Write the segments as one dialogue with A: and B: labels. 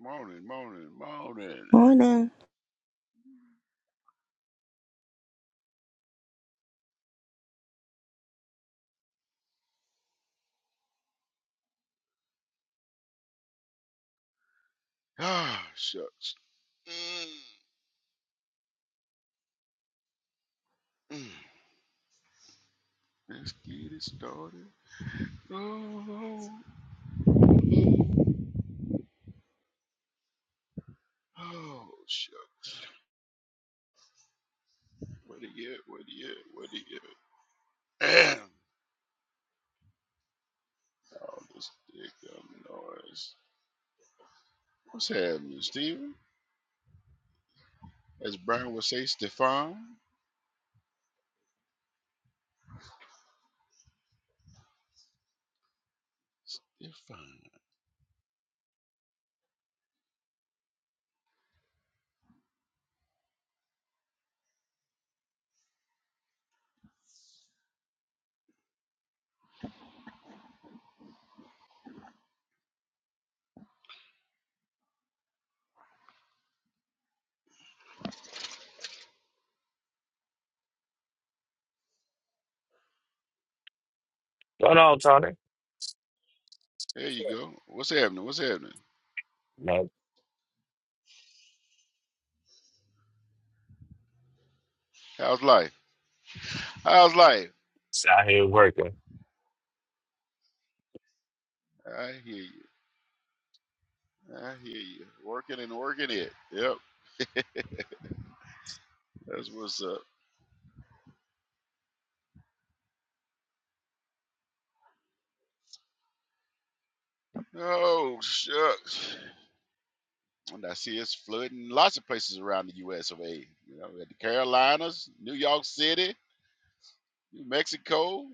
A: Morning, morning, morning.
B: Morning.
A: Ah, shucks. Mm, mm. Let's get it started. Oh, oh, oh, shucks. Where to get? Where to get? Where to get? All this dick noise. What's happening, Steven? As Brian would say, Stefan. Stefan.
C: Going on, Tony?
A: There you go. What's happening? What's happening?
C: No,
A: How's life? How's life?
C: it's out here working.
A: I hear you. I hear you. Working and working it. Yep. That's what's up. Oh shucks. And I see it's flooding lots of places around the US of A. You know, at the Carolinas, New York City, New Mexico,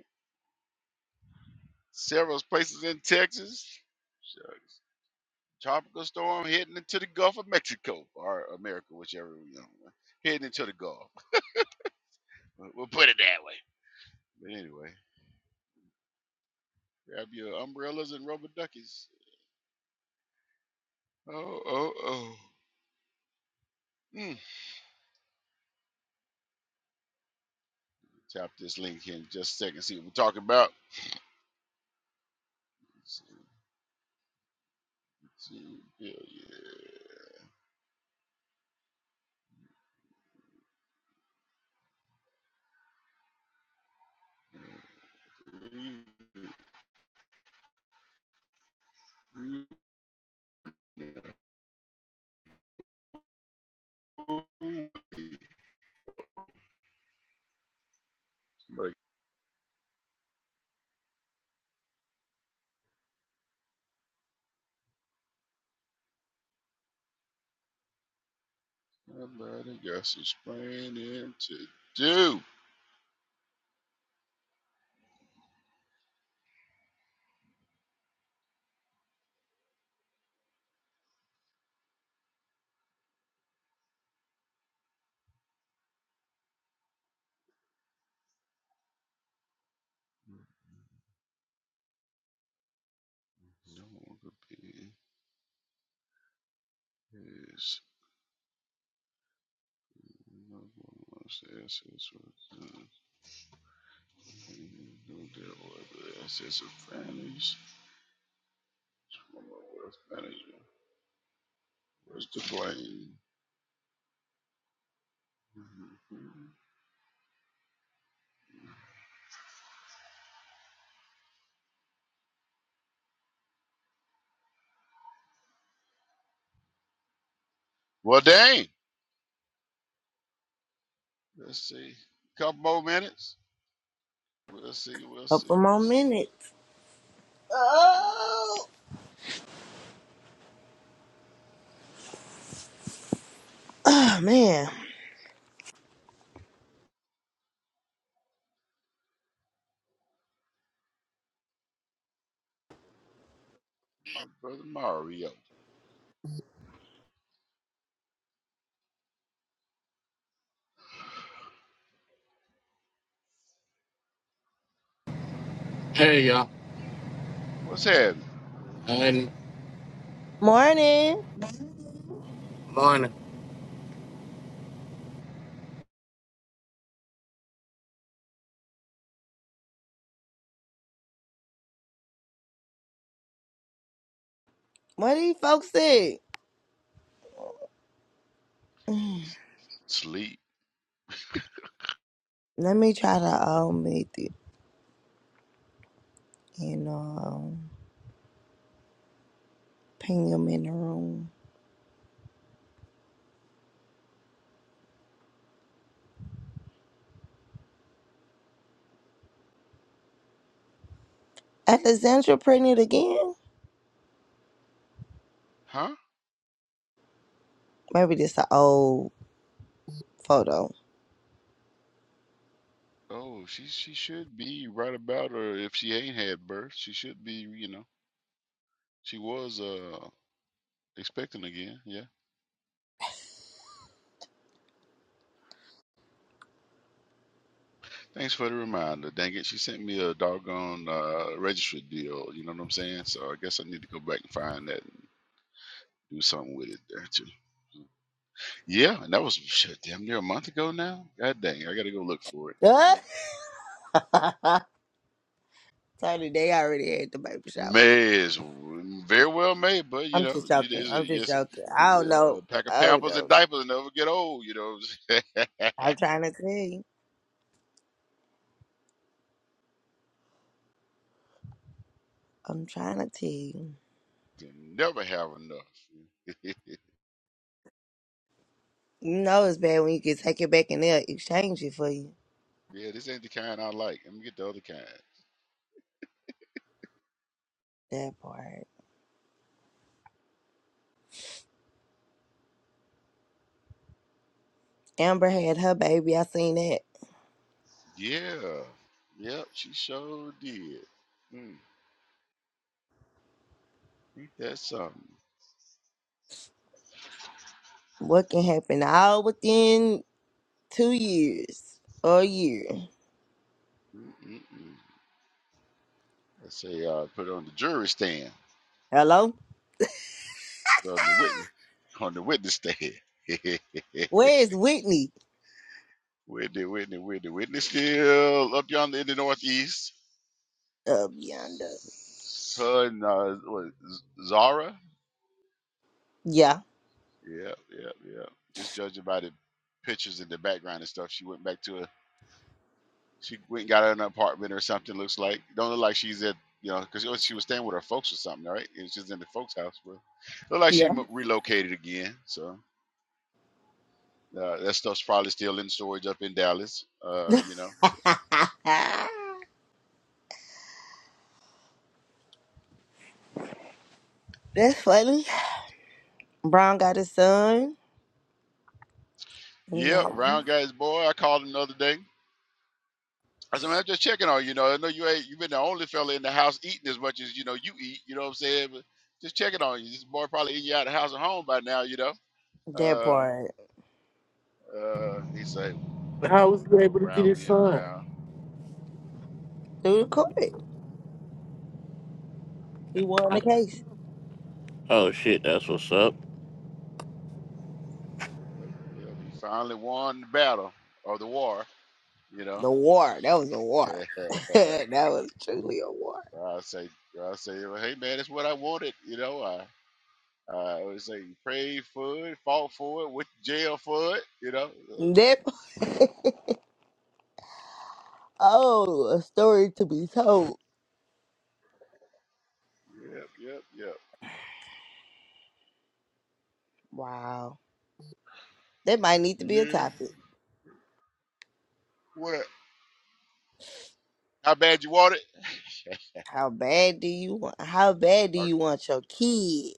A: several places in Texas. Shucks. Tropical storm heading into the Gulf of Mexico or America, whichever, you know, heading into the Gulf. We'll we'll put it that way. But anyway, grab your umbrellas and rubber duckies. Oh, oh, oh. Mm. Tap this link here in just a second, see what we're talking about. See, see, yeah, yeah. Like nobody got some explaining to do. No longer being his. No one wants to ask us what uh, we do deal with the assets of families. Wealth management. Where's the blame? Mm-hmm. Well, dang. Let's see. couple more minutes. We'll see. We'll see.
B: Couple more
A: We'll see.
B: minutes.
A: Uh,
B: Oh, ah, man.
A: Brother Mario,
D: Hey y'all.
A: what's happening?
D: And
B: Morning.
D: morning.
B: What do you folks say?
A: Sleep.
B: Let me try to um make it you know um, ping them in the room. Alexandra printed again?
A: Huh?
B: Maybe this an old photo.
A: Oh, she she should be right about her if she ain't had birth. She should be, you know. She was uh expecting again, yeah. Thanks for the reminder. Dang it, she sent me a doggone uh registry deal, you know what I'm saying? So I guess I need to go back and find that and do something with it there too. Yeah, and that was shit, damn near a month ago now. God dang, I gotta go look for it.
B: What?
A: Mhm.
B: Tony, they already had the baby shower.
A: May is w- very well made, but you
B: I'm
A: know,
B: just
A: you
B: joking.
A: it's a,
B: I'm just
A: it's a,
B: joking. I don't
A: y- uh,
B: know.
A: a pack of
B: I don't
A: pampers
B: know.
A: and diapers and never get old, you know.
B: I'm trying to tell you. I'm trying to tell you.
A: You never have enough.
B: You know it's bad when you can take it back and they'll exchange it for you.
A: Yeah, this ain't the kind I like. Let me get the other kind.
B: That part. Amber had her baby. I seen that.
A: Yeah. Yep, she sure did. Mm, ain't that something?
B: What can happen all within two years or a year?
A: Mm-mm-mm. Let's say uh, put it on the jury stand.
B: Hello?
A: Well, on the witness, on the witness stand.
B: Where is Whitney?
A: Whitney, Whitney, Whitney, Whitney still up yonder in the northeast.
B: Up yonder.
A: Her and uh, what, Z- Zara.
B: Yeah.
A: Yep, yep, yep. Just judging by the pictures in the background and stuff, she went back to her She went and got an apartment or something. Looks like don't look like she's at you know because she was staying with her folks or something, right? And she's in the folks' house, but look like she
B: Yeah.
A: mo- relocated again. So uh, that stuff's probably still in storage up in Dallas. Uh, you know. So,
B: That's funny. Brown got his son. You
A: yeah,
B: know,
A: Brown guy's boy. I called him the other day. I said, man, I'm just checking on you. You know, I know you ain't you been the only fella in the house eating as much as you know you eat. You know what I'm saying? But just checking on you. This boy probably eating you out of house and home by now. You know.
B: that
A: Uh,
B: part.
A: uh, he said,
D: How was
A: you
D: you
A: know,
D: able to get
A: Brown
D: it
A: being
D: signed?
A: Brown.
B: Through the court. He won the case.
D: Oh shit, that's what's up.
A: Yeah, he finally won the battle or the war, you know.
B: The war. That was a war. that was truly a war.
A: I say, I say, well, hey man, it's what I wanted, you know. I, I always say, prayed for it, fought for it, went to jail for it, you know. Uh,
B: That, oh, a story to be told.
A: yep, yep, yep.
B: Wow. That might need to be a
A: Yeah.
B: topic.
A: What? How bad you want it?
B: How bad do you want? How bad do
A: Or, or-
B: you want your kid?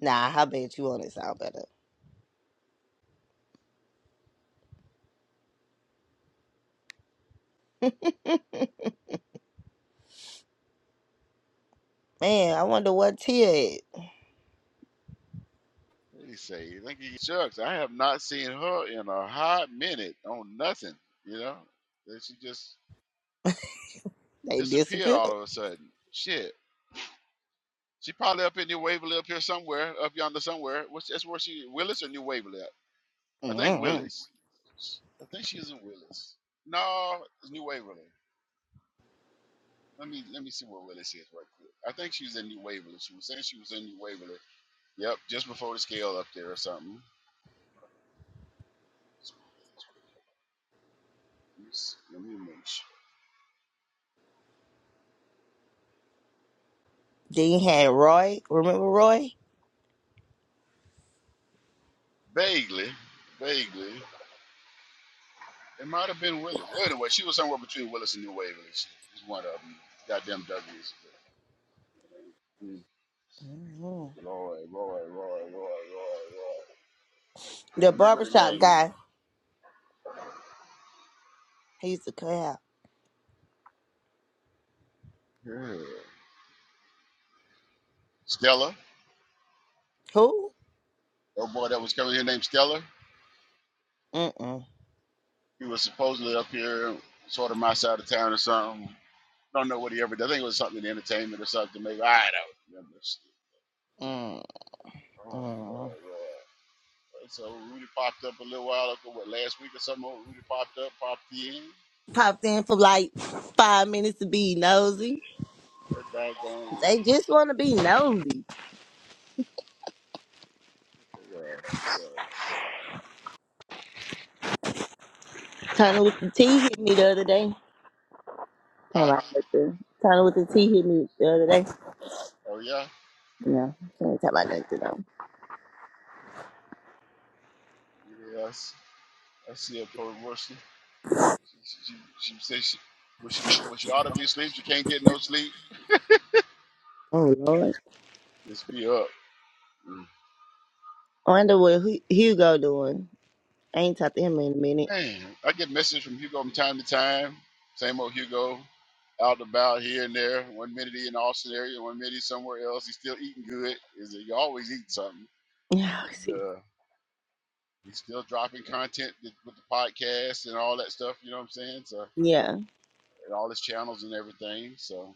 B: Nah, how bad you want it sound better. Man, I wonder what Tia is.
A: what do you say? Like, shucks, I have not seen her in a hot minute on nothing, you know. Then she just
B: They
A: disappeared
B: disappeared.
A: all of a sudden. Shit. She probably up in New Waverly up here somewhere, up yonder somewhere. What's that's where she Willis or New Waverly at? I think
B: Mm-hmm.
A: Willis. I think she's in Willis. No, it's New Waverly. Let me let me see where Willis is right quick. I think she's in New Waverly. She was saying she was in New Waverly. Yep, just before the scale up there or something. Let me see- let me make sure.
B: Then you had Roy. Remember Roy?
A: Vaguely, vaguely. It might have been Willis. Anyway, she was somewhere between Willis and New Waverly. She was one of them. Goddamn Dougies.
B: Mm-hmm.
A: Lord, Lord, Lord, Lord, Lord, Lord. I
B: The
A: remember the
B: barbershop
A: name
B: guy. He used to cut out.
A: yeah. Stella.
B: Who?
A: Oh boy, that was coming here named Stella.
B: Mm-mm.
A: He was supposedly up here, sort of my side of town or something. Don't know what he ever did. I think it was something in entertainment or something. Maybe I don't remember. Oh, Lord,
B: Mm-mm.
A: Lord. So Rudy popped up a little while ago, what last week or something? old Rudy popped up, popped in.
B: Popped in for like five minutes to be nosy.
A: That doggone Rudy.
B: They just want to be nosy.
A: Yes, yes.
B: Kind of with the tea hit me the other day. Talking
A: Huh?
B: about nothing. Talking with the T hit me the other day.
A: Oh yeah.
B: No, she ain't talking about nothing though.
A: Yes. I see a post She, she, she says she, when she when she ought to be asleep, she can't get no sleep.
B: Oh Lord.
A: Just be up. Mm.
B: I wonder what Hu- Hugo doing. I ain't talked to him in a minute.
A: Man, I get messages from Hugo from time to time. Same old Hugo, out and about here and there. One minute he in the Austin area, one minute he's somewhere else. He's still eating good. Is he always eating something?
B: Yeah, I
A: And,
B: see.
A: uh, he's still dropping content with with the podcast and all that stuff. You know what I'm saying? So
B: Yeah,
A: and all his channels and everything. So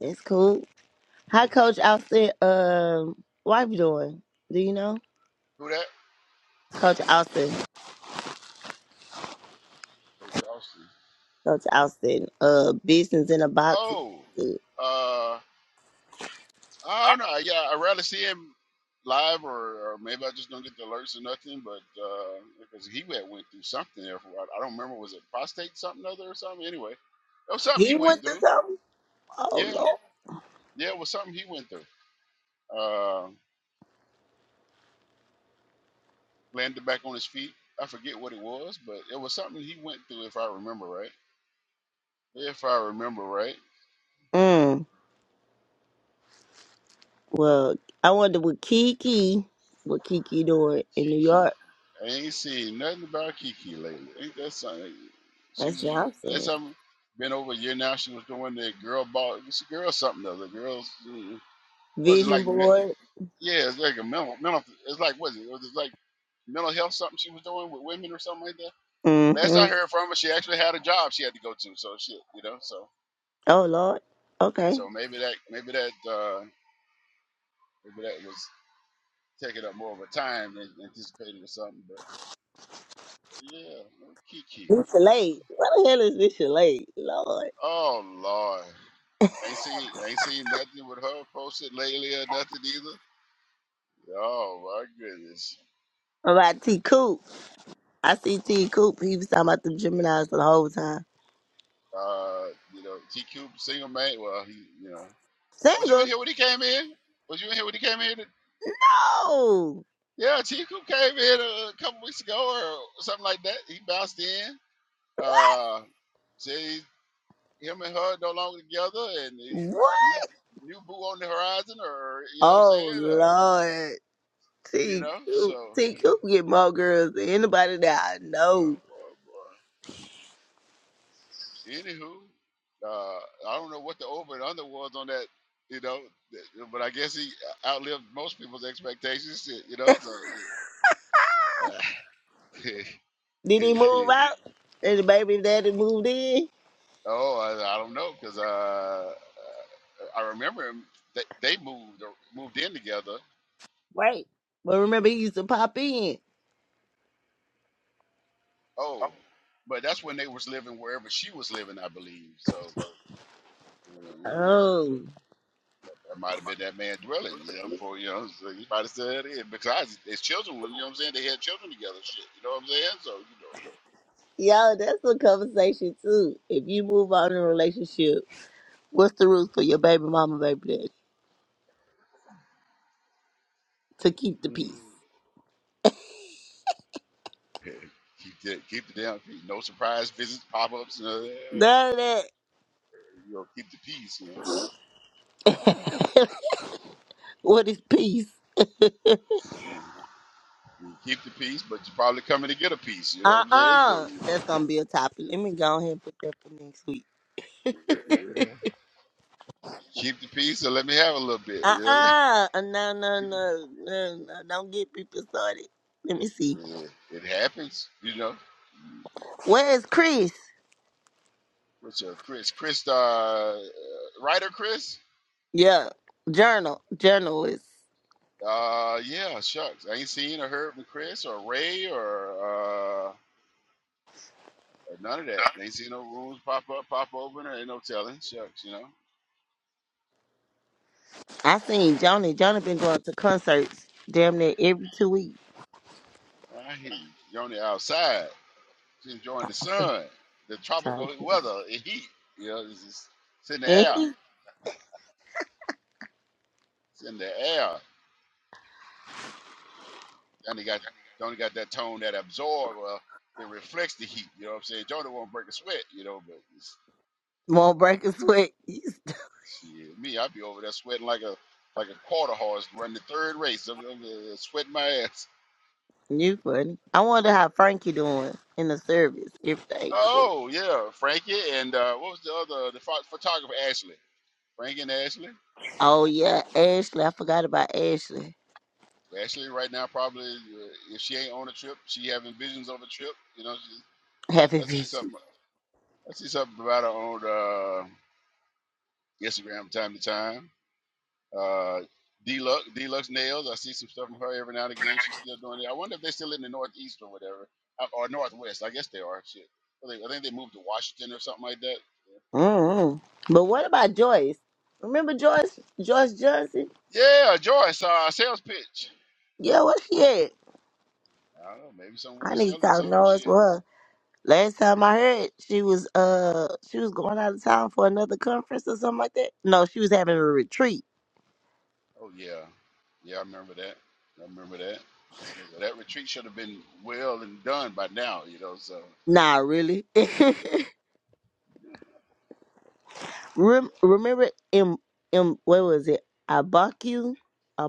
B: it's cool. How Coach Austin um wife doing? Do you know?
A: who that?
B: Coach Austin.
A: Coach Austin.
B: Coach Austin. Uh business in a box.
A: Oh, uh. I don't know. Yeah, I'd rather see him live, or, or maybe I just don't get the alerts or nothing. But uh, because he had went through something there, for, I I don't remember was it prostate something other or something. Anyway, it was something he
B: He
A: went
B: went through
A: through.
B: something? Oh
A: Yeah, yeah, it was something he went through. Uh, landed back on his feet. I forget what it was, but it was something he went through, if I remember right. If I remember right.
B: Lord. Mm. Well, I wonder what Kiki what Kiki doing in New
A: Kiki.
B: York.
A: I ain't seen nothing about Kiki lately. Ain't that something? She
B: That's
A: was
B: what I'm
A: last
B: saying.
A: time been over a year now. She was doing that girl ball. It's a girl something other. Girls. mm, What is it
B: Vision
A: like? me-
B: board.
A: Yeah, it's like a mental. mental it's like what is it? Was it like mental health something she was doing with women or something like that? Last
B: hmm
A: I heard from her, she actually had a job she had to go to. So shit, you know. So
B: Oh Lord. Okay.
A: so maybe that maybe that uh maybe that was taking up more of her time than anticipated or something. But, but yeah, Kiki.
B: This
A: let's see.
B: Shalade. What the hell is this Shalade? Lord.
A: Oh Lord. Ain't seen ain't seen nothing with her posted lately or nothing either. Oh my goodness.
B: What about T Coop? I see T Coop. He was talking about the Geminis the whole time.
A: Uh, you know, GQ single man. Well, he, you know, was you in
B: Single?
A: here when he came in? Was you in here when he came in?
B: No.
A: Yeah, GQ came in a, a couple weeks ago or something like that. He bounced in. Uh, said he, him and her no longer together, and the
B: What?
A: new new boo on the horizon, or you know what I'm saying?
B: Oh
A: Uh,
B: Lord.
A: you
B: T
A: know, so.
B: Coop. T
A: Uh,
B: Coop get more girls than anybody that I know.
A: boy, boy. Anywho, uh, I don't know what the over and under was on that, you know, th- but I guess he outlived most people's expectations, you know. So, uh,
B: Did he move out? And the baby daddy moved in?
A: oh, I, I don't know because uh, I remember him- they, they moved or moved in together.
B: Right. But remember he used to pop in.
A: Oh, but that's when they was living wherever she was living, I believe. So, uh, you know. so.
B: Oh.
A: That might have been that man dwelling, you know, for, you know, so he might have said it. Besides, his children, were- you know what I'm saying? They had children together, shit, you know what I'm saying? So,
B: Yo, that's a conversation too. If you move on in a relationship, what's the rules for your baby mama, baby daddy to keep the
A: you
B: peace?
A: know, mm, keep, the, keep the damn peace. No surprise visits, pop ups, and
B: None of that.
A: You know, keep the peace, you know.
B: What is peace?
A: You keep the peace, but you're probably coming to get a piece, you know
B: Uh
A: what I'm saying? So,
B: uh
A: you
B: That's gonna be a topic. Let me go ahead and put that for next week. Uh
A: know, yeah. keep the peace and let me have a little bit, you know?
B: uh No, no, no, no, no. Don't get people started. Let me see.
A: Yeah, it happens, you know.
B: Where is Chris?
A: What's your Chris? Chris, uh, uh, writer Chris?
B: Yeah. Journal. Journalist.
A: Uh, yeah, shucks. I ain't seen or heard from Chris or Ray or uh or none of that. Ain't seen no rooms pop up, pop open, or ain't no telling. Shucks, you know.
B: I seen Johnny. Johnny been going to concerts damn near every two weeks.
A: I hear you. You're on the outside, just enjoying the sun, the
B: Trying
A: tropical weather, the heat. You know, it's, it's, it's in the
B: to.
A: air. It's in the air. Johnny got Johnny got that tone that absorb. Well, it reflects the heat. You know what I'm saying? Johnny won't break a sweat. You know, but it's.
B: Won't break a sweat. He's
A: Shit, me, I'd be over there sweating like a like a quarter horse running the third race. I'm, I'm, uh, sweating my ass.
B: You funny. I wonder how Frankie doing in the service. If they cool.
A: Oh yeah, Frankie and uh, what was the other the pho- photographer Ashley? Frankie and Ashley.
B: Oh yeah, Ashley. I forgot about Ashley.
A: Ashley right now probably uh, if she ain't on a trip, she having visions of a trip. You know, she, I,
B: Happy
A: I see
B: Beaches.
A: something. I see something about her on uh, Instagram from time to time. Uh, Deluxe, Deluxe Nails. I see some stuff from her every now and again. She's still doing it. I wonder if they're still in the Northeast or whatever, Uh, or Northwest. I guess they are. Shit. I think I think they moved to Washington or something like that.
B: mm But what about Joyce? Remember Joyce? Joyce Johnson?
A: Yeah, Joyce, uh, sales pitch.
B: Yeah, where she at?
A: I don't know. Maybe somewhere
B: I need to
A: selling
B: talk
A: something.
B: noise with
A: Shit.
B: her. Last time I heard, she was uh she was going out of town for another conference or something like that. No, she was having a retreat.
A: Oh yeah, yeah. I remember that. I remember that. So well, that retreat should have been well and done by now. You know. So.
B: Nah, really. Rem- remember in in what was it? Abaku,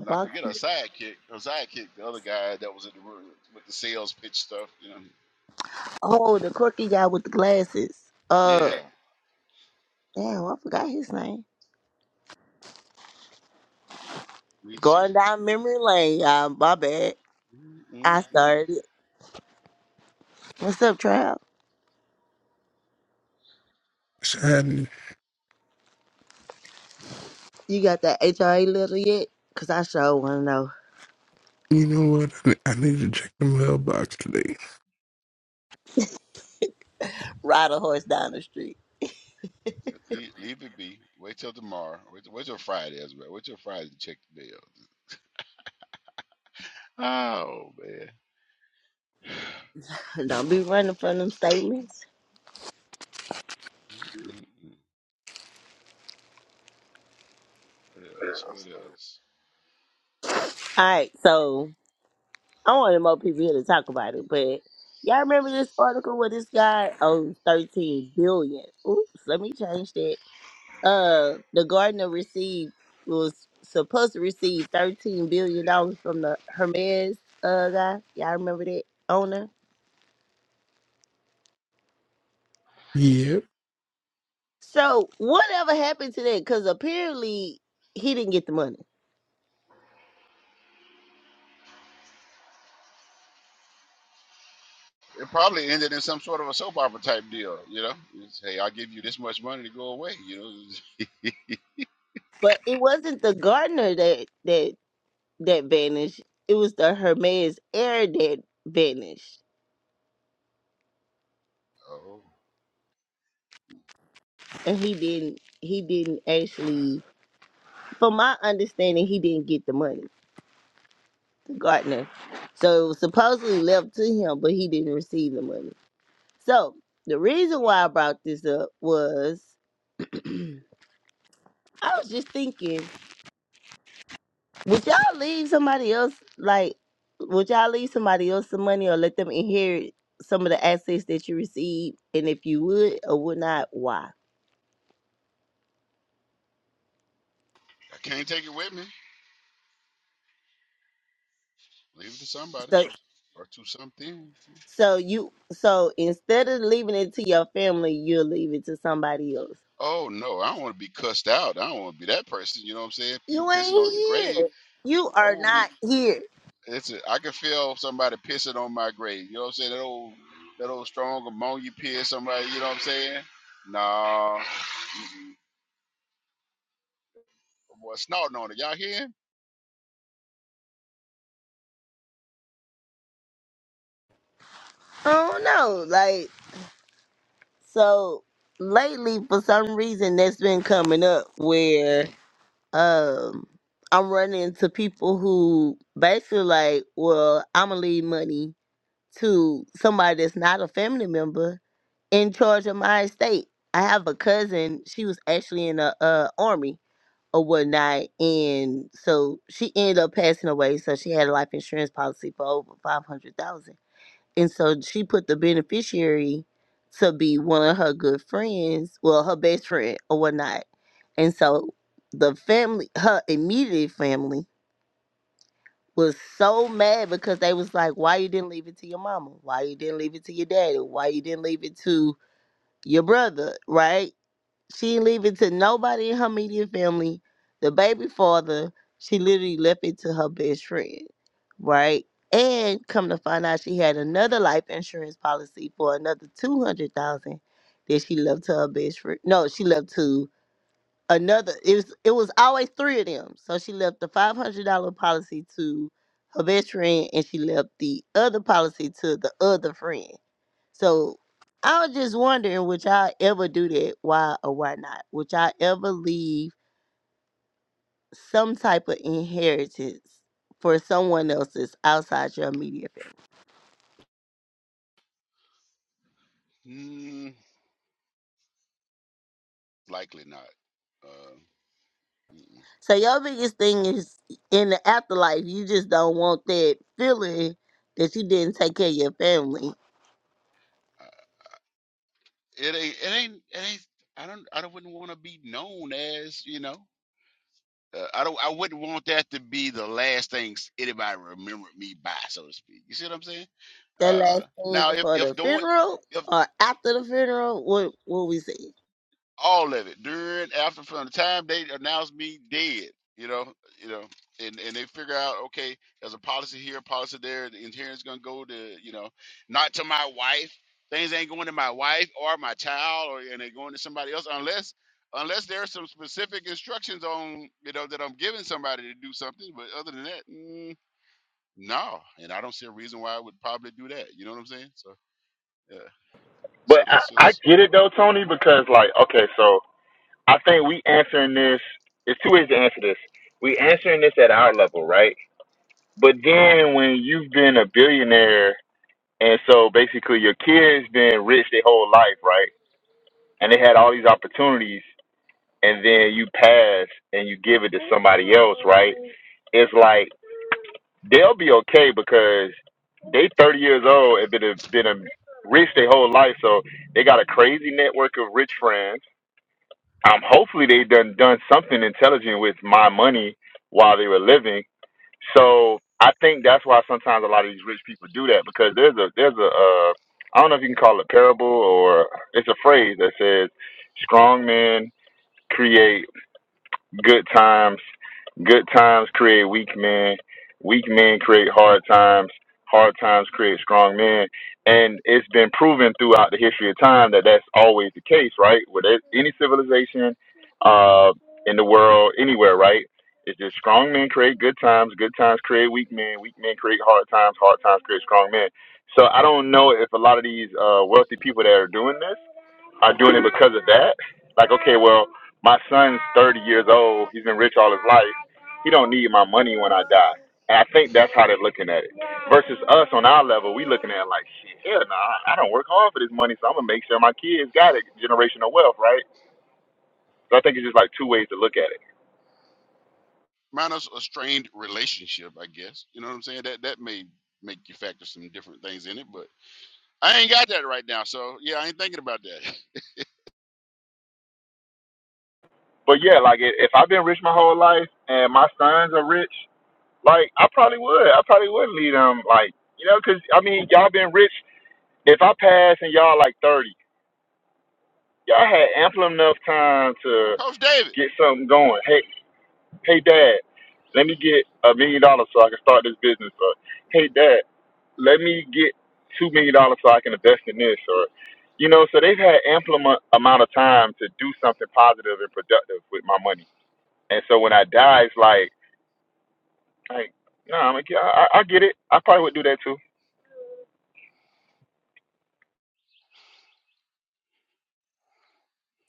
A: And I forget her sidekick. Her sidekick, the other guy that was in the room with the sales pitch stuff. You know.
B: Oh, the quirky guy with the glasses. Uh,
A: Yeah.
B: damn, I forgot his name.
A: Me too.
B: Going down
A: Me
B: memory lane, y'all. My bad.
A: too.
B: I
A: Mm-mm-mm.
B: started. it. What's up, Trav?
E: Shad,
B: You got that HRA letter yet? Cause I sure wanna know.
E: you know what? I I need to check the mailbox today.
B: Ride a horse down the street.
A: Leave, leave it be. Wait till tomorrow. Wait, till- wait till Friday as well. Wait till Friday to check the bill. Oh man.
B: Don't be running from them statements.
A: Mm-mm-mm. What else? What else?
B: All right, so I wanted more people here to talk about it, but y'all remember this article where this guy owns 13 billion. Oops, let me change that. Uh, the gardener received was supposed to receive 13 billion dollars from the Hermes uh guy. Y'all remember that owner?
E: Yep.
B: So whatever happened to that? Because apparently he didn't get the money,
A: It probably ended in some sort of a soap opera type deal. You know, it's, hey, I'll give you this much money to go away. You know,
B: but it wasn't the gardener that that that vanished. It was the Hermes heir that vanished.
A: oh,
B: and he didn't he didn't actually from my understanding he didn't get the money the gardener so it was supposedly left to him but he didn't receive the money so the reason why i brought this up was i was just thinking would y'all leave somebody else like would y'all leave somebody else some money or let them inherit some of the assets that you receive and if you would or would not why
A: I can't take it with me. Leave it to somebody
B: so
A: or to something.
B: so you so instead of leaving it to your family you'll leave it to somebody else
A: Oh no, I don't want to be cussed out. I don't want to be that person. You know what I'm saying? People
B: you
A: pissing on your
B: ain't
A: grave.
B: here. You
A: I
B: are
A: won't be.
B: not here.
A: It's a, I can feel somebody pissing on my grave. You know what I'm saying? That old that old strong ammonia piss. Somebody, you know what I'm saying? Nah, mm-mm. boy, snorting on it. Y'all hear him?
B: I don't know. Like, so lately, for some reason, that's been coming up where um I'm running into people who basically like, well, I'm gonna leave money to somebody that's not a family member in charge of my estate. I have a cousin. She was actually in the uh, army or whatnot, and so she ended up passing away. So she had a life insurance policy for over five hundred thousand And so she put the beneficiary to be one of her good friends, well, her best friend or whatnot. And so the family, her immediate family, was so mad because they was like, why you didn't leave it to your mama? Why you didn't leave it to your daddy? Why you didn't leave it to your brother? Right? She didn't leave it to nobody in her immediate family. The baby father, she literally left it to her best friend, right? And come to find out, she had another life insurance policy for another two hundred thousand that she left to her best friend. No, she left to another. It was it was always three of them. So she left the five hundred dollar policy to her best friend, and she left the other policy to the other friend. So I was just wondering, would y'all ever do that? Why or why not? Would y'all ever leave some type of inheritance for someone else that's outside your immediate family?
A: Mm, likely not. Uh, mm-mm.
B: So your biggest thing is in the afterlife, you just don't want that feeling that you didn't take care of your family.
A: Uh, it ain't. It ain't. It ain't. I don't. I don't, wouldn't want to be known as. You know. Uh, I don't. I wouldn't want that to be the last things anybody remembered me by, so to speak. You see what I'm saying?
B: That
A: Uh,
B: last thing
A: now, if
B: before
A: if
B: the
A: doing
B: funeral
A: if.
B: or after the funeral, what what we say?
A: all of it during after from the time they announced me dead you know you know and and they figure out okay there's a policy here a policy there the inheritance gonna go to you know not to my wife things ain't going to my wife or my child or and they going to somebody else unless unless there are some specific instructions on you know that i'm giving somebody to do something but other than that mm, no and i don't see a reason why i would probably do that you know what i'm saying so yeah
F: But
A: so
F: I,
A: that's
F: I
A: just
F: get it though, Tony, because like, okay, so I think we answering this. It's two ways to answer this. We answering this at our level, right? But then when you've been a billionaire, and so basically your kids been rich their whole life, right? And they had all these opportunities, and then you pass and you give it to somebody else, right? It's like they'll be okay because they 30 years old and been a, been a rich their whole life, so they got a crazy network of rich friends um, hopefully they done done something intelligent with my money while they were living. So I think that's why sometimes a lot of these rich people do that because there's a there's a uh, I don't know if you can call it a parable or it's a phrase that says strong men create Good times. Good times create weak men. Weak men create hard times. Hard times create strong men. And it's been proven throughout the history of time that that's always the case, right? With it- any civilization uh, in the world, anywhere, right? It's just strong men create good times. Good times create weak men. Weak men create hard times. Hard times create strong men. So I don't know if a lot of these uh, wealthy people that are doing this are doing it because of that. Like, okay, well, my son's 30 years old. He's been rich all his life. He don't need my money when I die. And I think that's how they're looking at it. Versus us on our level, we looking at it like, shit, hell no, I, I don't work hard for this money, so I'm gonna make sure my kids got it, generational wealth, right? So I think it's just like two ways to look at it.
A: minus a strained relationship, I guess. You know what I'm saying? That that may make you factor some different things in it, but I ain't got that right now. So yeah, I ain't thinking about that.
F: But yeah, like i- if I've been rich my whole life and my sons are rich, like I probably would, I probably would lead them, like you know, 'cause I mean, y'all been rich. If I pass and y'all like 30, y'all had ample enough time to
A: Coach David,
F: get something going. Hey, hey, Dad, let me get a million dollars so I can start this business. Or hey, Dad, let me get two million dollars so I can invest in this. Or you know, so they've had ample amo- amount of time to do something positive and productive with my money. And so when I die, it's like, like, no, I'm like, yeah, I, I get it. I probably would do that too.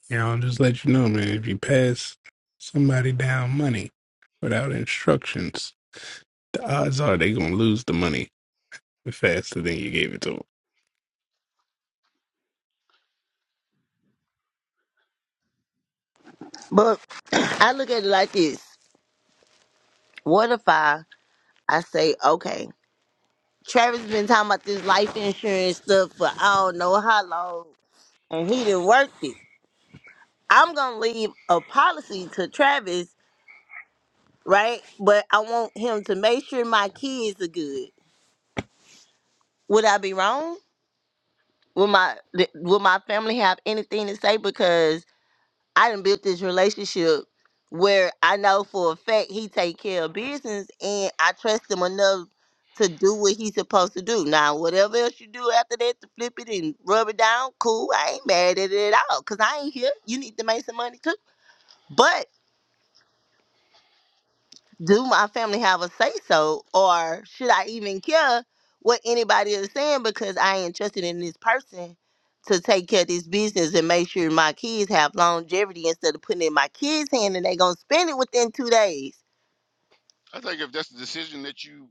E: You know, I'll just let you know, man. If you pass somebody down money without instructions, the odds are they gonna lose the money faster than you gave it to them.
B: But I look at it like this. What if I I say, okay, Travis been talking about this life insurance stuff for I don't know how long, and he didn't work it. I'm gonna leave a policy to Travis, right? But I want him to make sure my kids are good. Would I be wrong? Will my th- will my family have anything to say? Because I done built this relationship where I know for a fact he take care of business and I trust him enough to do what he's supposed to do. Now, whatever else you do after that to flip it and rub it down, cool. I ain't mad at it at all because I ain't here. You need to make some money too. But do my family have a say so or should I even care what anybody is saying because I ain't trusted in this person to take care of this business and make sure my kids have longevity instead of putting it in my kids' hand and they gonna spend it within two days.
A: I think if that's the decision that you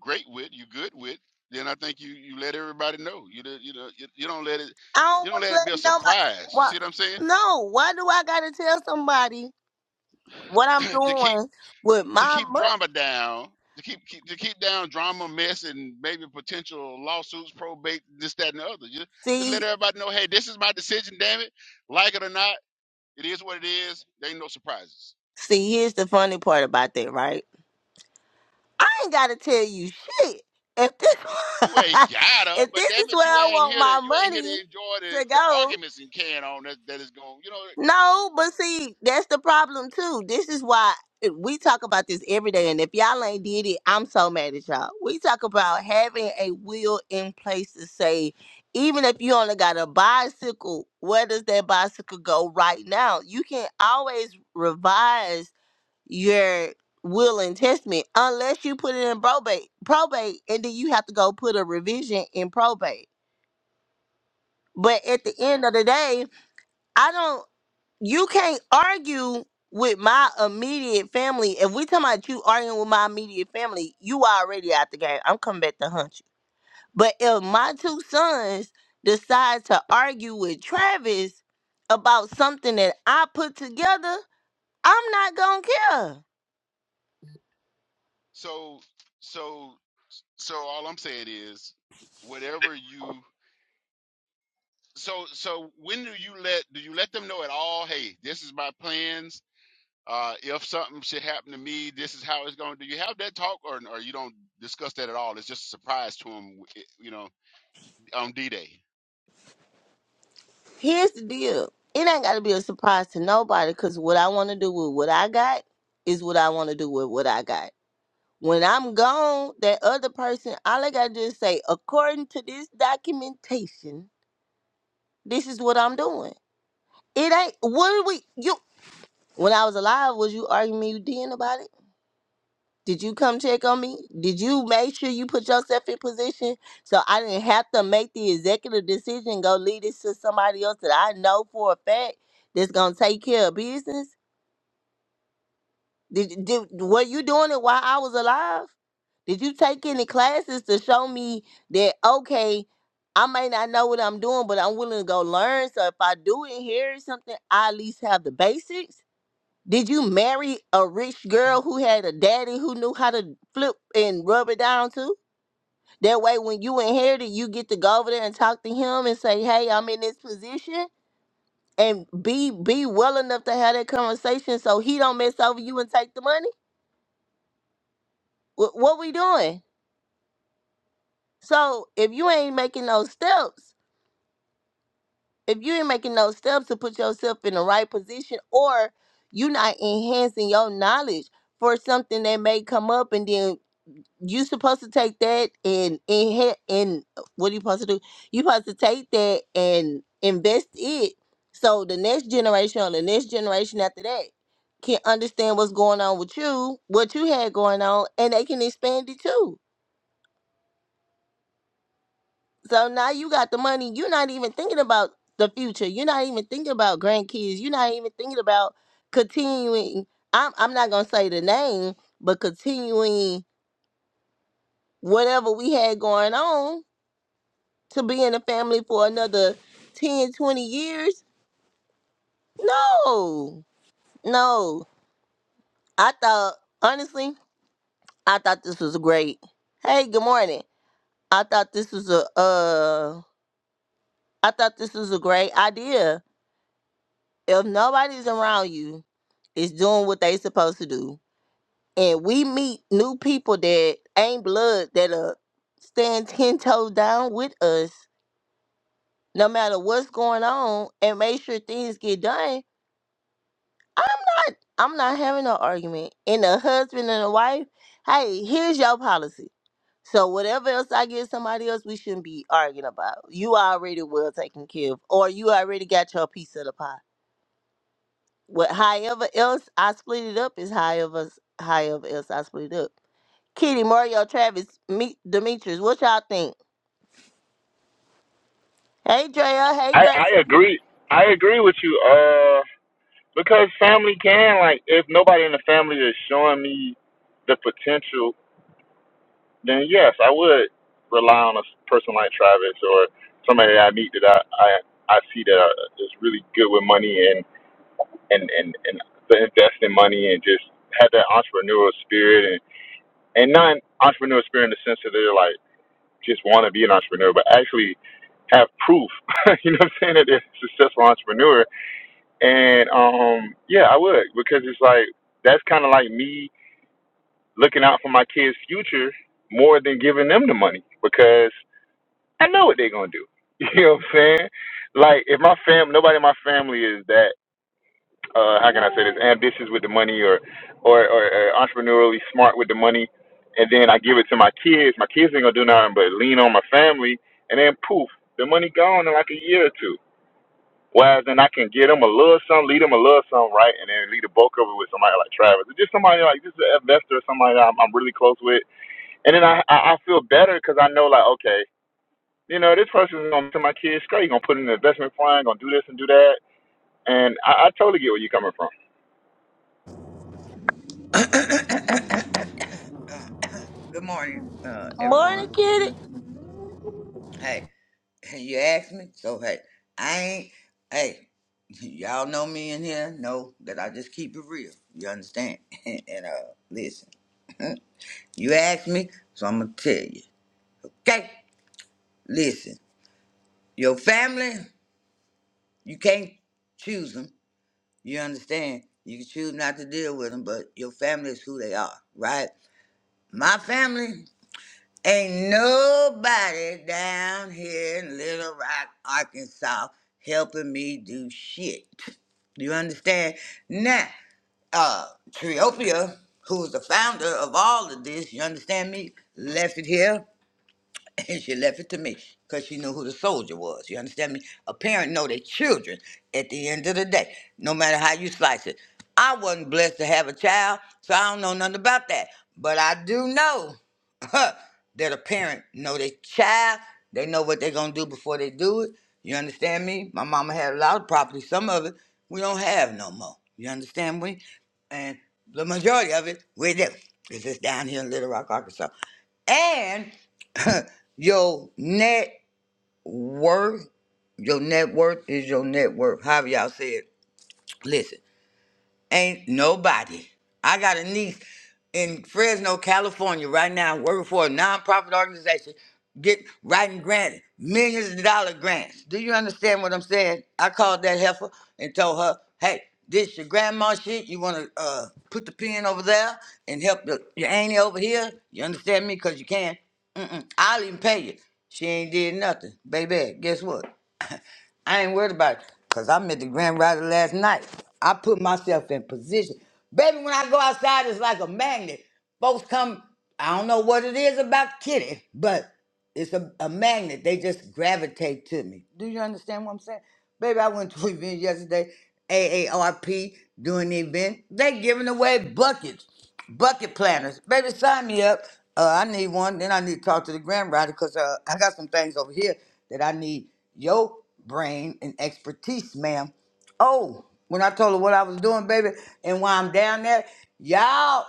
A: great with, you good with, then I think you you let everybody know. You do- you know you, you don't let it
B: I don't
A: you don't
B: wanna
A: let it be a
B: let nobody
A: surprise. You
B: why,
A: see what I'm saying?
B: no, why do I gotta tell somebody what I'm
A: to keep
B: doing with
A: to
B: my
A: keep
B: money?
A: drama down, to keep, keep to keep down drama, mess, and maybe potential lawsuits, probate, this, that, and the other. Just, just let
B: See
A: everybody know, hey, this is my decision. Damn it, like it or not, it is what it is. There ain't no surprises.
B: see here's the funny part about that, right? I ain't gotta tell you shit. If this
A: You ain't gotta,
B: if
A: but
B: this is
A: damn it,
B: where
A: you
B: I
A: ain't
B: want
A: here to
B: my
A: you ain't here
B: money
A: to enjoy the,
B: to
A: the
B: go,
A: arguments and can on that that is going. You know,
B: no, but see, that's the problem too. This is why eh, we talk about this every day, and if y'all ain't did it, I'm so mad at y'all. We talk about having a will in place to say, even if you only got a bicycle, where does that bicycle go right now? You can always revise your will and testament unless you put it in probate probate and then you have to go put a revision in probate but at the end of the day i don't you can't argue with my immediate family if we talking about you arguing with my immediate family you already out the game i'm coming back to hunt you but if my two sons decide to argue with travis about something that i put together i'm not gonna care
A: so so so all I'm saying is, whatever you. So so when do you let do you let them know at all? Hey, this is my plans Uh, if something should happen to me, this is how it's going. Do you have that talk, or or you don't discuss that at all? It's just a surprise to him, you know, on D Day.
B: Here's the deal. It ain't gotta be a surprise to nobody because what I wanna do with what I got is what I wanna do with what I got. When I'm gone, that other person, all I gotta do is say, according to this documentation, this is what I'm doing. It ain't what are we you when I was alive, was you arguing me you did about it? Did you come check on me? Did you make sure you put yourself in position so I didn't have to make the executive decision and go lead this to somebody else that I know for a fact that's gonna take care of business? Did did were you doing it while I was alive? Did you take any classes to show me that okay, I may not know what I'm doing, but I'm willing to go learn. So if I do inherit something, I at least have the basics. Did you marry a rich girl who had a daddy who knew how to flip and rub it down too? That way, when you inherit it, you get to go over there and talk to him and say, "Hey, I'm in this position," and be be well enough to have that conversation so he don't mess over you and take the money. What, what we doing? So if you ain't making those steps, if you ain't making those steps to put yourself in the right position, or you not enhancing your knowledge for something that may come up, and then you supposed to take that and in and uh, what are you supposed to do? You supposed to take that and invest it so the next generation or the next generation after that can understand what's going on with you, what you had going on, and they can expand it too. So now you got the money. You're not even thinking about the future. You're not even thinking about grandkids. You're not even thinking about continuing. I'm I'm not gonna say the name, but continuing whatever we had going on to be in a family for another 10, 20 years? No, no. I thought, honestly, I thought this was great. Hey, good morning. I thought this was a, uh, I thought this was a great idea. If nobody's around you, is doing what they supposed to do. And we meet new people that ain't blood that are stand 10 toes down with us, no matter what's going on, and make sure things get done I'm not I'm not having no argument. And a husband and a wife, hey, here's your policy. So whatever else I give somebody else, we shouldn't be arguing about. You already well taken care of, or you already got your piece of the pie. What however else I split it up is however however else I split it up. Kitty, Mario, Travis, meet Demetrius, what y'all think? Hey Drea, hey
F: I,
B: Grace.
F: I agree. I agree with you. Uh, because family can like, if nobody in the family is showing me the potential then yes, I would rely on a person like Travis or somebody that I meet that I I, I see that uh, is really good with money and and and and the investing money and just have that entrepreneurial spirit and and not an entrepreneurial spirit in the sense that they're like just want to be an entrepreneur, but actually have proof. you know what I'm saying that they're a successful entrepreneur. And um yeah, I would because it's like that's kind of like me looking out for my kids' future more than giving them the money because I know what they're gonna do. You know what I'm saying? Like if my fam, nobody in my family is that uh, how can I say this? Ambitious with the money or, or or uh, entrepreneurially smart with the money, and then I give it to my kids. My kids ain't gonna do nothing but lean on my family, and then poof, the money gone in like a year or two. Whereas then I can get them a little something, lead them a little something, right, and then lead the bulk of it with somebody like Travis, or just somebody like just an investor, somebody I'm, I'm really close with, and then I I, I feel better because I know like okay you know, this person's gonna tell my kids, great, you're gonna put in an investment plan, gonna do this and do that. And I, I totally get where you're coming from.
G: Good morning, uh,
B: Morning,
G: everyone.
B: Kitty.
G: Hey, you asked me, so hey, I ain't. Hey, y'all know me in here. Know that I just keep it real. You understand? and uh, listen, you asked me, so I'm gonna tell you. Okay, listen, your family, you can't choose them. You understand? You can choose not to deal with them, but your family is who they are, right? My family. Ain't nobody down here in Little Rock, Arkansas, helping me do shit. Do you understand? Now, uh, Triopia, who's the founder of all of this, you understand me, left it here and she left it to me because she knew who the soldier was. You understand me? A parent know their children at the end of the day, no matter how you slice it. I wasn't blessed to have a child, so I don't know nothing about that. But I do know that a parent know their child. They know what they're gonna do before they do it. You understand me? My mama had a lot of property. Some of it we don't have no more. You understand me? And the majority of it we're there. It's just down here in Little Rock, Arkansas. and. Your net worth, your net worth is your net worth. However y'all say it. Listen. Ain't nobody. I got a niece in Fresno, California right now working for a nonprofit organization, get writing grants, millions of dollar grants. Do you understand what I'm saying? I called that heifer and told her, hey, this your grandma shit. You want to uh, put the pen over there and help the, your auntie over here? You understand me? Because you can. Mm-mm. I'll even pay you. She ain't did nothing. Baby, guess what? I ain't worried about it because I met the Grand Rider last night. I put myself in position. Baby, when I go outside, it's like a magnet. Folks come, I don't know what it is about Kitty, but it's a, a magnet. They just gravitate to me. Do you understand what I'm saying? Baby, I went to an event yesterday, AARP doing the event. They giving away buckets, bucket planners. Baby, sign me up. Uh, I need one. Then I need to talk to the grant writer because uh, I got some things over here that I need your brain and expertise, ma'am. Oh, when I told her what I was doing, baby, and why I'm down there, y'all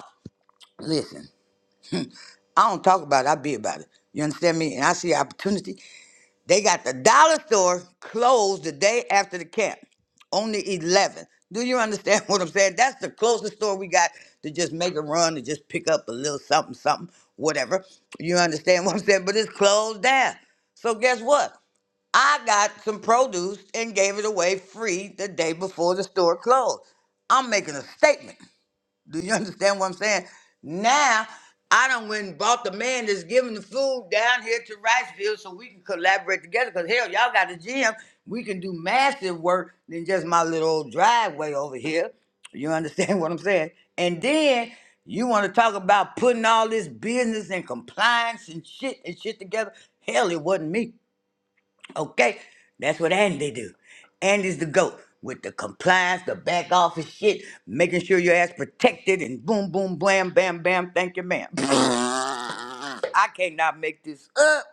G: listen. I don't talk about it. I be about it. You understand me? And I see opportunity. They got the dollar store closed the day after the camp on the 11th. Do you understand what I'm saying? That's the closest store we got to just make a run to just pick up a little something, something, whatever. You understand what I'm saying? But it's closed down. So guess what? I got some produce and gave it away free the day before the store closed. I'm making a statement. Do you understand what I'm saying? Now I done went and bought the man that's giving the food down here to Riceville so we can collaborate together. Cause hell, y'all got a gym. We can do massive work than just my little old driveway over here. You understand what I'm saying? And then you want to talk about putting all this business and compliance and shit and shit together. Hell, it wasn't me. Okay? That's what Andy do. Andy's the GOAT with the compliance, the back office shit, making sure your ass protected and boom, boom, blam, bam, bam, thank you, ma'am. I cannot make this up.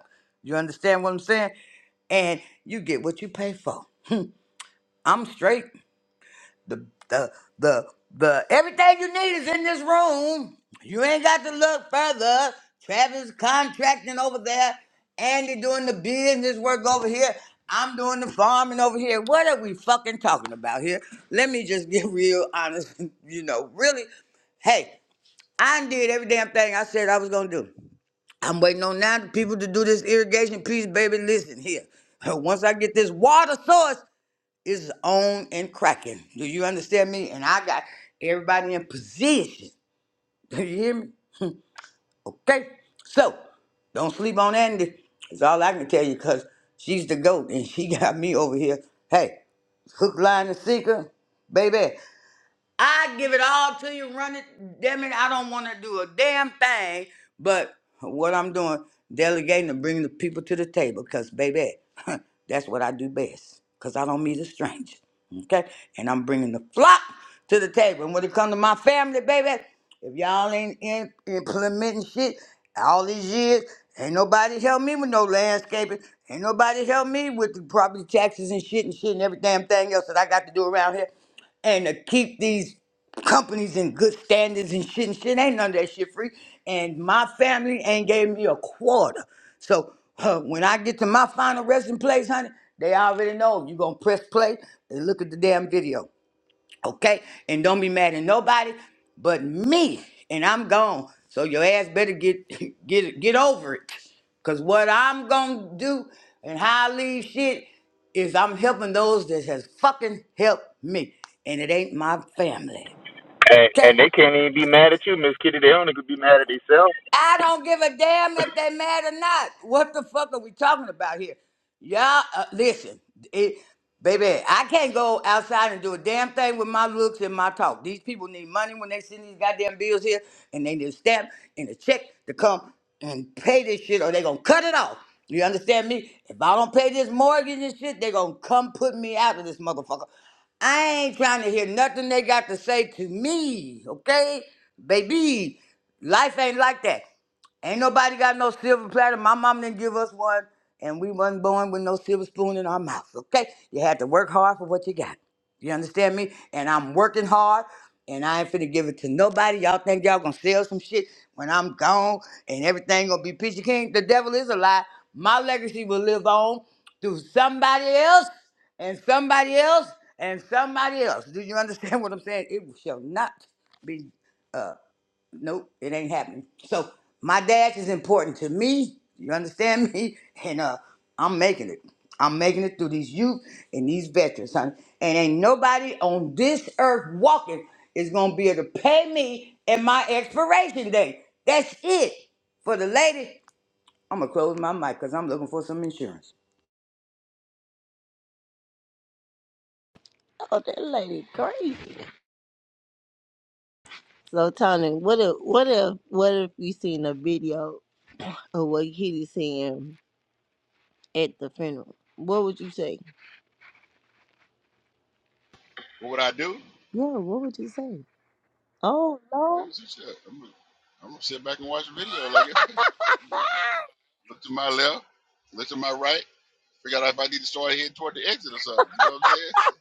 G: You understand what I'm saying? And you get what you pay for. I'm straight. The the the the everything you need is in this room. You ain't got to look further. Travis contracting over there. Andy doing the business work over here. I'm doing the farming over here. What are we fucking talking about here? Let me just get real honest. You know, really, hey, I done did every damn thing I said I was gonna do. I'm waiting on now the people to do this irrigation piece, baby. Listen here. Once I get this water source, it's on and cracking. Do you understand me? And I got everybody in position. Do you hear me? Okay. So don't sleep on Andy. That's all I can tell you because she's the GOAT and she got me over here. Hey, hook, line, and sinker, baby. I give it all to you, run it. Damn it, I don't want to do a damn thing. But what I'm doing, delegating and bringing the people to the table, because, baby, that's what I do best, because I don't meet a stranger. Okay? And I'm bringing the flock to the table. And when it comes to my family, baby, if y'all ain't in, implementing shit all these years, ain't nobody help me with no landscaping. Ain't nobody help me with the property taxes and shit and shit and every damn thing else that I got to do around here and to keep these companies in good standards and shit and shit. Ain't none of that shit free. And my family ain't gave me a quarter. So huh, when I get to my final resting place, honey, they already know you gonna press play and look at the damn video. Okay? And don't be mad at nobody but me. And I'm gone. So your ass better get get get over it. Cause what I'm gonna do and how I leave shit is I'm helping those that has fucking helped me. And it ain't my family.
F: And and
G: Okay?
F: they can't even be mad at you, Miss Kitty. They only could be mad at themselves.
G: I don't give a damn if they mad or not. What the fuck are we talking about here? Y'all, uh, listen, it, baby, I can't go outside and do a damn thing with my looks and my talk. These people need money when they send these goddamn bills here, and they need a stamp and a check to come and pay this shit, or they gonna cut it off. You understand me? If I don't pay this mortgage and shit, they gonna come put me out of this motherfucker. I ain't trying to hear nothing they got to say to me, okay, baby? Life ain't like that. Ain't nobody got no silver platter. My mom didn't give us one, and we wasn't born with no silver spoon in our mouth. Okay, you had to work hard for what you got. You understand me? And I'm working hard, and I ain't finna give it to nobody. Y'all think y'all gonna sell some shit when I'm gone, and everything gonna be peachy king? The devil is a lie. My legacy will live on through somebody else, and somebody else, and somebody else. Do you understand what I'm saying? It shall not. be. Nope, it ain't happening. So my dash is important to me. You understand me? And uh, I'm making it. I'm making it through these youth and these veterans, honey. And ain't nobody on this earth walking is gonna be able to pay me at my expiration date. That's it. For the lady, I'm gonna close my mic because I'm looking for some insurance.
B: Oh, that lady great. So Tony, what if what if what if you seen a video of what Kitty saying at the funeral? What would you say?
A: What would I do?
B: Yeah, what would you say? Oh
A: I
B: no.
A: didn't say shit. I'm gonna, I'm gonna sit back and watch the video. Like, look to my left, look to my right, figure out if I need to start heading toward the exit or something. You know what I'm saying? That's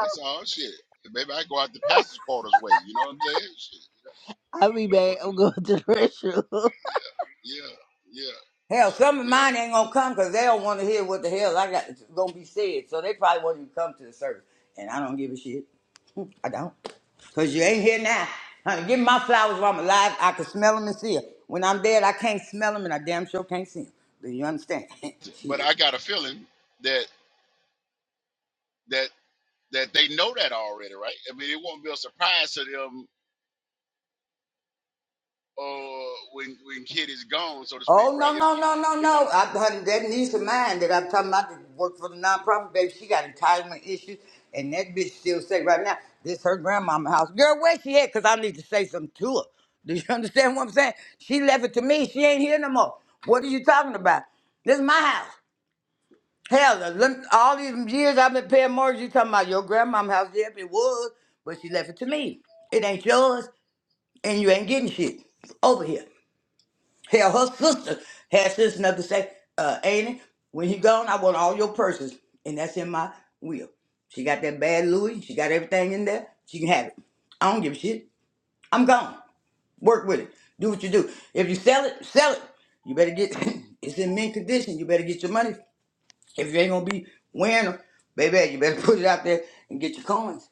A: that's all shit. And Maybe I go out the pastor's quarters way. You know what I'm saying? Shit.
B: I'll be
A: What I'm
B: back.
A: gonna
B: I'm
A: do?
B: going to the restroom.
A: Yeah, yeah, yeah,
G: Hell,
A: yeah,
G: some of
A: yeah.
G: mine ain't gonna come because they don't want to hear what the hell I got gonna be said. So they probably won't even come to the service. And I don't give a shit. I don't. Because you ain't here now. Honey, give me my flowers while I'm alive. I can smell them and see them. When I'm dead, I can't smell them and I damn sure can't see them. Do you understand?
A: But
G: Shit.
A: I got a feeling that that that they know that already, right? I mean, it won't be a surprise to them uh, when when kid is gone, so to speak,
G: Oh,
A: right?
G: no,
A: If
G: no,
A: Kid-
G: no, no,
A: it
G: no.
A: won't,
G: I, honey, that niece of mine that I'm talking about that work for the nonprofit, baby, she got entitlement issues. And that bitch still say right now, this her grandmama house. Girl, where she at? Because I need to say something to her. Do you understand what I'm saying? She left it to me. She ain't here no more. What are you talking about? This is my house. Hell, uh, lem- all these years I've been paying mortgage, you talking about your grandmom house, yep, it was, but she left it to me. It ain't yours, and you ain't getting shit over here. Hell, her sister had sense enough to say, uh, ain't it? When he gone, I want all your purses, and that's in my will. She got that bad Louis, she got everything in there, she can have it. I don't give a shit. I'm gone. Work with it. Do what you do. If you sell it, sell it. You better get, it's in mint condition, you better get your money if you ain't gonna be winning, baby, you better put it out there and get your coins.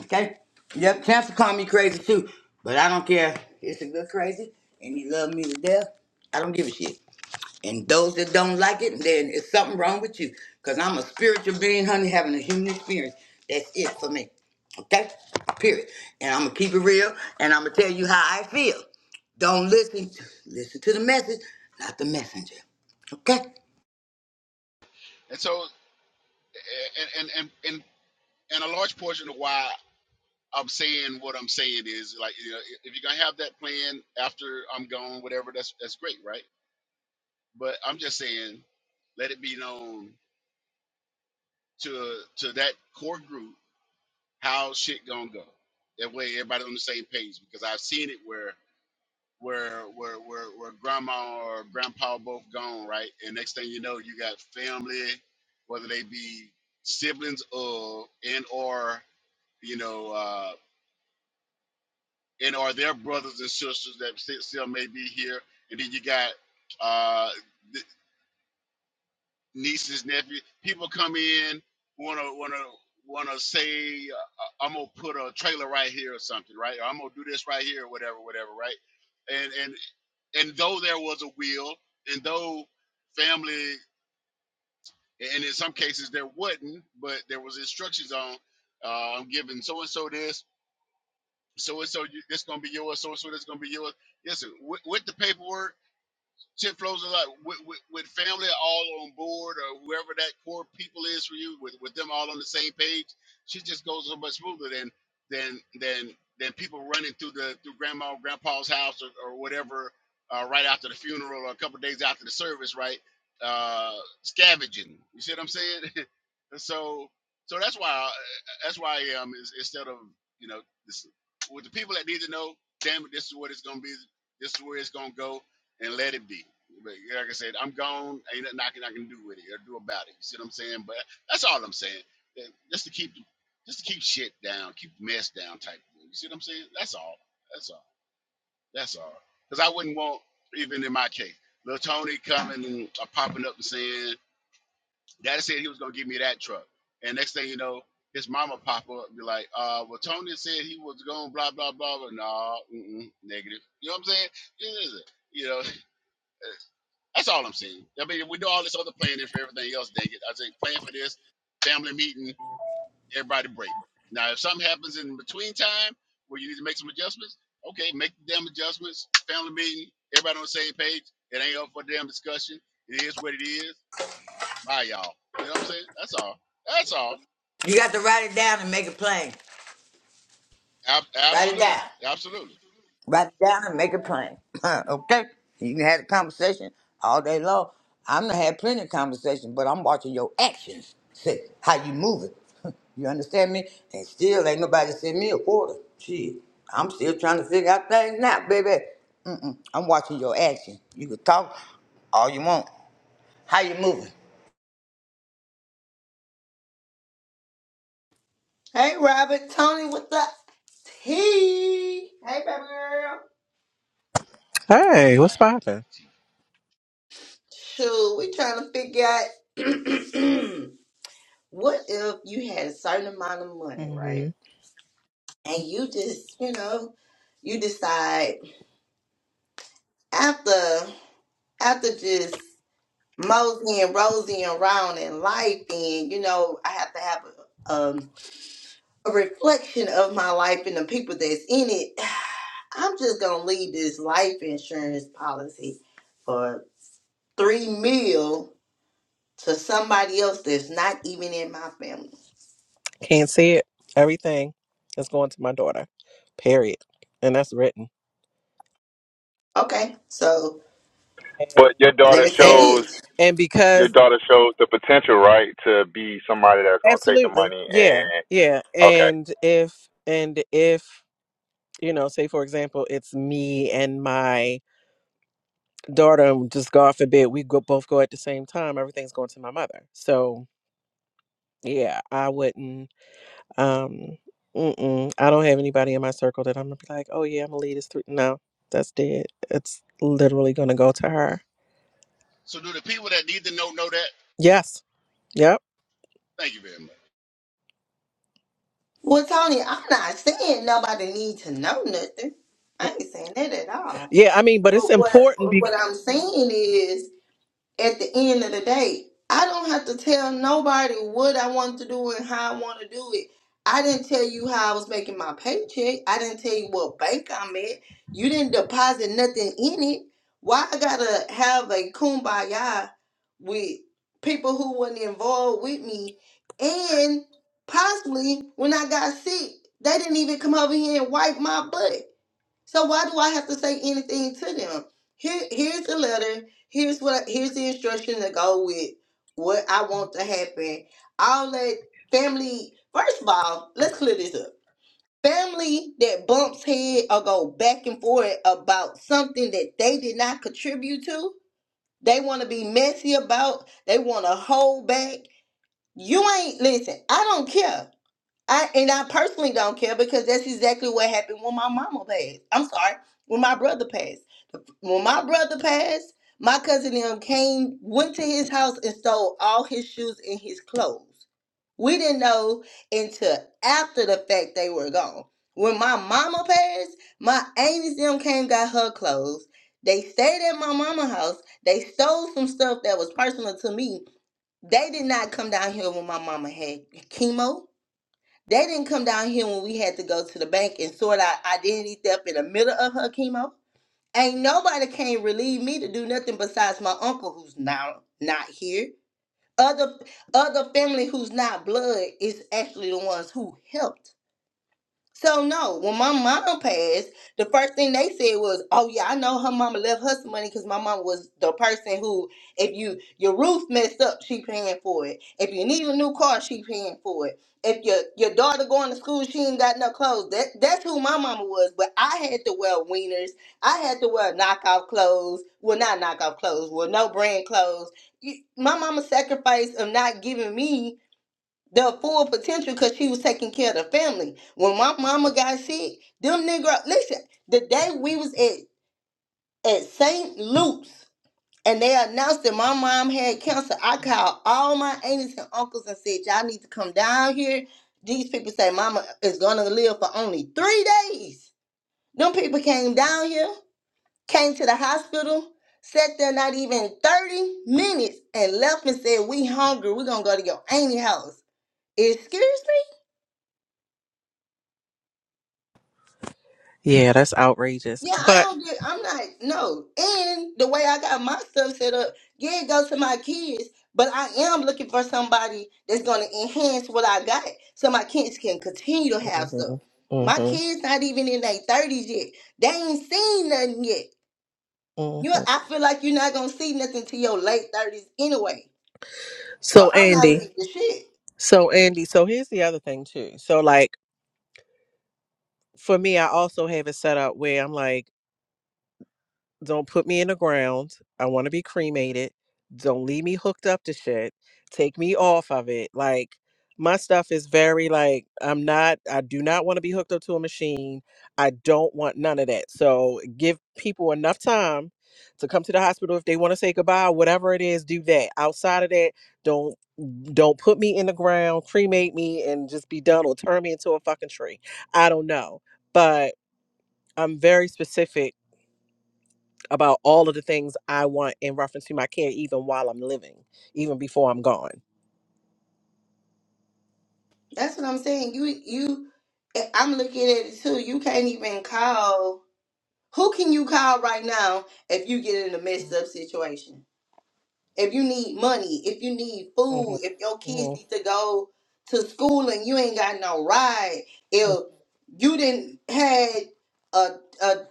G: Okay? Yep, Chance to call me crazy too, but I don't care. It's a good crazy, and he love me to death. I don't give a shit. And those that don't like it, then it's something wrong with you. Cause I'm a spiritual being, honey, having a human experience. That's it for me. Okay? Period. And I'm gonna keep it real, and I'm gonna tell you how I feel. Don't listen. To, listen to the message, not the messenger. Okay?
A: and so and and and and, and a large portion of why I'm saying what I'm saying is like, you know, if if you're gonna have that plan after I'm gone, whatever, that's that's great, right? But I'm just saying, let it be known to to that core group how shit gonna go. That way, everybody on the same page because I've seen it where where where where where grandma or grandpa both gone, right? And next thing you know, you got family, whether they be siblings or and or you know uh, and or their brothers and sisters that sti- still may be here, and then you got uh, th- nieces, nephews. People come in wanna wanna wanna say uh, I'm gonna put a trailer right here or something, right? Or I'm gonna do this right here, or whatever, whatever, right? and and. And though there was a will, and though family, and in some cases there wasn't, but there was instructions on, uh, I'm giving so and so this, so and so this gonna be yours, so and so this gonna be yours. Yes, With, with the paperwork shit flows a lot with, with, with family all on board or whoever that core people is for you with, with them all on the same page shit just goes so much smoother than than than than people running through the through grandma or grandpa's house or, or whatever uh, right after the funeral or a couple days after the service right uh scavenging you see what i'm saying so so that's why I, that's why i am is instead of you know this with the people that need to know damn it this is what it's gonna be this is where it's gonna go and let it be. But Like I said, I'm gone. Ain't nothing I can, I can do with it or do about it. You see what I'm saying? But that's all I'm saying. That- Just to keep just to keep shit down, keep mess down type of thing. You see what I'm saying? That's all. That's all. That's all. Because I wouldn't want, even in my case, little Tony coming and uh, popping up and saying, Daddy said he was going to give me that truck. And next thing you know, his mama pop up and be like, uh, well, Tony said he was going blah, blah, blah. But nah, mm-mm, negative. You know what I'm saying? It is. You know, That's all I'm saying. I mean, we do all this other planning for everything else, dang it. I think plan for this, family meeting, everybody break. Now, if something happens in between time where you need to make some adjustments, okay, make the damn adjustments, family meeting, everybody on the same page. It ain't up for damn discussion. It is what it is. Bye, y'all. You know what I'm saying? That's all. That's all.
G: You got to write it down and make it plain.
A: Ab-
G: Write it down.
A: absolutely. Absolutely.
G: Write it down and make it plain. okay? You can have a conversation all day long. I'm gonna have plenty of conversation, but I'm watching your actions. See how you moving. you understand me? And still ain't nobody sent me a quarter. Shit. I'm still trying to figure out things now, baby. Mm-mm. I'm watching your action. You can talk all you want. How you moving?
B: Hey, Robert, Tony with the tea. Hey, baby girl.
A: Tony with the
H: Hey, what's
A: eye, with
H: poppin'?
A: the teeth.
B: Shoot, we trying to figure out what if you had a certain amount of money, right?
H: hmm
B: And you just, you know, you decide. after after just moseying, and Rosie and around in life and you know, I have to have a, um, a reflection of my life and the people that's in it. I'm just gonna leave this life insurance policy for three mil to somebody else that's not even in my family.
H: Can't see it. Everything is going to my daughter. Period. And that's written.
B: Okay, so
F: But your
B: let
F: daughter
B: me say
H: And
F: shows
B: this.
H: and
F: your
H: because
F: daughter shows the potential, right, to be somebody that's gonna take the
H: absolutely,
F: money
H: yeah,
F: and
H: yeah.
F: okay.
H: And if and if you know, say for example, it's me and my daughter. and Just God forbid, we go, both go at the same time. Everything's going to my mother. So yeah, I wouldn't. Um, mm-mm, I don't have anybody in my circle that I'm gonna be like, oh yeah, I'm gonna lead this through. No, that's dead. It's literally gonna go to her.
A: So do the people that need to know know that?
H: Yes. Yep.
A: Thank you very much.
B: Well, Tony, I'm not saying nobody need to know nothing. I ain't saying that at all.
H: Yeah. I mean, but
B: But
H: it's
B: what
H: important
B: but what
H: because
B: I'm saying is at the end of the day, I don't have to tell nobody what I want to do and how I want to do it. I didn't tell you how I was making my paycheck. I didn't tell you what bank I'm at. You didn't deposit nothing in it. Why I gotta have a kumbaya with people who was not involved with me and possibly when I got sick, they didn't even come over here and wipe my butt. So why do I have to say anything to them? Here, here's the letter. Here's what. Here's the instruction to go with what I want to happen. I'll let family. First of all, let's clear this up. Family that bumps head or go back and forth about something that they did not contribute to. They want to be messy about. They want to hold back. You ain't listen. I don't care. I and I personally don't care because that's exactly what happened when my mama passed. I'm sorry, when my brother passed. When my brother passed, my cousin them came, went to his house and stole all his shoes and his clothes. We didn't know until after the fact they were gone. When my mama passed, my aunties them came got her clothes. They stayed at my mama's house. They stole some stuff that was personal to me. They did not come down here when my mama had chemo. They didn't come down here when we had to go to the bank and sort out identity theft in the middle of her chemo. Ain't nobody came relieve me to do nothing besides my uncle who's now not here. Other other family who's not blood is actually the ones who helped. So no, when my mom passed, the first thing they said was, "Oh yeah, I know her mama left her some money because my mama was the person who, if you your roof messed up, she paying for it. If you need a new car, she paying for it. If your your daughter going to school, she ain't got no clothes. That that's who my mama was. But I had to wear wieners. I had to wear knockoff clothes. Well, not knockoff clothes. Well, no brand clothes. You- My mama sacrifice of not giving me the full potential because she was taking care of the family. When my mama got sick, them nigga, listen, the day we was at at St. Luke's and they announced that my mom had cancer, I called all my aunts and uncles and said, y'all need to come down here. These people say mama is gonna live for only three days. Them people came down here, came to the hospital, sat there not even 30 minutes and left and said, we hungry, we gonna go to your auntie house. Excuse me?
H: yeah, that's outrageous.
B: Yeah, I
H: But
B: don't get. I'm not no. And the way I got my stuff set up, yeah, it goes to my kids. But I am looking for somebody that's gonna enhance what I got, so my kids can continue to have
H: hmm
B: stuff. My
H: hmm
B: kids not even in their thirties yet. They ain't seen nothing yet. You,
H: hmm
B: I feel like you're not gonna see nothing till your late thirties anyway. So
H: So
B: I'm not
H: Andy,
B: leaving the shit.
H: so Andy, so here's the other thing too. So like for me, I also have it set up where I'm like, don't put me in the ground. I want to be cremated. Don't leave me hooked up to shit. Take me off of it. Like my stuff is very like I'm not. I do not want to be hooked up to a machine. I don't want none of that. So give people enough time to come to the hospital if they want to say goodbye. Whatever it is, do that. Outside of that. don't don't put me in the ground, cremate me, and just be done, or turn me into a fucking tree. I don't know, but I'm very specific about all of the things I want in reference to my care, even while I'm living, even before I'm gone.
B: That's what I'm saying. You, you. eh, I'm looking at it too. You can't even call. Who can you call right now if you get in a messed up situation? If you need money, if you need
H: hmm
B: food, if your kids
H: hmm
B: need to go to school and you ain't got no ride, if you didn't had a, a, a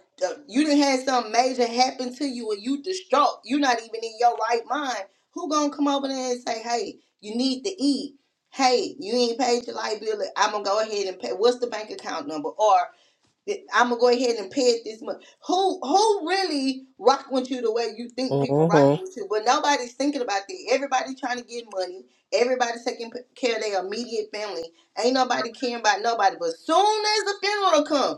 B: you didn't had something major happen to you and you distraught, you not even in your right mind. Who gonna come over there and say, "Hey, you need to eat"? Hey, you ain't paid your light bill. I'm gonna go ahead and pay. What's the bank account number? Or I'm gonna go ahead and pay it this month. Who who really rocking with you the way you think people
H: hmm
B: rocking with you? But nobody's thinking about that. Everybody trying to get money. Everybody's taking p- care of their immediate family. Ain't nobody caring about nobody. But soon as the funeral come.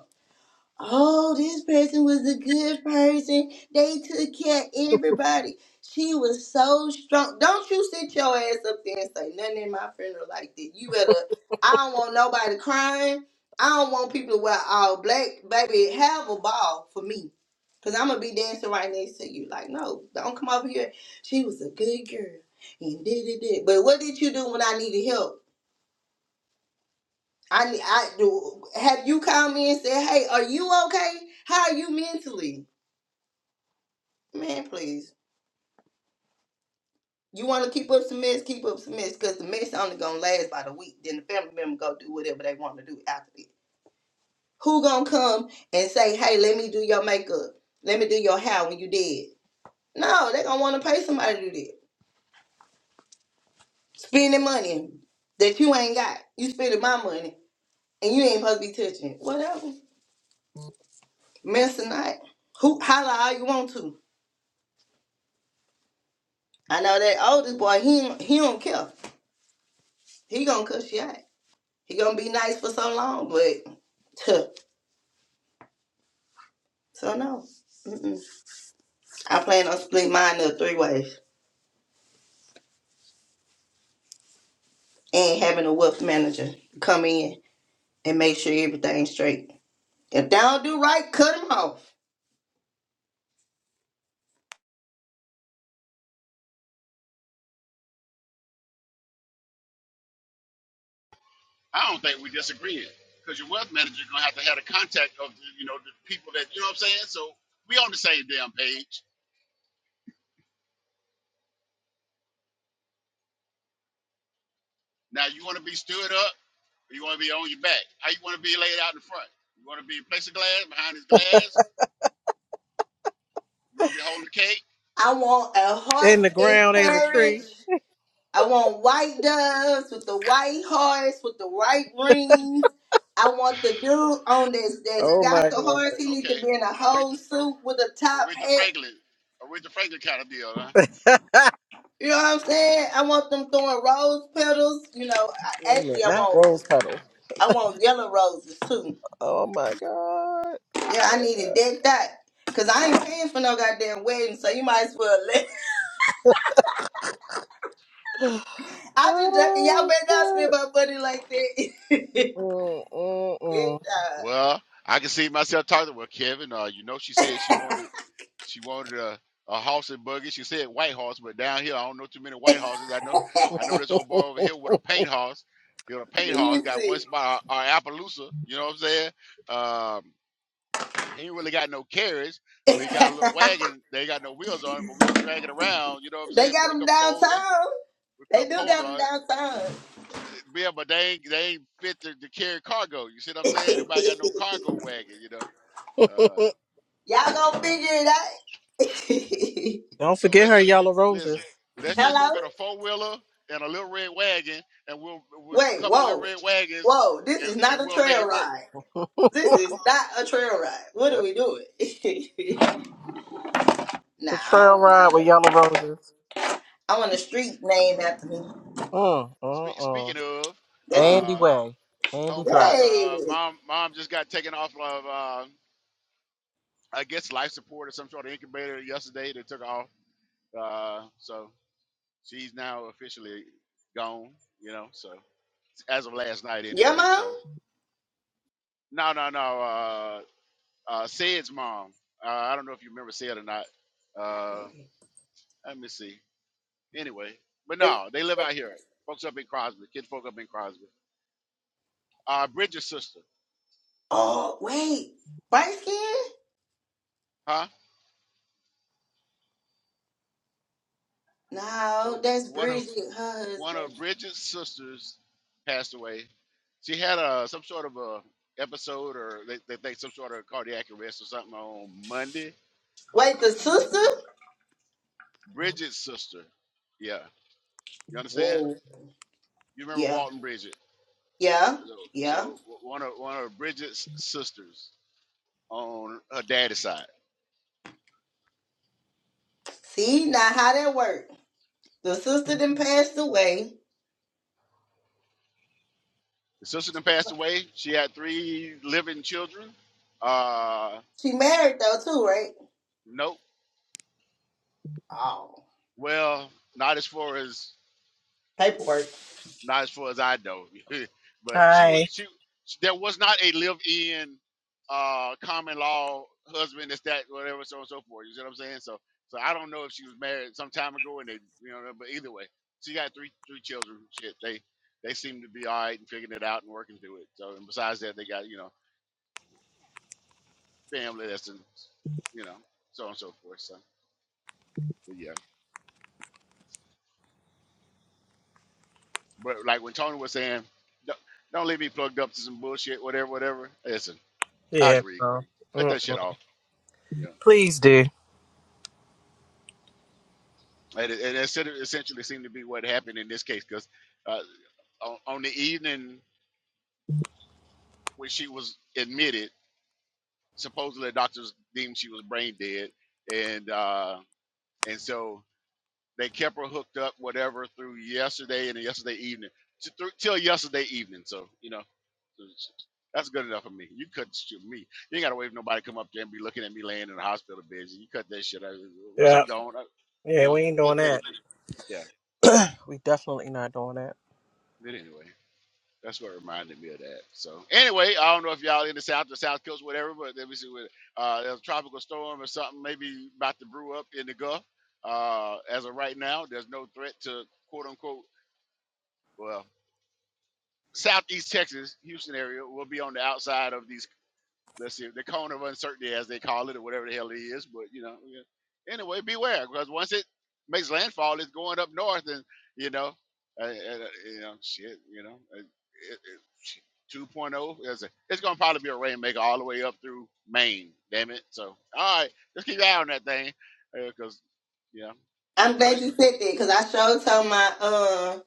B: Oh, this person was a good person. They took care of everybody. She was so strong. Don't you sit your ass up there and say nothing in my funeral like that. You better. I don't want nobody crying. I don't want people to wear all black. Baby, have a ball for me. Cause I'm gonna be dancing right next to you. Like, no, don't come over here. She was a good girl. And did it. But what did you do when I needed help? I I do. Have you called me and said, "Hey, are you okay? How are you mentally?" Man, please. You want to keep up some mess, keep up some mess, cause the mess only gonna last about a week. Then the family member go do whatever they want to do after it. Who gonna come and say, "Hey, let me do your makeup, let me do your hair when you dead"? No, they gonna want to pay somebody to do that. Spending money that you ain't got. You spending my money and you ain't supposed to be touching it. Whatever. Mess or not, who holla all you want to. I know that oldest boy, he don't- he don't care. He gonna cuss you out. He gonna be nice for so long, but huh, so no. Mm-mm. I plan on splitting mine up three ways and having a wealth manager come in and make sure everything's straight. If they don't do right, cut them off.
A: I don't think we disagreeing because your wealth manager gonna have to have the contact of the, you know the people that you know what I'm saying. So we on the same damn page. Now you want to be stood up, or you want to be on your back. How you want to be laid out in front? You want to be in place of glass behind his glass? You want to be holding the cake?
B: I want a horse
H: In the
B: and
H: ground as a tree.
B: carriage. I want white doves with the white hearts with the white rings. I want the dude on this that's
H: Oh
B: got
H: my
B: the hearts. He needs
A: Okay,
B: to be in a
A: Aretha,
B: whole suit
A: Are-
B: with a top
A: Aretha
B: hat.
A: Franklin, Aretha Franklin kind of deal, huh?
H: god.
B: You know what I'm saying? I want them throwing rose petals. You know, I,
H: Wait a
B: actually,
H: minute,
B: I
H: not
B: want
H: rose petal.
B: I want yellow roses too.
H: Oh my god.
B: Yeah, I needed that that. Cause I ain't paying for no goddamn wedding, so you might as well let. I just joking. y'all
H: Oh
B: better not spend
H: shit.
B: my money like that.
H: Mm,
B: that
H: mm,
B: uh,
A: Well, I can see myself talking to well, Kevin. Uh, you know, she said she wanted she wanted a, a horse and buggy. She said white horse, but down here I don't know too many white horses. I know I know this old boy over here with a paint horse. You know, a paint
B: let
A: horse
B: me
A: got one spot or Appaloosa. You know what I'm saying? Um, he ain't really got no carriage, but he
B: see.
A: got a little wagon. They ain't got no wheels on it, but we can drag it around. You know what I'm
B: They
A: saying?
B: got
A: Put a
B: them
A: couple poles on.
B: downtown.
A: Put a
B: They
A: couple
B: do
A: poles
B: got them
A: on it.
B: downtown.
A: Yeah, but they ain't they ain't fit to, to carry cargo. You see what I'm saying? Nobody got no cargo wagon. You know. Uh,
H: mm.
B: Y'all gonna figure it out.
H: Don't
A: So
H: forget
A: let's
H: her
A: just
H: yellow roses.
A: listen. Let's just go
B: Hello?
A: get a four wheeler and a little red wagon, and we'll we'll
B: Wait,
A: couple little
B: whoa.
A: red wagons,
B: Whoa, this
A: and,
B: is not
A: and
B: a
A: we'll make
B: trail
A: it work.
B: ride. This is not a trail ride. What are we doing? nah,
H: It's a
B: I don't
H: trail ride
B: want
H: with yellow
B: to.
H: roses.
B: I want a street named
A: Well,
B: after me.
H: Mm, mm,
A: Spe-
H: mm.
A: speaking of,
B: That's it.
H: Andy
A: uh,
H: Way. Andy Drive.
A: homeboys,
B: Hey,
A: uh, mom, mom just got taken off of, uh, I guess, life support or some sort of incubator yesterday. They took her off, uh, so she's now officially gone. You know, so as of last night,
B: your
A: anyway.
B: mom?
A: So no, no, no. Uh, uh, Said's mom. Uh, I don't know if you remember Said or not. Uh, let me see. Anyway, but
B: The-
A: no, they live out here. Folks up in Crosby, kids folk up in Crosby. Uh, Bridget's sister,
B: Oh, wait, bright skin?
A: huh? So
B: No, that's
A: one of
B: Bridget, her
A: one
B: husband.
A: of Bridget's sisters passed away. She had a some sort of a episode, or they, they think some sort of cardiac arrest or something on Monday.
B: Wait, the sister?
A: Bridget's sister, yeah, you understand?
B: Whoa.
A: You remember
B: Yeah.
A: Walton Bridget?
B: Yeah.
A: So,
B: Yeah.
A: so one of one of Bridget's sisters on her daddy's side.
B: See, now how that work? The sister then passed away.
A: The sister that
B: She
A: passed away. She had three living children. Uh,
B: she married though too, right?
A: nope.
B: Oh,
A: Well, not as far as
B: paperwork.
A: not as far as I know. but she was
H: Hi.
A: she. There was not a live-in uh, common law husband. This that whatever so on and so forth. You see what I'm saying? So so I don't know if she was married some time ago and they you know. But either way, she got three three children. Shit, they they seem to be all right and figuring it out and working through it. So and besides that, they got you know family that's in, you know, so on and so forth. So, but yeah. But like when Tony was saying, don't, don't leave me plugged up to some bullshit, whatever, whatever. Listen, I
H: Yeah.
A: agree.
H: No.
A: Cut
H: Mm.
A: that shit off. Yeah.
H: Please do.
A: And it, it sort essentially seemed to be what happened in this case because uh, on, on the evening when she was admitted, supposedly the doctors deemed she was brain dead. And, uh, and so they kept her hooked up, whatever, through yesterday and yesterday evening, to, through, till yesterday evening. So, you know, That's good enough for me. You cut the shit with me. You ain't gotta wait for nobody to come up there and be looking at me laying in the hospital bed. You cut that shit out. Once
H: Yeah.
A: I'm gone, I, you
H: Yeah,
A: know,
H: we ain't
A: let,
H: doing
A: let
H: that.
A: it be. Yeah.
H: We definitely not doing that.
A: But anyway, that's what reminded me of that. So anyway, I don't know if y'all in the south, the south coast, whatever, but let me see what uh there's a tropical storm or something maybe about to brew up in the Gulf. Uh as of right now, there's no threat to quote unquote well, southeast Texas, Houston area will be on the outside of these let's see, the cone of uncertainty, as they call it, or whatever the hell it is. But you know, yeah. anyway, beware because once it makes landfall, it's going up north, and you know, uh, uh, you know, shit, you know, uh, it, it, shit, 2.0 is a, it's going to probably be a rainmaker all the way up through Maine. Damn it! So all right, right, let's keep your eye on that thing because yeah,
B: I'm glad you
A: flooding.
B: said that because I showed told my uh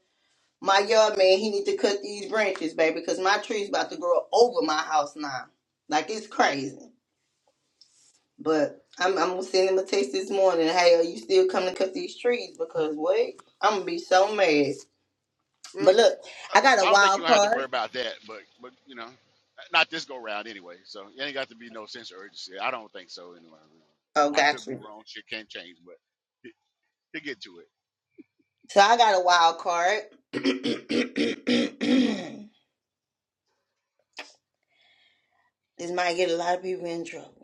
B: my yard man he need to cut these branches, baby, because my tree's about to grow over my house now. Like it's crazy. But I'm I'm gonna send him a text this morning. Hey, are you still coming to cut these trees? Because what? I'm gonna be so mad. But look, I got a
A: I don't think you're
B: wild
A: gonna have to
B: card.
A: worry about that, but but you know, not this go round anyway. So it ain't got to be no sense of urgency. I don't think so anyway.
B: Oh,
A: I
B: got
A: could be
B: you.
A: wrong. Shit can't change, but he- he'll get to it.
B: So I got a wild card. this might get a lot of people in trouble,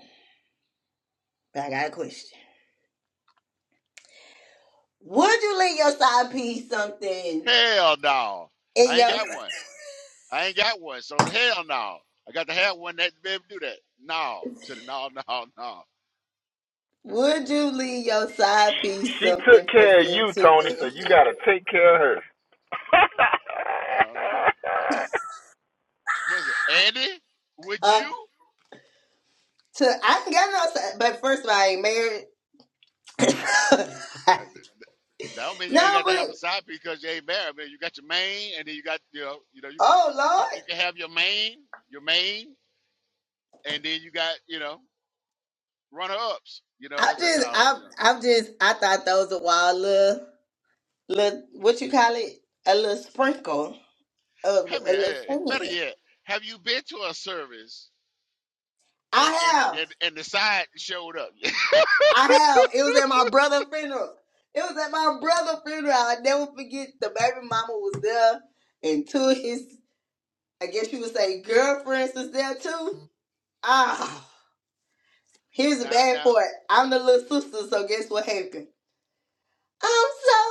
B: but I got a question. Would you leave your side piece something
A: Hell no,
B: in
A: I ain't
B: your?
A: got one. I ain't got one. So hell no, I got to have one that be able to do that. No, to the no no no.
B: Would you leave your side piece
F: She took
B: something for
F: care of
B: them
F: you,
B: to
F: Tony, so you gotta
B: inherit?
F: take care of her.
A: I don't know. Uh, what is it, Andy? Would
B: Uh,
A: you?
B: to I ain't got no side, but first of all, I ain't married.
A: That don't mean you ain't
B: no,
A: got to have a
B: but
A: side piece because you ain't married. I mean, you got your main, and then you got you know, you know, you can
B: oh
A: you,
B: Lord,
A: you can have your main, your main, and then you got you know runner ups. You know
B: I
A: that's that's
B: just
A: how
B: I
A: you know.
B: I'm just I thought that was a wild little little what you call it a little sprinkle of
A: I
B: a
A: mean,
B: little
A: eh, better
B: singing.
A: yet, have you been to a service and
B: I
A: and
B: have.
A: and and the side showed up?
B: I have. It was at my brother's funeral. It was at my brother's funeral. I never forget the baby mama was there and two of his I guess you would say girlfriends was there too. Ah here's the
A: now
B: bad
A: now
B: part. I'm the little sister, so guess what happened? I'm so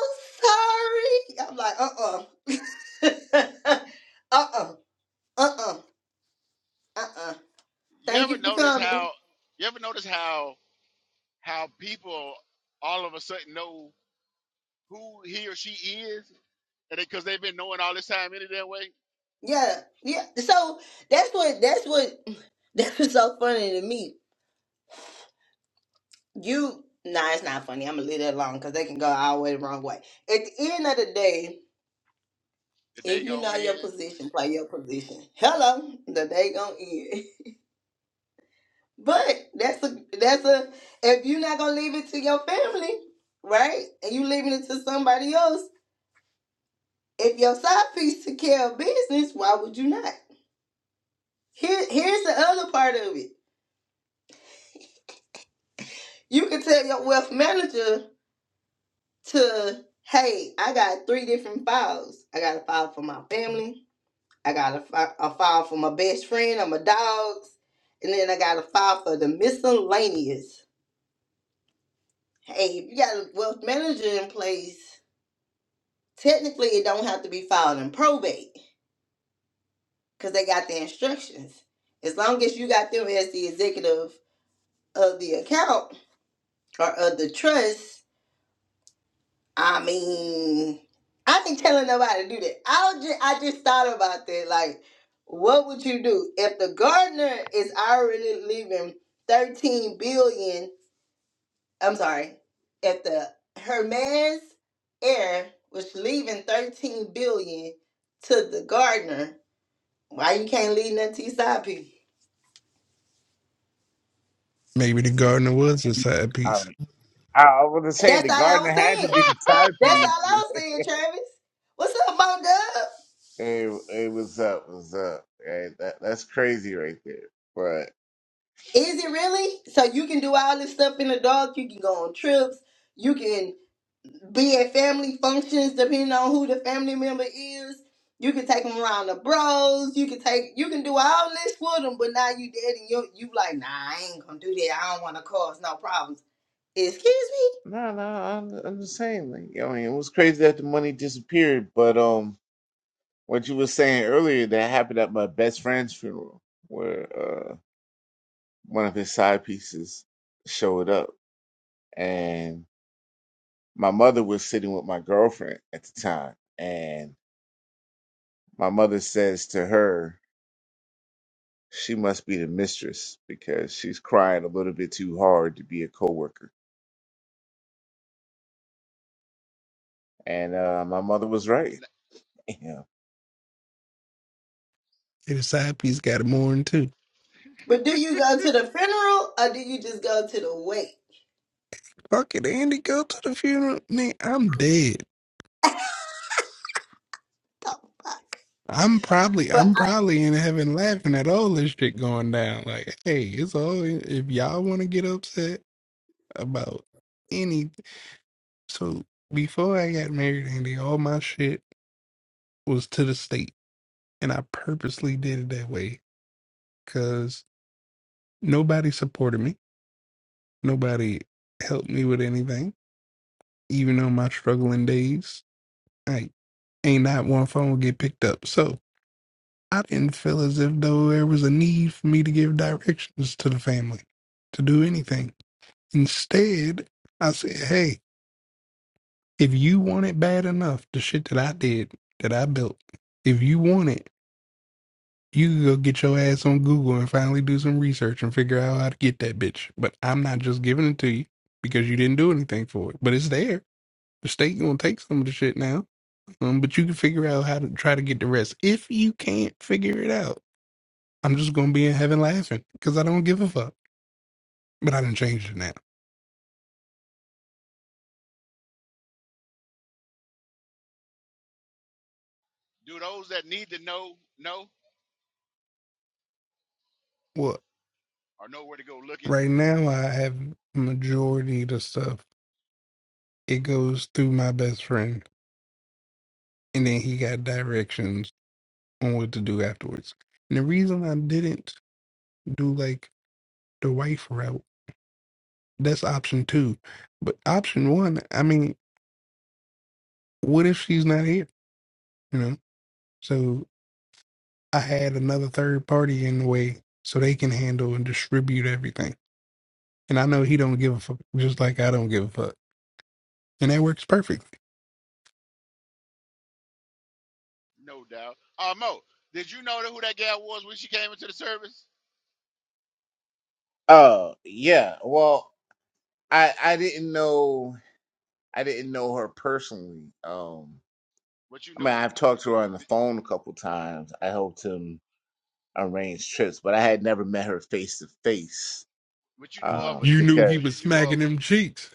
B: sorry. I'm like, uh uh-uh. uh. Uh uh. Uh uh. Uh uh.
A: you
B: Thank
A: ever
B: you for
A: notice
B: coming.
A: how you ever notice how how people all of a sudden know who he or she is, and because they've been knowing all this time any damn way.
B: Yeah, yeah. So that's what that's what that was so funny to me. You nah, it's not funny. I'm gonna leave that alone because they can go all the way the wrong way. At the end of the day,
A: The
B: if
A: day
B: you
A: go
B: know your
A: in.
B: position, play your position. Hello, the day gonna end. But that's a that's a if you're not gonna leave it to your family, right? And you leaving it to somebody else. If your side piece took care of business, why would you not? Here, here's the other part of it. You can tell your wealth manager to hey, I got three different files. I got a file for my family. I got a, fi- a file for my best friend or my dogs, and then I got a file for the miscellaneous. Hey, if you got a wealth manager in place, technically it don't have to be filed in probate because they got the instructions. As long as you got them as the executive of the account or of the trust, I mean, I ain't telling nobody to do that. I just, I just thought about that. Like, what would you do if the gardener is already leaving thirteen billion? I'm sorry, if the Hermes heir was leaving thirteen billion to the gardener, why you can't leave nothing to your side people?
E: Maybe the gardener was a side
I: Um,
E: piece.
I: I I was to say the
B: That's all I
I: garden
B: was
I: had to
B: saying.
I: be the
B: That's
I: timepiece.
B: all I was saying, Travis. What's up, Mo Dub?
I: Hey, hey, what's up? What's up? Hey, that that's crazy right there. But
B: Is it really? So you can do all this stuff in the dark. You can go on trips. You can be at family functions, depending on who the family member is. You can take them around the bros. You can take. You can do all this for them. But now you dead, and you you like, nah, I ain't gonna do that. I don't want to cause no problems. Excuse me.
I: no, no, I'm I'm just saying. Like, I mean, it was crazy that the money disappeared. But um, what you were saying earlier that happened at my best friend's funeral, where uh one of his side pieces showed up, and my mother was sitting with my girlfriend at the time, and my mother says to her. She must be the mistress because she's crying a little bit too hard to be a coworker. And uh, my mother was right. Yeah.
E: Maybe the side piece got it more than two.
B: But do you go to the funeral or do you just go to the wake?
E: Fuck it, Andy. Go to the funeral. Man, I'm dead. I'm probably
B: For
E: I'm probably in heaven laughing at all this shit going down. Like, hey, it's all if y'all want to get upset. about any. So before I got married, Andy, all my shit was to the state, and I purposely did it that way because nobody supported me, nobody helped me with anything. Even on my struggling days, I ain't not one phone would get picked up. So I didn't feel as if though there was a need for me to give directions to the family to do anything. Instead, I said, "Hey." if you want it bad enough, the shit that I did, that I built, if you want it, you can go get your ass on Google and finally do some research and figure out how to get that bitch. But I'm not just giving it to you because you didn't do anything for it. But it's there. The state gonna take some of the shit now. Um, but you can figure out how to try to get the rest. If you can't figure it out, I'm just gonna be in heaven laughing because I don't give a fuck. But I didn't change it now.
A: Do those that need to know know
E: Well,
A: or know where to go looking?
E: right now I have majority of the stuff. It goes through my best friend and then he got directions on what to do afterwards. And the reason I didn't do like the wife route, that's option two. But option one, I mean, what if she's not here? You know? So I had another third party in the way so they can handle and distribute everything. And I know he don't give a fuck, just like I don't give a fuck. And that works perfectly.
A: No doubt. Uh, Mo, did you know that who that gal was when she came into the service?
I: Oh yeah. Well,
A: Oh,
I: I I didn't know I didn't know her personally. Um,
A: but you
I: I mean,
A: know,
I: I've
A: did
I: talked to
A: you?
I: her on the phone a couple times. I helped him arrange trips, but I had never met her face to face.
A: But you knew of
I: Uh,
A: her
E: You
A: then,
E: knew he
A: so
I: because
E: was
A: you knew of
E: smacking
A: her.
E: them cheeks.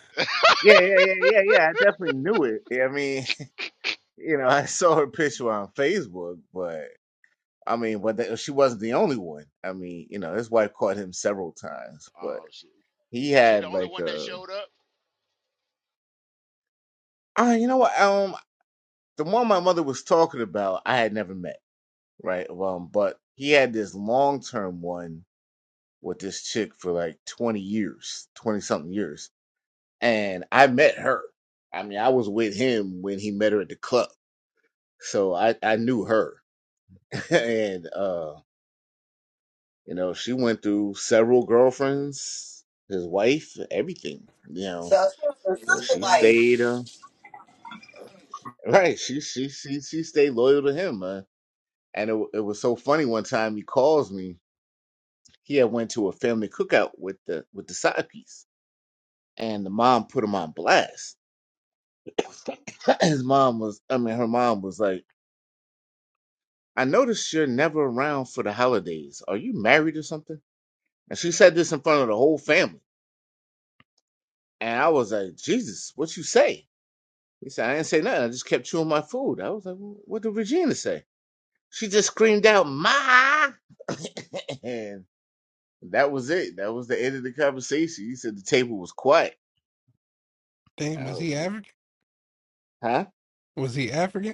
I: yeah, yeah, yeah, yeah, yeah. I definitely knew it. I mean, you know, I saw her picture on Facebook, but. I mean, but that she wasn't the only one. I mean, you know, his wife caught him several times, but
A: Oh shit!
I: he
A: Was she the
I: had
A: only
I: like
A: one that
I: a.
A: showed up?
I: Ah, you know what? Um, the one my mother was talking about, I had never met, right? Um, but he had this long term one with this chick for like twenty years, twenty something years, and I met her. I mean, I was with him when he met her at the club, so I I knew her, and uh You know, she went through several girlfriends, his wife, everything. You
B: So
I: know,
B: as far as the
I: but
B: social
I: she
B: life,
I: stayed uh, right. She she she she stayed loyal to him. Uh, and it wa- it was so funny. One time he calls me. He had went to a family cookout with the with the side piece, and the mom put him on blast. His mom was, I mean, her mom was like, "I noticed you're never around for the holidays. Are you married or something?" And she said this in front of the whole family, and I was like, "Jesus, what you say?" He said, I didn't say nothing. I just kept chewing my food. I was like, "Wh- what did Regina say? She just screamed out, Ma! and that was it. That was the end of the conversation. He said the table was quiet. I
E: Damn, was
I: was
E: he
I: like,
E: African?
I: huh?
E: Was he African?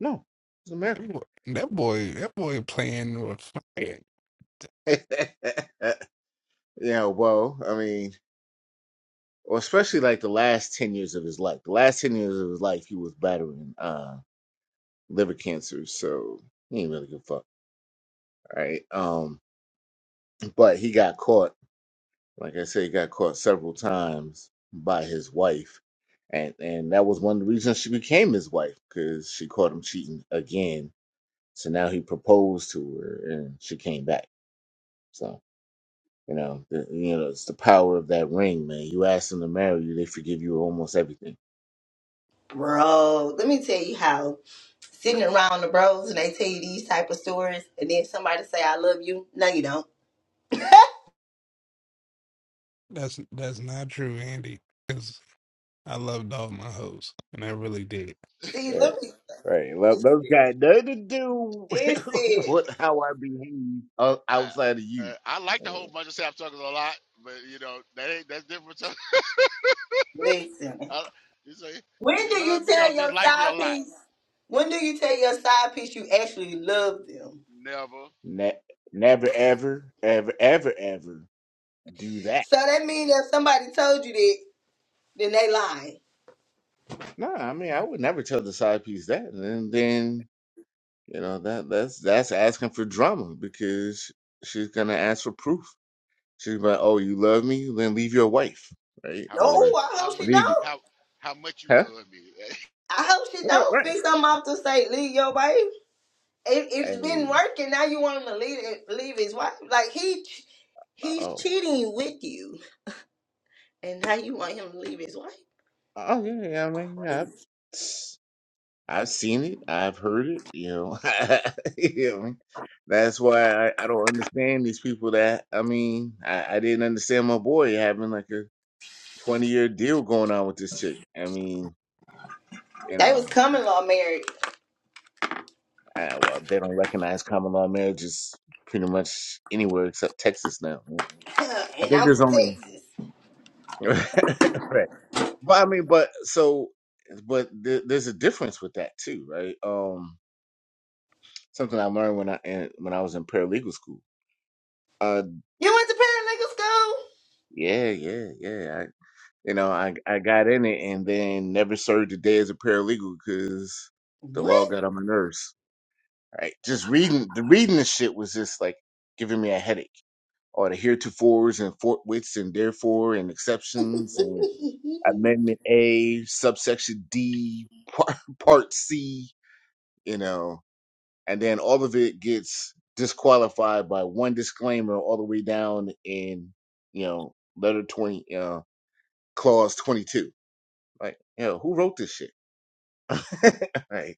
I: No, it's
E: That
I: American.
E: boy, that boy, that boy playing with fire.
I: yeah, well, I mean, or especially like the last 10 years of his life. The last 10 years of his life, he was battling uh, liver cancer. So he ain't really give a fuck. Right. Um, but he got caught Like I said, he got caught several times by his wife, and and that was one of the reasons she became his wife because she caught him cheating again. So now he proposed to her, and she came back. So you know, the, you know, it's the power of that ring, man. You ask them to marry you, they forgive you almost everything.
B: bro, let me tell you how sitting around the bros and they tell you these type of stories, and then somebody say I love you. No, you don't.
E: That's that's not true, Andy. Because I loved all my hoes, and I really did.
B: See,
I: Right,
B: let me.
I: right. Well, those got nothing to do
B: It's it.
A: Listen,
I: with how I behave o-
A: I
I: outside of you.
A: uh, I like the whole bunch of sapsuckers a lot, but you know that ain't that's different. So,
B: Listen.
A: I, you say, do
B: When
A: you
B: do
A: love
B: you
A: me or
B: tell
A: just
B: your
A: like me a
B: side
A: lot?
B: piece? When do you tell your side piece you actually love them?
A: Never.
I: Ne- never, ever, ever, ever, ever do that.
B: So that means if somebody told you that, then they lying.
I: No, I mean I would never tell the side piece that, and then you know that that's that's asking for drama because she's gonna ask for proof. She's like, "Oh, you love me? Then leave your wife, right?
A: How
B: No,
A: much you?
I: Or
B: I
A: How
B: hope she
A: much?
I: leave, y-
B: don't.
A: How how much you
I: huh?
A: love me?
B: I hope she
I: Right,
B: don't
I: right.
B: fix them up to say leave your baby. it,
I: Hey,
B: it's been working. Now you want him to leave leave his wife? Like he he's
I: oh,
B: cheating with you, and now you want him to leave his wife?
I: oh yeah, yeah. I mean, yeah, I've I've seen it, I've heard it. You know, you know what I mean? That's why I, I don't understand these people that I mean I, I didn't understand my boy having like a 20 year deal going on with this chick. I mean, you
B: They was
I: know,
B: common law married,
I: I, well, they don't recognize common law marriages pretty much anywhere except Texas now. right? I
B: and
I: think
B: I'm
I: there's
B: from
I: only
B: Texas.
I: right. But I mean, but so, but th- there's a difference with that too, right? Um, something I learned when I in, when I was in paralegal school. Uh,
B: You went to parent
I: yeah, yeah, yeah. I, you know, I I got in it and then never served a day as a paralegal because the
B: legal school?
I: law got on my nerves. right? Just reading the reading the shit was just like giving me a headache. All the heretofores and forthwiths and therefore and exceptions
B: What?
I: and amendment A, subsection D, part, part C, you know, and then all of it gets disqualified by one disclaimer all the way down in you know letter twenty, uh, clause twenty two. Like, you know, who wrote this shit? right.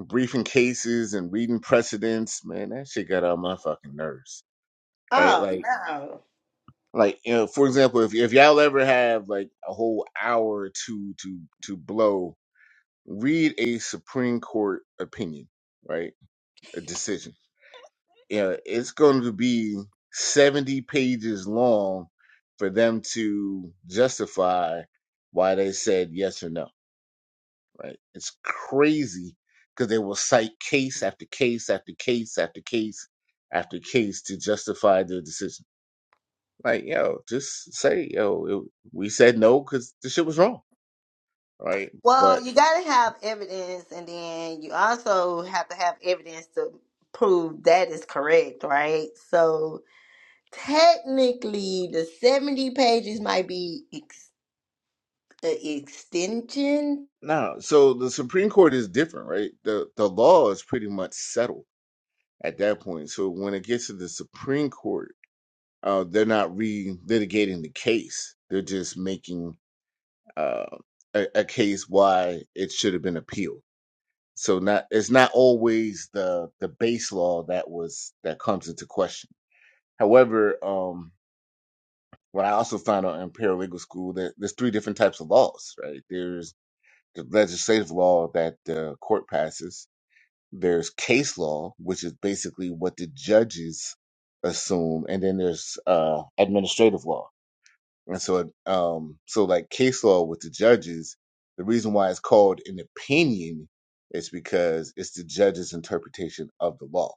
I: Briefing cases and reading precedents, man, that shit got on my fucking nerves right?
B: oh
I: Like,
B: no.
I: like you know, for example, if if y'all ever have like a whole hour or two to to blow, read a Supreme Court opinion, right? A decision. Yeah, it's going to be seventy pages long for them to justify why they said yes or no, right? It's crazy because they will cite case after case after case after case after case to justify their decision Like, yo, just say, yo, it, we said no because the shit was wrong, right?
B: Well,
I: But
B: you gotta have evidence, and then you also have to have evidence to prove that is correct, right? So technically, the seventy pages might be the extension.
I: no, so the Supreme Court is different, right? The the law is pretty much settled at that point. So when it gets to the Supreme Court, uh, they're not re-litigating the case. They're just making uh, a, a case why it should have been appealed. So not it's not always the the base law that was that comes into question. However, um, what I also found out in paralegal school that there's three different types of laws, right? There's the legislative law that the court passes. There's case law, which is basically what the judges assume, and then there's uh, administrative law. And so, um, so like case law with the judges, the reason why it's called an opinion is because it's the judge's interpretation of the law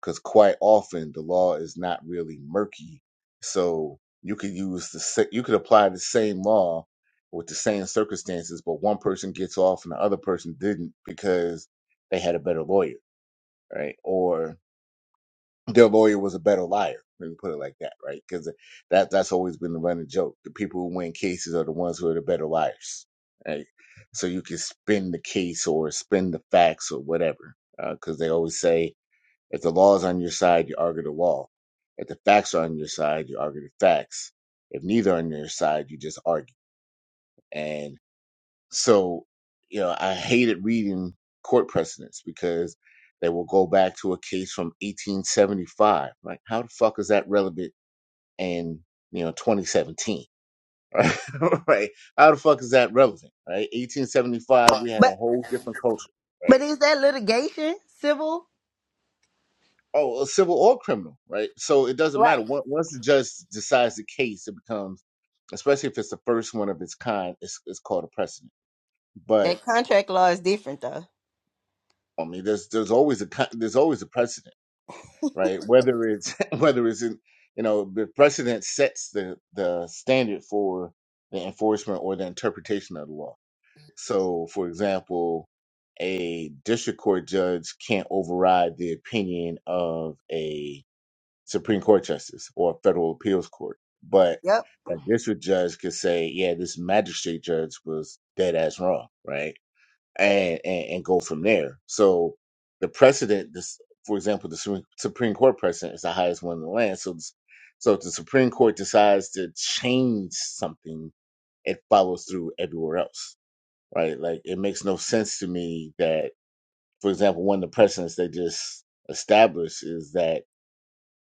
I: because quite often the law is not really murky. So you could use the sa- you could apply the same law with the same circumstances, but one person gets off and the other person didn't because they had a better lawyer, right? Or their lawyer was a better liar. Let me put it like that, right? Because that that's always been the running joke. The people who win cases are the ones who are the better liars, right? So you can spin the case or spin the facts or whatever, because they always say if the law is on your side, you argue the law. If the facts are on your side, you argue the facts. If neither are on your side, you just argue. And so, you know, I hated reading court precedents because they will go back to a case from 1875. Like, how the fuck is that relevant in, you know, 2017? Right? right? How the fuck is that relevant? Right? 1875, we had a
B: But
I: whole different culture. Right?
B: but is that litigation civil?
I: Oh, a civil or criminal, right? So it doesn't matter.
B: Right.
I: Once once the judge decides the case, it becomes, especially if it's the first one of its kind, it's, it's called a precedent. But
B: That contract law is different though.
I: I mean, there's there's always a con- there's always a precedent, right? Whether it's whether it's in, you know the precedent sets the the standard for the enforcement or the interpretation of the law. So, for example, a district court judge can't override the opinion of a Supreme Court justice or federal appeals court. But
B: Yep.
I: a district judge could say, yeah, this magistrate judge was dead ass wrong, right? And, and and go from there. So the precedent, this, for example, the Supreme Supreme Court precedent is the highest one in the land. So, this, so if the Supreme Court decides to change something, it follows through everywhere else, right? Like it makes no sense to me that, for example, one of the precedents they just established is that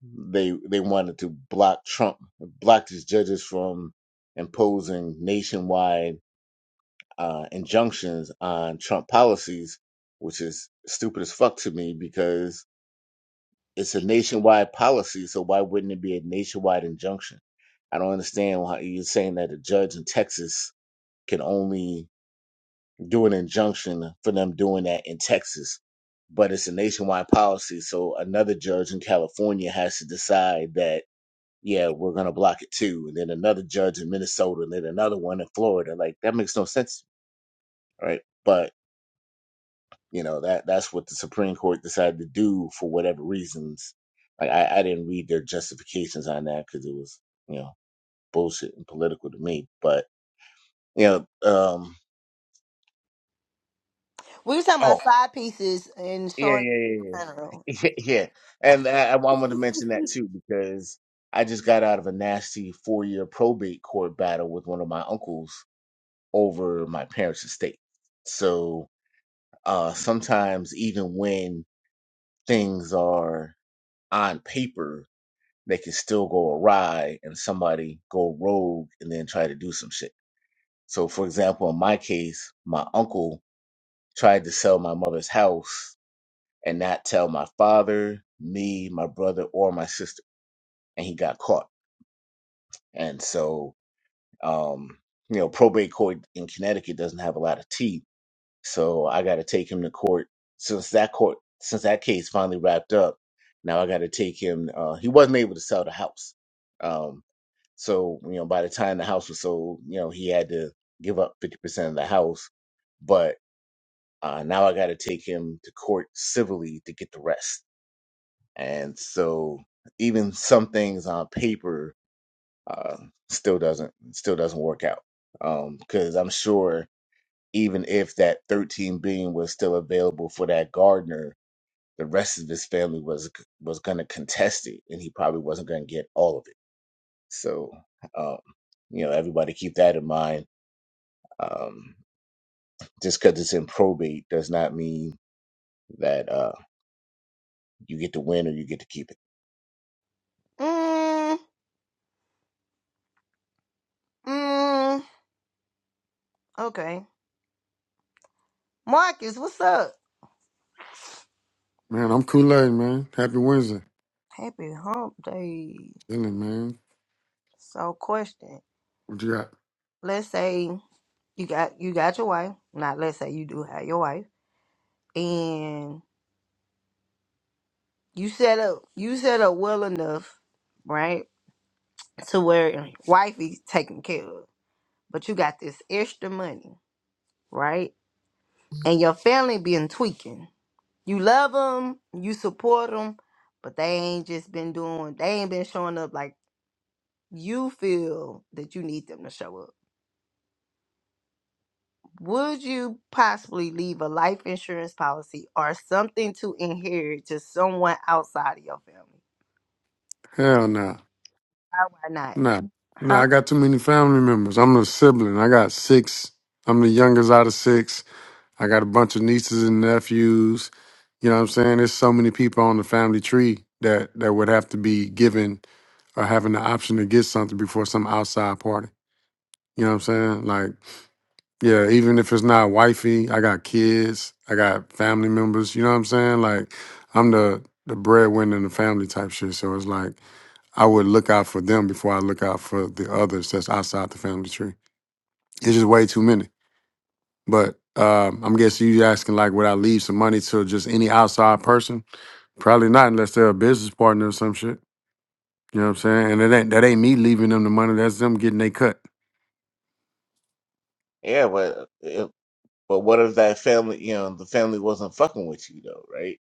I: they they wanted to block Trump, block his judges from imposing nationwide uh, injunctions on Trump policies, which is stupid as fuck to me because it's a nationwide policy. So why wouldn't it be a nationwide injunction? I don't understand why you're saying that a judge in Texas can only do an injunction for them doing that in Texas but it's a nationwide policy. So another judge in California has to decide that yeah, we're gonna block it too. And then another judge in Minnesota, and then another one in Florida. Like that makes no sense, right? But you know that that's what the Supreme Court decided to do for whatever reasons. Like I, I didn't read their justifications on that because it was you know bullshit and political to me. But you know, um,
B: We were talking about
I: oh
B: side pieces and
I: yeah,
B: showing up
I: yeah,
B: in the funeral.
I: yeah, yeah, yeah. And I, I wanted to mention that too because I just got out of a nasty four year probate court battle with one of my uncles over my parents' estate. So uh, sometimes, even when things are on paper, they can still go awry and somebody go rogue and then try to do some shit. So, for example, in my case, my uncle tried to sell my mother's house and not tell my father, me, my brother, or my sister, and he got caught. And so, um, you know, probate court in Connecticut doesn't have a lot of teeth So I got to take him to court. Since that court, since that case finally wrapped up, now I got to take him. Uh, he wasn't able to sell the house. Um, so you know, by the time the house was sold, you know, he had to give up fifty percent of the house. But uh, now I got to take him to court civilly to get the rest. And so even some things on paper uh, still doesn't still doesn't work out because I'm sure even if that thirteen billion was still available for that gardener the rest of his family was was going to contest it and he probably wasn't going to get all of it so um you know everybody keep that in mind um just because it's in probate does not mean that uh you get to win or you get to keep it
B: Mm, mm, okay. Marcus, what's up?
J: Man, I'm Kool-Aid, man. Happy Wednesday.
B: Happy hump day.
J: Chilling, man.
B: So question.
J: What you got?
B: Let's say you got you got your wife. Not let's say you do have your wife. And you set up you set up well enough, right? To where wifey taken care of. but you got this extra money, right? And your family been tweaking. You love them, you support them, but they ain't just been doing, they ain't been showing up like you feel that you need them to show up. Would you possibly leave a life insurance policy or something to inherit to someone outside of your family?
J: Hell no.
B: Why, why not?
J: Nah. No,
B: Huh?
J: I got too many family members. I'm a sibling. I got six. I'm the youngest out of six. I got a bunch of nieces and nephews. You know what I'm saying? There's so many people on the family tree that that would have to be given or having the option to get something before some outside party. You know what I'm saying? Like Yeah, even if it's not wifey, I got kids, I got family members, you know what I'm saying? Like I'm the the breadwinner in the family type shit. So it's like I would look out for them before I look out for the others that's outside the family tree. It's just way too many. But um, I'm guessing you asking like would I leave some money to just any outside person? Probably not unless they're a business partner or some shit. You know what I'm saying? And it ain't that ain't me leaving them the money, that's them getting they cut.
I: yeah but if, but what if that family you know the family wasn't fucking with you though right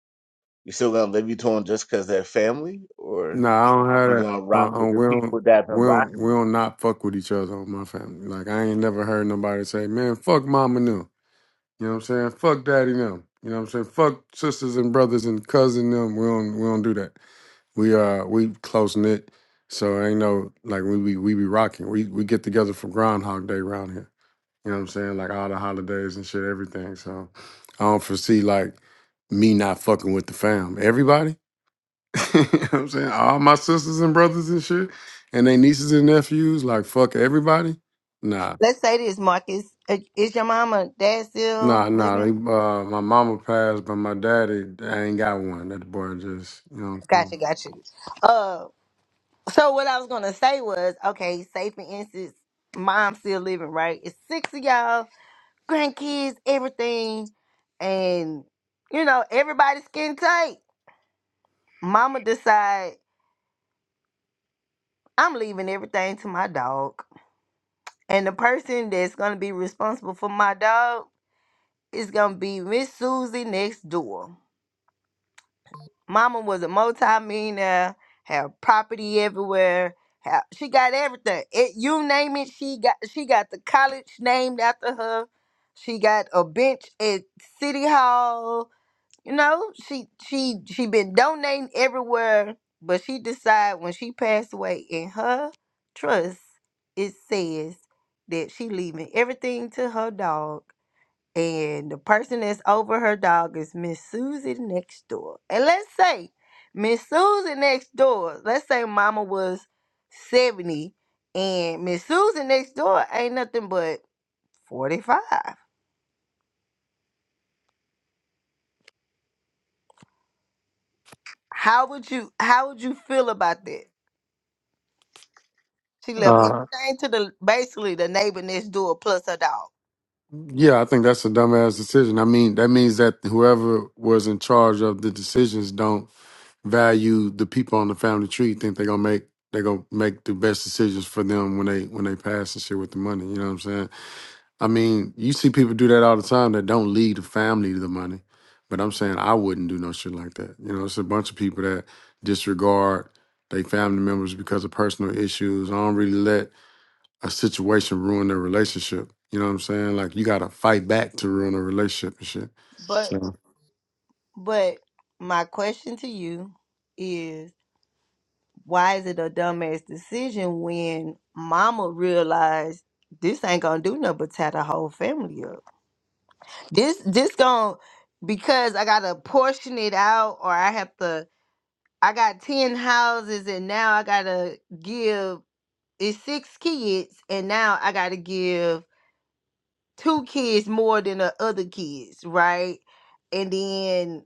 I: you still gonna live your tone just because they're family or
J: No, I don't have
I: you
J: that.
I: gonna rock
J: Uh, uh
I: with the
J: we don't,
I: people that have been
J: we don't,
I: rocking
J: we
I: with
J: don't
I: you
J: not fuck with each other on my family. Like I ain't never heard nobody say, "Man, fuck mama them." You know what I'm saying? Fuck daddy them. You know what I'm saying? Fuck sisters and brothers and cousin them. We don't, we don't do that. We uh, we close knit. So ain't no like we be we be rocking. We we get together for Groundhog Day around here. You know what I'm saying? Like all the holidays and shit, everything. So I don't foresee like me not fucking with the fam. Everybody. you know what I'm saying? All my sisters and brothers and shit, and they nieces and nephews, like fuck everybody. Nah,
B: Let's say this, Marcus. Uh, Is your mama, dad still
J: nah, nah. They,
B: living?
J: uh, my mama passed, but my daddy, I ain't got one. That boy just, you know. What
B: Gotcha,
J: I'm
B: gotcha. Uh. So what I was gonna say was, okay, safe and instance, mom's still living, right? It's six of y'all, grandkids, everything, and you know, everybody's skin tight. Mama decide I'm leaving everything to my dog. And the person that's gonna be responsible for my dog is gonna be Miss Susie next door. Mama was a multi-millionaire, had property everywhere. Had, she got everything. It, you name it, she got. She got the college named after her. She got a bench at City Hall. You know, she she she been donating everywhere, but she decided when she passed away in her trust, it says that she leaving everything to her dog and the person that's over her dog is Miss Susie next door. And let's say Miss Susie next door, let's say mama was 70 and Miss Susie next door ain't nothing but 45. How would you how would you feel about that? She
J: saying?
B: left
J: Uh,
B: everything to the basically the neighbor next door plus her dog.
J: yeah, I think that's a dumbass decision. I mean, that means that whoever was in charge of the decisions don't value the people on the family tree. Think they gonna make they gonna make the best decisions for them when they when they pass and shit with the money. You know what I'm saying? I mean, you see people do that all the time that don't lead the family the money. But I'm saying I wouldn't do no shit like that. You know, it's a bunch of people that disregard their family members because of personal issues. I don't really let a situation ruin their relationship. You know what I'm saying? Like you gotta fight back to ruin a relationship and shit.
B: But
J: So
B: but my question to you why is it a dumbass decision when mama realized this ain't gonna do nothing but tear the whole family up? This this gonna because I gotta portion it out or I have to I got ten houses and now I gotta give it's six kids and now I gotta give two kids more than the other kids, right? And then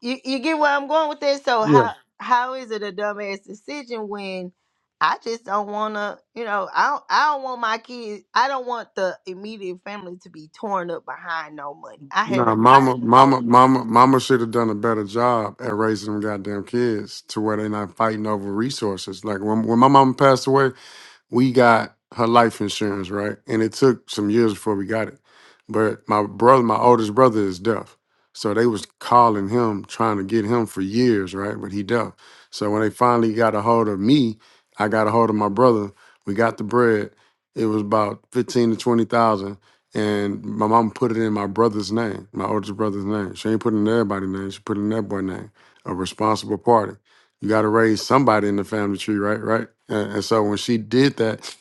B: you you get where I'm going with this. So
J: yeah.
B: how how is it a dumbass decision when I just don't want to, you know, I don't, I don't want my kids, I don't want the immediate family to be torn up behind no money. I had
J: Nah,
B: a, I
J: mama,
B: had an old
J: mama,
B: person.
J: mama, mama should have done a better job at raising them goddamn kids to where they're not fighting over resources. Like when when my mama passed away, we got her life insurance, right? And it took some years before we got it. But my brother, my oldest brother is deaf. So they was calling him, trying to get him for years, right? But he deaf. So when they finally got a hold of me, I got a hold of my brother. We got the bread. It was about fifteen to twenty thousand. And my mom put it in my brother's name, my oldest brother's name. She ain't put it in everybody's name. She put it in that boy's name, a responsible party. You got to raise somebody in the family tree, right? Right. And, and so when she did that,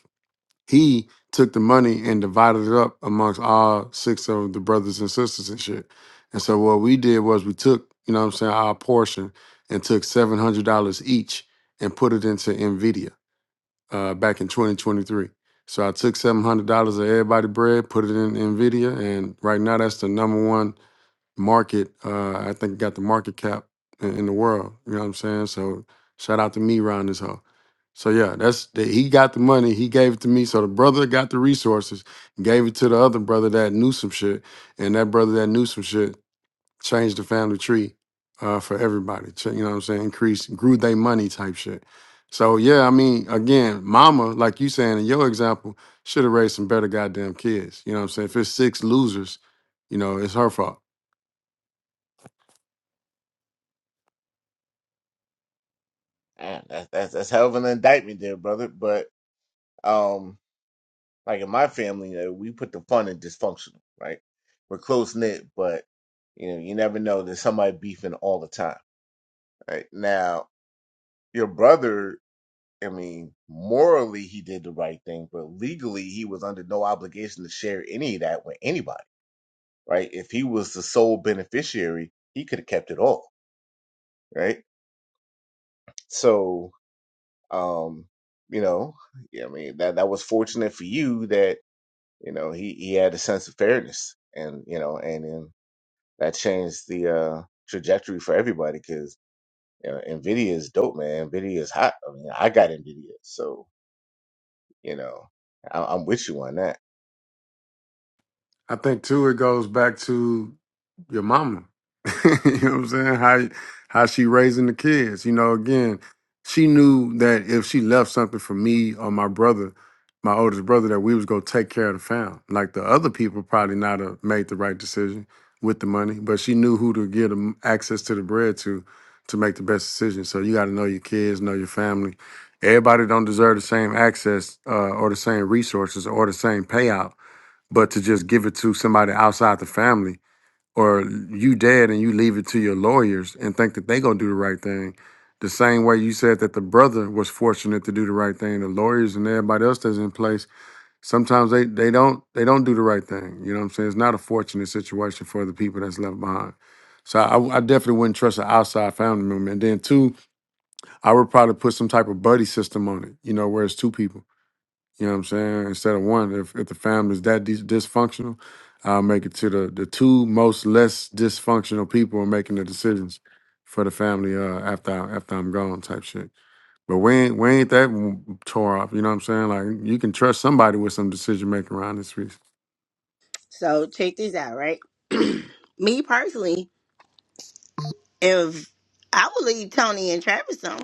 J: he took the money and divided it up amongst all six of the brothers and sisters and shit. And so what we did was we took, you know what I'm saying, our portion and took $700 each and put it into NVIDIA uh, back in 2023. So I took $700 of everybody bread, put it in NVIDIA. And right now, that's the number one market. Uh, I think got the market cap in, in the world. You know what I'm saying? So shout out to me, Ron this hoe. So yeah, that's the, he got the money. He gave it to me. So the brother got the resources, gave it to the other brother that knew some shit, and that brother that knew some shit changed the family tree uh, for everybody. Ch- You know what I'm saying? Increased, grew they money type shit. So yeah, I mean, again, mama, like you saying in your example, should have raised some better goddamn kids. You know what I'm saying? If it's six losers, you know, it's her fault.
I: Man, that's that's that's hell of an indictment there, brother. But um, like in my family, you know, we put the fun in dysfunctional, right? We're close knit, but you know, you never know. There's somebody beefing all the time, right? Now, your brother, I mean, morally he did the right thing, but legally he was under no obligation to share any of that with anybody, right? If he was the sole beneficiary, he could have kept it all, right? So, um, you know, yeah, I mean that that was fortunate for you that You know, he he had a sense of fairness, and you know, and, then that changed the uh, trajectory for everybody because you know, Nvidia is dope, man. Nvidia is hot. I mean, I got Nvidia, so you know, I, I'm with you on that.
J: I think too it goes back to your mama. you know what I'm saying? How how she raising the kids. You know, again, she knew that if she left something for me or my brother, my oldest brother, that we was gonna take care of the family. Like the other people probably not have made the right decision with the money, but she knew who to give them access to the bread to to make the best decision. So you gotta know your kids, know your family. Everybody don't deserve the same access uh, or the same resources or the same payout but to just give it to somebody outside the family, or you dead and you leave it to your lawyers and think that they gonna do the right thing, the same way you said that the brother was fortunate to do the right thing, the lawyers and everybody else that's in place, sometimes they they don't they don't do the right thing. You know what I'm saying? It's not a fortunate situation for the people that's left behind. So I, I definitely wouldn't trust an outside family member. And then two, I would probably put some type of buddy system on it, you know, where it's two people you know what I'm saying? Instead of one, if, if the family's that dis- dysfunctional, I'll make it to the the two most less dysfunctional people in making the decisions for the family uh, after I, after I'm gone type shit. But we ain't we ain't that m- tore up. You know what I'm saying? Like you can trust somebody with some decision making around this piece.
B: So check this out, right? Me personally, if I would leave Tony and Travis on,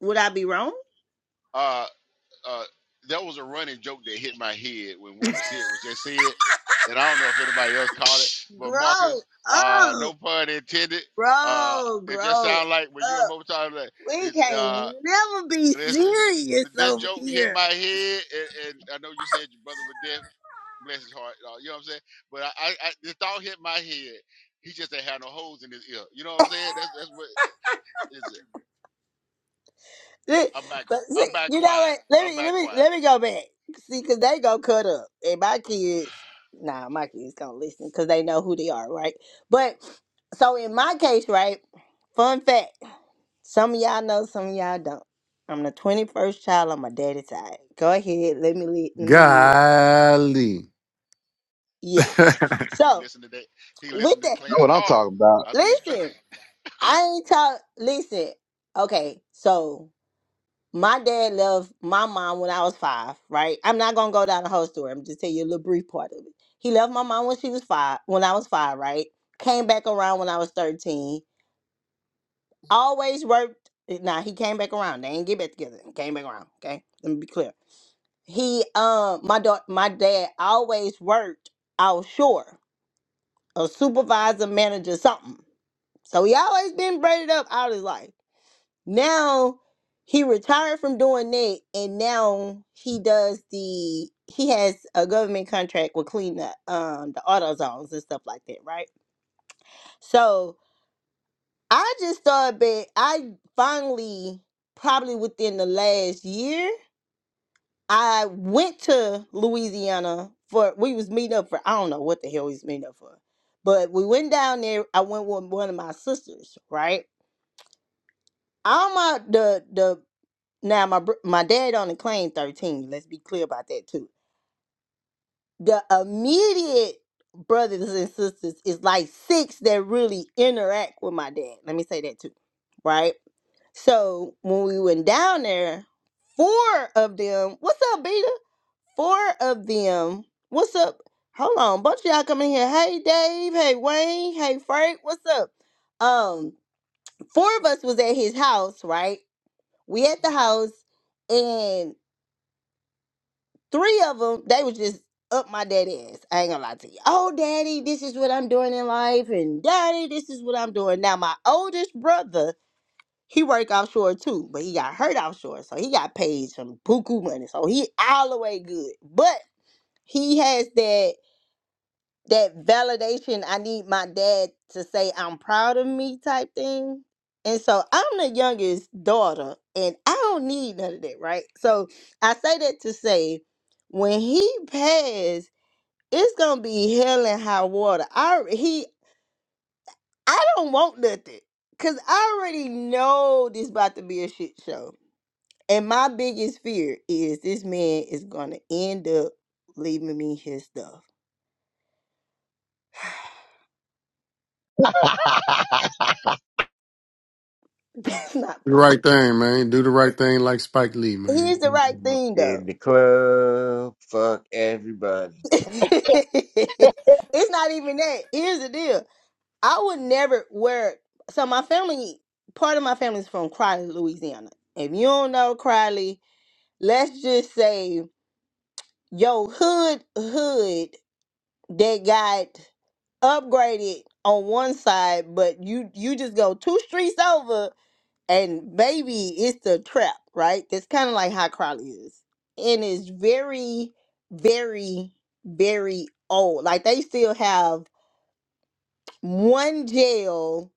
B: would I be wrong?
A: Uh, uh, that was a running joke that hit my head when what was said was just said, and I don't know if anybody else caught it, but
B: Grow
A: Marcus, uh,
B: up.
A: no pun intended. Uh,
B: Bro,
A: it just
B: grow
A: sounded like when you and
B: up.
A: Mo talking, like,
B: We
A: it's uh,
B: can't never be
A: listen,
B: serious
A: this
B: over
A: joke hit
B: here.
A: my head, and, and I know you said your brother was deaf, bless his heart, uh, you know what I'm saying, but I, I, I the thought hit my head. He just ain't had no holes in his ear. You know what I'm saying? That's that's what is it.
B: Th-
A: I'm back. qui-
B: But
A: I'm
B: see,
A: back
B: you know
A: quiet.
B: what? Let
A: I'm
B: me let
A: back
B: me
A: quiet.
B: let me go back. See, cause they go cut up, and my kids, nah, my kids gonna listen, cause they know who they are, right? But so in my case, right? Fun fact: some of y'all know, some of y'all don't. I'm the 21st child on my daddy's side. Go ahead, let me li- let me hear. it.
J: Golly.
B: Yeah.
J: the
A: He
B: So
A: listened to that. He
B: with
A: listened to
B: that,
K: Know
A: Clarence
K: what I'm
A: Carter.
K: talking about.
A: I be straight.
B: listen. I ain't talk. Listen, okay. So my dad left my mom when I was five. Right. I'm not gonna go down the whole story. I'm just tell you a little brief part of it. He left my mom when she was five. When I was five, right. Came back around when I was thirteen. Always worked. Nah, he came back around. They ain't get back together. He Came back around. Okay. Let me be clear. He, um, my daughter, my dad always worked offshore, a supervisor, manager, something. So he always been braided up all his life. Now he retired from doing that, and now he does the he has a government contract with clean the um the auto zones and stuff like that, right? So I just thought that I finally probably within the last year I went to Louisiana for we was meeting up for I don't know what the hell we was meeting up for. But we went down there. I went with one of my sisters, right? I'm the the Now my br- my dad only claimed thirteen. Let's be clear about that too. The immediate brothers and sisters is like six that really interact with my dad. Let me say that too, right? So when we went down there, four of them. What's up, Beta? Four of them. What's up? Hold on, bunch of y'all come in here. Hey, Dave. Hey, Wayne. Hey, Frank. What's up? Um, four of us was at his house, right? We at the house, and Three of them, they was just up my daddy ass. I ain't gonna lie to you. Oh, daddy, this is what I'm doing in life, and daddy, this is what I'm doing. Now, my oldest brother, he work offshore too, but he got hurt offshore, so he got paid some buku money, so he all the way good. But he has that that validation I need my dad to say I'm proud of me type thing. And so I'm the youngest daughter and I don't need none of that, right? So I say that to say when he passed, it's gonna be hell and high water. I he I don't want nothing. Cause I already know this about to be a shit show. And my biggest fear is this man is gonna end up leaving me his stuff. That's not funny.
J: right thing, man. Do the right thing like Spike Lee,
B: Here's the right
J: man.
I: Up
B: thing though
I: in the club, fuck everybody.
B: it's not even that. Here's the deal. I would never wear. So my family, part of my family is from Crowley, Louisiana. If you don't know Crowley, let's just say your hood hood that got upgraded on one side, but you you just go two streets over and baby it's the trap right that's kind of like how crowley is and it's very very very old like they still have one jail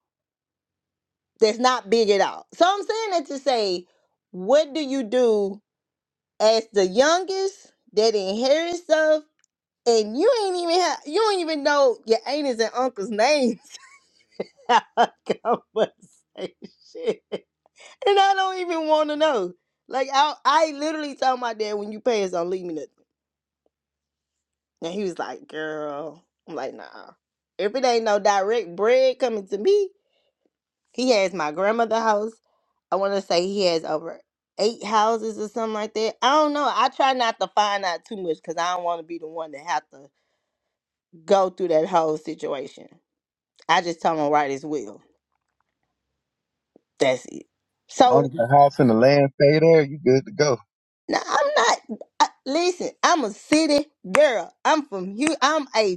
B: that's not big at all so i'm saying that to say what do you do as the youngest that inherits stuff and you ain't even have, you don't even know your aunties and uncles names How I conversation And I don't even want to know. Like I, I literally told my dad, when you pay us, don't leave me nothing. And he was like, "Girl," I'm like, "Nah." If it ain't no direct bread coming to me, he has my grandmother house. I want to say he has over eight houses or something like that. I don't know. I try not to find out too much because I don't want to be the one that have to go through that whole situation. I just tell him right as well. That's it.
K: As long
B: So
K: as the house and the land stay there, you good to go.
B: Now I'm not. I, listen, I'm a city girl. I'm from Houston. I'm a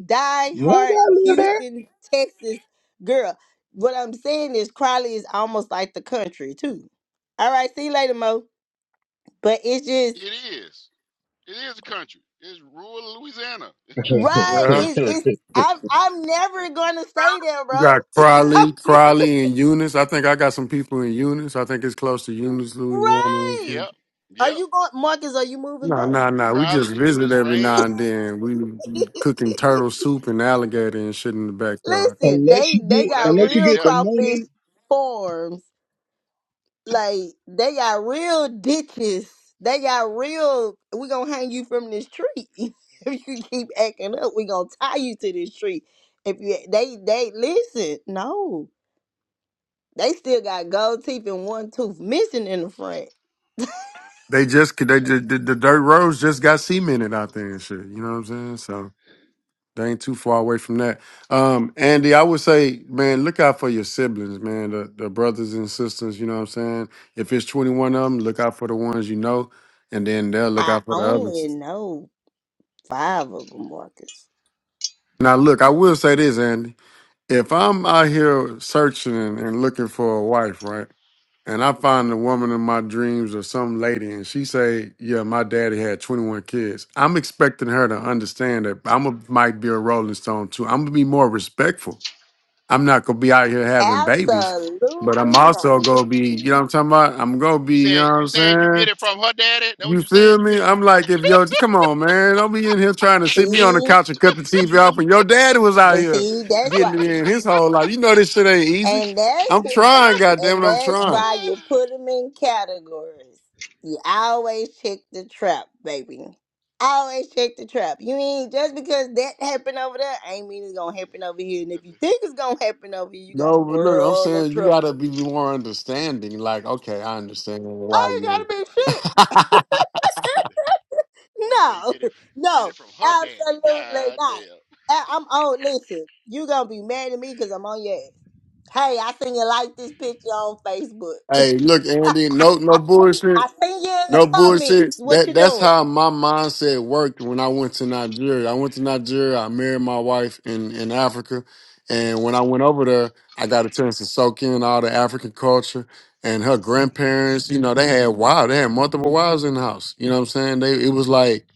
K: You ain't
B: die-hard
K: gotta
B: Houston, Texas girl. What I'm saying is, Crowley is almost like the country too. All right, see you later, Mo. But it's just
A: It is. It is a country. It's rural Louisiana.
K: live
A: It's, it's
B: right.
J: Yeah.
A: damn
B: It's
A: sure.
K: there.
B: it's. I'm I'm never gonna stay there,
J: You
B: bro.
J: got
B: I'm
J: Crowley,
B: never
J: Crowley, and Eunice. I think I got some people in Eunice. I think it's close to Eunice, Louisiana.
B: right.
A: Yep.
B: Are
A: Yep.
B: you going, Marcus? Are you moving
J: No,
B: back?
J: no, no. We
A: Crowley,
J: just visit
A: Eunice,
J: every now
A: Rain.
J: and then. We we cooking turtle soup and alligator and shit in the backyard.
B: Listen,
K: unless
B: they
K: you
B: they
K: get
A: Well, that's
B: got
A: good
K: unless you
A: eating
B: real
K: get the
A: there.
B: crawfish
K: money
B: farms like they got real ditches. They got real. We gonna hang you from this tree if you keep acting up. We gonna tie you to this tree. If you they they listen, no, they still got gold teeth and one tooth missing in the front.
J: They just, they just the, the dirt roads just got cemented out there and shit. You know what I'm saying? So they ain't too far away from that. Um, Andy, I would say, man, look out for your siblings, man. The, the brothers and sisters. You know what I'm saying? If it's 21 of them, look out for the ones you know, and then they'll look
B: I
J: out for the others.
B: only know five of them, Marcus.
J: Now, look, I will say this, Andy. If I'm out here searching and, and looking for a wife, right, and I find the woman in my dreams or some lady, and she say, "Yeah, my daddy had 21 kids," I'm expecting her to understand that I'm a, might be a Rolling Stone too. I'm gonna be more respectful. I'm not gonna be out here having babies, but I'm
B: Absolutely
J: also
B: not.
J: gonna be, you know what I'm talking about? I'm gonna
A: You
J: be, you know
A: saying
J: what
A: you
J: I'm
A: saying you
J: saying?
A: get it from her daddy? That what
J: You
A: you saying?
J: feel
A: You
J: me?
A: get it from?
J: I'm like, if yo, come on, man, don't be in here trying to sit me on the
B: See?
J: couch and cut the TV off. And your daddy was out
B: But
J: here
B: see, that's why,
J: getting it in his whole life. You know this shit ain't easy.
B: and that's
J: I'm trying, goddamn
B: and
J: it, I'm
B: that's
J: trying.
B: why you put them in categories. You always check the trap, baby. Always check the trap. You ain't just because that happened over there, ain't mean it's gonna happen over here.
A: you
B: And if
A: got the,
B: you think it's gonna happen over here, you got a
J: No, but look, I'm
B: world of
J: saying you gotta
B: trouble.
J: be more understanding. Like, okay, I understand why
B: I ain't gotta
J: you.
B: be shit.
A: got the boy say
B: No,
A: get it get it
B: no,
A: from her daddy.
B: absolutely
A: God
B: not.
A: damn.
B: I- I'm on. Listen, you gonna be mad at me because I'm on your ass. Hey, I seen you like this picture on Facebook.
J: hey, look, Andy, no, no bullshit.
B: I seen you in
J: No
B: the comments.
J: bullshit.
B: What
J: That
B: you
J: that's
B: doing,
J: how my mindset worked when I went to Nigeria. I went to Nigeria. I married my wife in in Africa, and when I went over there, I got a chance to soak in all the African culture. And her grandparents, you know, they had wives. they had multiple wives in the house. You know what I'm saying? They it was like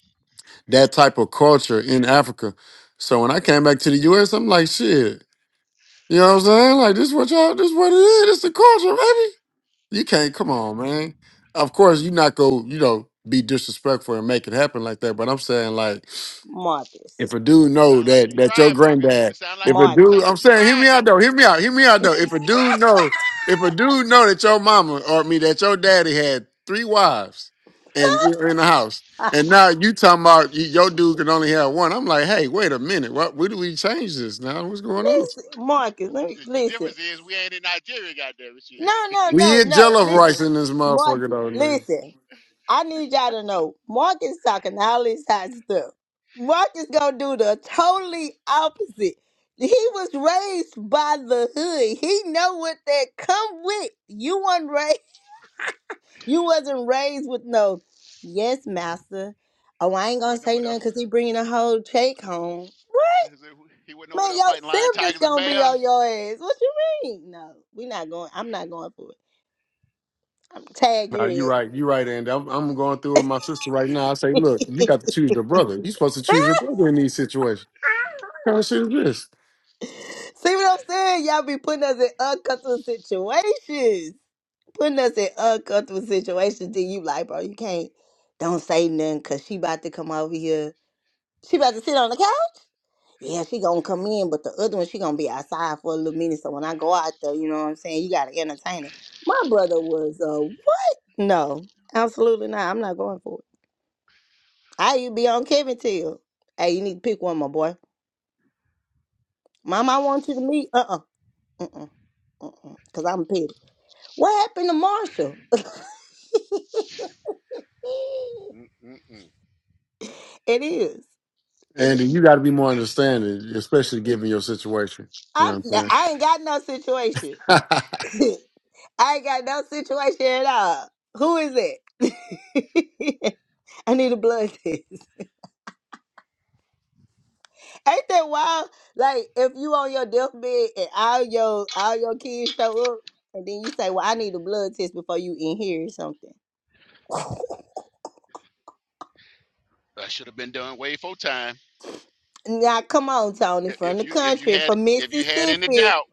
J: that type of culture in Africa. So when I came back to the U.S., I'm like, shit. You know what I'm saying? Like this, what y'all, this what it is. It's the culture, baby. You can't. Come on, man. Of course, you not go. You know, be disrespectful and make it happen like that. But I'm saying, like,
B: Marcus?
J: if a dude
A: It sound
J: know
A: like you
J: that that your
A: tried, Marcus.
J: granddad,
A: It sound like
J: if
A: you
J: a
A: it
J: dude,
B: Marcus,
A: sound like
J: I'm
A: you
J: saying, hear me
A: tried
J: out though. Hear me out. Hear me out though. If a dude know, if a dude know that your mama or me that your daddy had three wives, and you're in the house,
B: Ah,
J: and now you talking about you, your dude can only have one. I'm like, hey, wait a minute. What? Where do we change this now? What's going on?
B: listen,
A: Right.
B: Marcus.
A: Is the,
B: Let me
A: the the
B: listen.
A: difference is we ain't in Nigeria, goddamn it, shit.
B: No, no, no,
J: We eat
B: no.
J: jello rice
B: Listen,
J: in this
B: Mark.
J: motherfucker though, nigga.
B: Listen, I need y'all to know. Marcus talking all this hot stuff. Marcus gonna do the totally opposite. He was raised by the hood. He know what that come with. You weren't raised. You wasn't raised with no, yes, master. Oh, I ain't
A: He
B: gonna
A: wasn't
B: say
A: over there.
B: nothing
A: f-
B: because he bringing a whole check home.
A: is it- He wasn't over
B: Man,
A: there
B: your
A: fighting lion,
B: siblings
A: tigers, and
B: gonna be on
A: bears.
B: your ass. What you mean? No, we not going. I'm not going for it. I'm tag
J: No,
B: your
J: you
B: ass.
J: right. You right, Andy. I'm, I'm going through with my sister right now. I say, look, you got to choose your brother. you are supposed to choose your brother in these situations. What kind of shit is this?
B: See what I'm saying? Y'all be putting us in uncomfortable situations. Putting us in uncomfortable situations. Then you like, bro, you can't. Don't say nothing because she about to come over here. She about to sit on the couch. yeah, she gonna come in, but the other one she gonna be outside for a little minute. So when I go out there, you know what I'm saying, you gotta entertain her. My brother was uh what? No, absolutely not. I'm not going for it. I you be on Kevin Till. Hey, you need to pick one, my boy. Mom, I want you to meet. Uh uh-uh, uh uh uh uh. Cause I'm petty. What happened to Marshall?
A: Mm-mm-mm.
B: it is. It is.
J: Andy, you got to be more understanding, especially given your situation. You
B: I'm.
J: know what
B: I ain't got no situation.
J: I'm saying?
B: I ain't got no situation at all. Who is it? I need a blood test. Ain't that wild? Like if you on your deathbed and all your all your kids show up, and then you say, "Well, I need a blood test before you in here or something."
A: That should have been done way full time.
B: Now, come on, Tony,
A: I-
B: from
A: If
B: the
A: you if you
B: country,
A: had
B: from
A: if you had any
B: Mississippi,
A: doubt,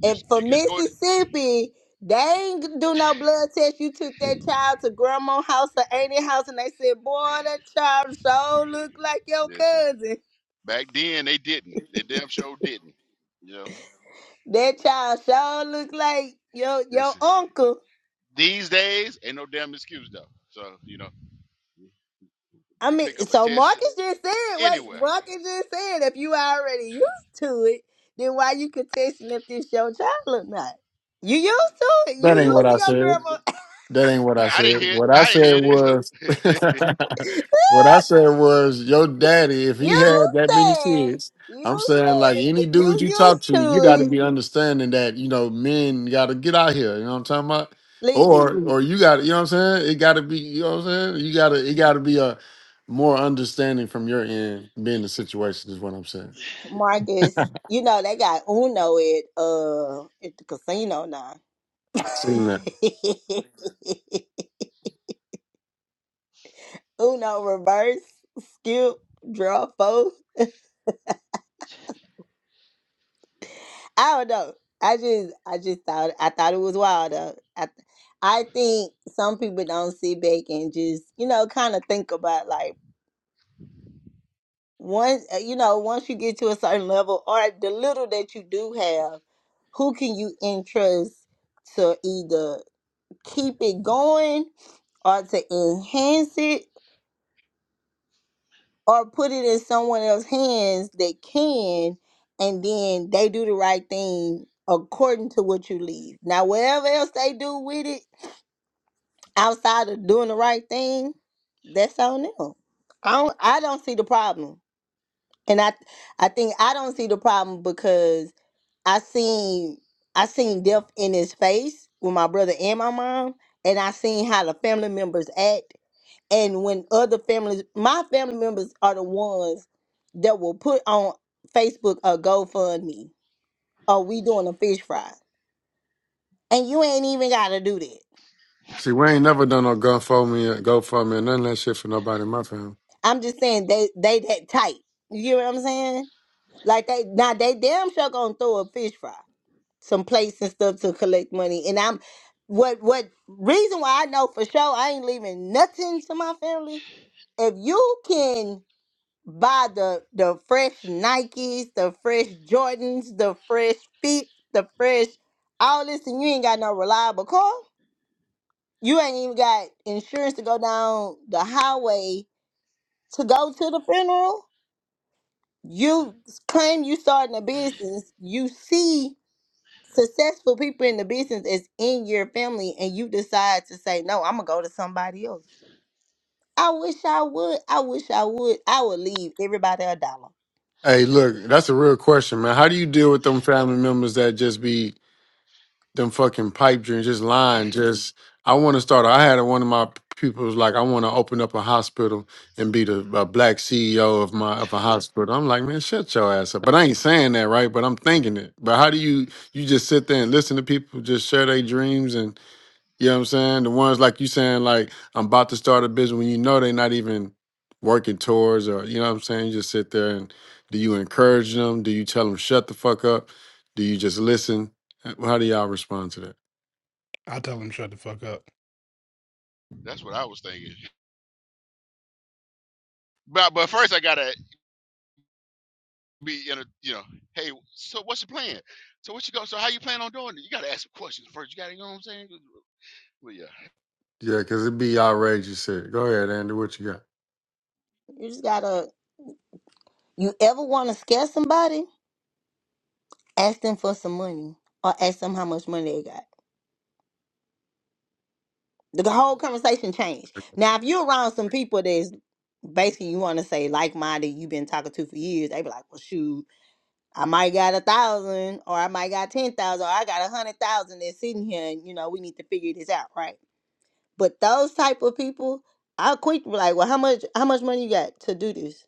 A: you
B: and
A: s- you
B: from
A: just go. To,
B: Mississippi, they ain't do no blood test. You took that child to grandma's house or auntie's house, and they said, "Boy, that child sure look like your
A: listen,
B: cousin.
A: back then they didn't. They damn sure didn't. You know.
B: That child sure look like your your
A: Listen.
B: uncle."
A: These days ain't no damn excuse though. So you know you
B: I
A: can
B: mean,
A: pick up a
B: so
A: test
B: Marcus just said, wait,
A: anywhere.
B: Marcus just said if you already used to it, then why you contesting if this your child or not? You used to it. You
J: that ain't what
B: used to
J: I
B: your
J: said.
B: grandma.
J: That ain't what I
A: I, I
J: said.
A: didn't hear
J: What I
A: I didn't
J: said
A: hear
J: was,
A: it either.
J: what I said was, your daddy, if he
B: You
J: had that many
B: said,
J: kids, I'm
B: you
J: saying like
B: said
J: any
B: if
J: dude
B: you
J: you talk
B: used
J: to, you
B: to
J: got to
B: it.
J: be understanding that you know men got to get out here. You know what I'm talking about?
B: Listen,
J: Or or you got to you know what I'm saying? It got to be you know what I'm saying? You got to it got to be a more understanding from your end being the situation is what I'm saying.
B: Marcus, you know they got Uno at uh at the casino now.
J: Seen that.
B: Uno reverse, skip, draw four. I don't know. I just, I just thought, I thought it was wild. Though. I, th- I think some people don't sit back and just, you know, kind of think about like once, uh, you know, once you get to a certain level or the little that you do have, who can you entrust to either keep it going or to enhance it or put it in someone else's hands that can, and then they do the right thing according to what you leave. Now, whatever else they do with it outside of doing the right thing, that's on them. I don't, I don't see the problem, and I, I think I don't see the problem because I seen, I seen death in his face with my brother and my mom, and I seen how the family members act and when other families, my family members are the ones that will put on Facebook a GoFundMe or we doing a fish fry. And you ain't even gotta do that.
J: See, we ain't never done no GoFundMe, GoFundMe, none of that shit for nobody in my family.
B: I'm just saying they they that tight. You get what I'm saying? Like they now they damn sure gonna throw a fish fry, some plates and stuff to collect money. And I'm what what reason why I know for sure I ain't leaving nothing to my family. If you can buy the the fresh Nikes, the fresh Jordans, the fresh feet, the fresh all this, and you ain't got no reliable car. You ain't even got insurance to go down the highway to go to the funeral. You claim you starting a business. You see successful people in the business is in your family, and you decide to say, "No, I'm gonna go to somebody else." I wish I would. I wish I would. I would leave everybody a dollar.
J: Hey, look, that's a real question, man. How do you deal with them family members that just be them fucking pipe dreams, just lying? Just I want to start. I had one of my pupils like I want to open up a hospital and be the a black CEO of my of a hospital. I'm like, man, shut your ass up. But I ain't saying that, right? But I'm thinking it. But how do you you just sit there and listen to people just share their dreams and you know what I'm saying? The ones like you saying, like, I'm about to start a business when you know they're not even working towards or you know what I'm saying? You just sit there and do you encourage them? Do you tell them shut the fuck up? Do you just listen? Uh, How do y'all respond to that?
E: I tell them shut the fuck up.
A: That's what I was thinking. But but first I gotta be in a you know, hey, so what's your plan? So what you go? So how you plan on doing it? You gotta ask some questions first. You gotta, you know what I'm saying? Well, yeah.
J: Yeah, because it'd be outrageous shit. Go ahead, Andy, what you got?
B: You just gotta You ever want to scare somebody? Ask them for some money or ask them how much money they got. The whole conversation changed. Now, if you're around some people that's basically you want to say like minded, you've been talking to for years, they be like, well, shoot, I might got a thousand or I might got 10,000 or I got a hundred thousand that's sitting here and, you know, we need to figure this out, right? But those type of people, I'll quick be like, well, how much, how much money you got to do this?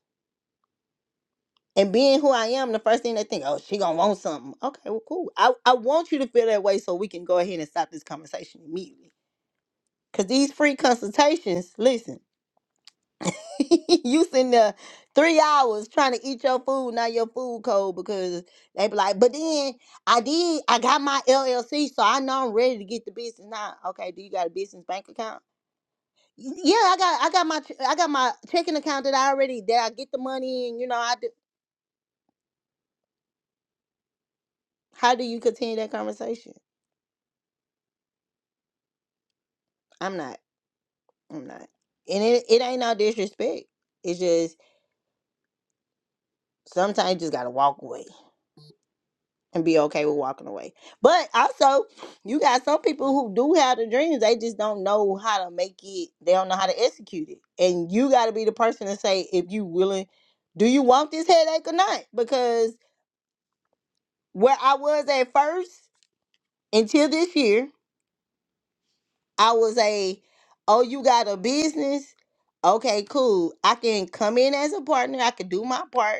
B: And being who I am, the first thing they think, oh, she gonna want something. Okay, well, cool. I, I want you to feel that way so we can go ahead and stop this conversation immediately. Cause these free consultations, listen, you sitting there three hours trying to eat your food, not your food code, because they be like, but then I did, I got my LLC, so I know I'm ready to get the business now. Okay, do you got a business bank account? "Y- Yeah, I got, I got my, ch- I got my checking account that I already, that I get the money, and you know, I do. How do you continue that conversation? I'm not. I'm not. And it, it ain't no disrespect. It's just sometimes you just gotta walk away and be okay with walking away. But also, you got some people who do have the dreams. They just don't know how to make it. They don't know how to execute it. And you gotta be the person to say if you willing, do you want this headache or not? Because where I was at first until this year, I was a, oh, you got a business. Okay, cool. I can come in as a partner. I can do my part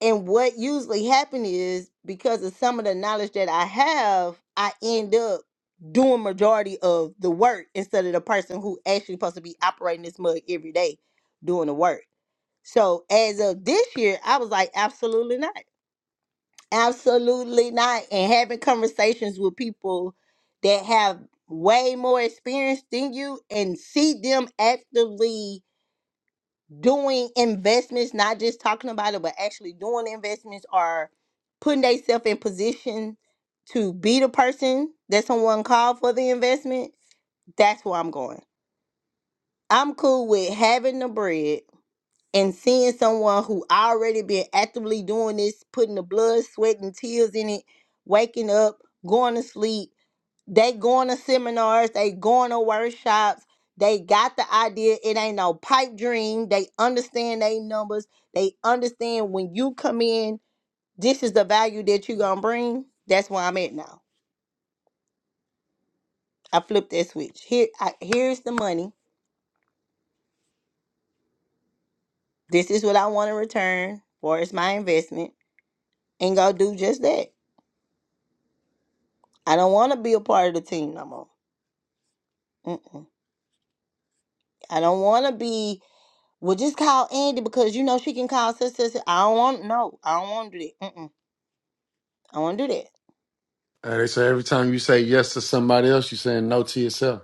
B: And what usually happen is because of some of the knowledge that I have, I end up doing majority of the work instead of the person who actually supposed to be operating this mug every day doing the work. So as of this year, I was like, absolutely not. Absolutely not. And having conversations with people that have way more experience than you and see them actively doing investments, not just talking about it, but actually doing investments or putting themselves in position to be the person that someone called for the investment, that's where I'm going. I'm cool with having the bread and seeing someone who already been actively doing this, putting the blood, sweat, and tears in it, waking up, going to sleep. They going to seminars, they going to workshops. They got the idea. It ain't no pipe dream. They understand they numbers. They understand when you come in, this is the value that you gonna bring. That's where I'm at now. I flipped that switch. Here, I, here's the money. This is what I want to return for. It's my investment, and go do just that. I don't want to be a part of the team no more. Mm-mm. I don't want to be well, just call Andy because you know she can call sister. I don't want no. I don't want to do that. Mm-mm. I want to do that.
J: Uh, they say every time you say yes to somebody else, you're saying no to yourself.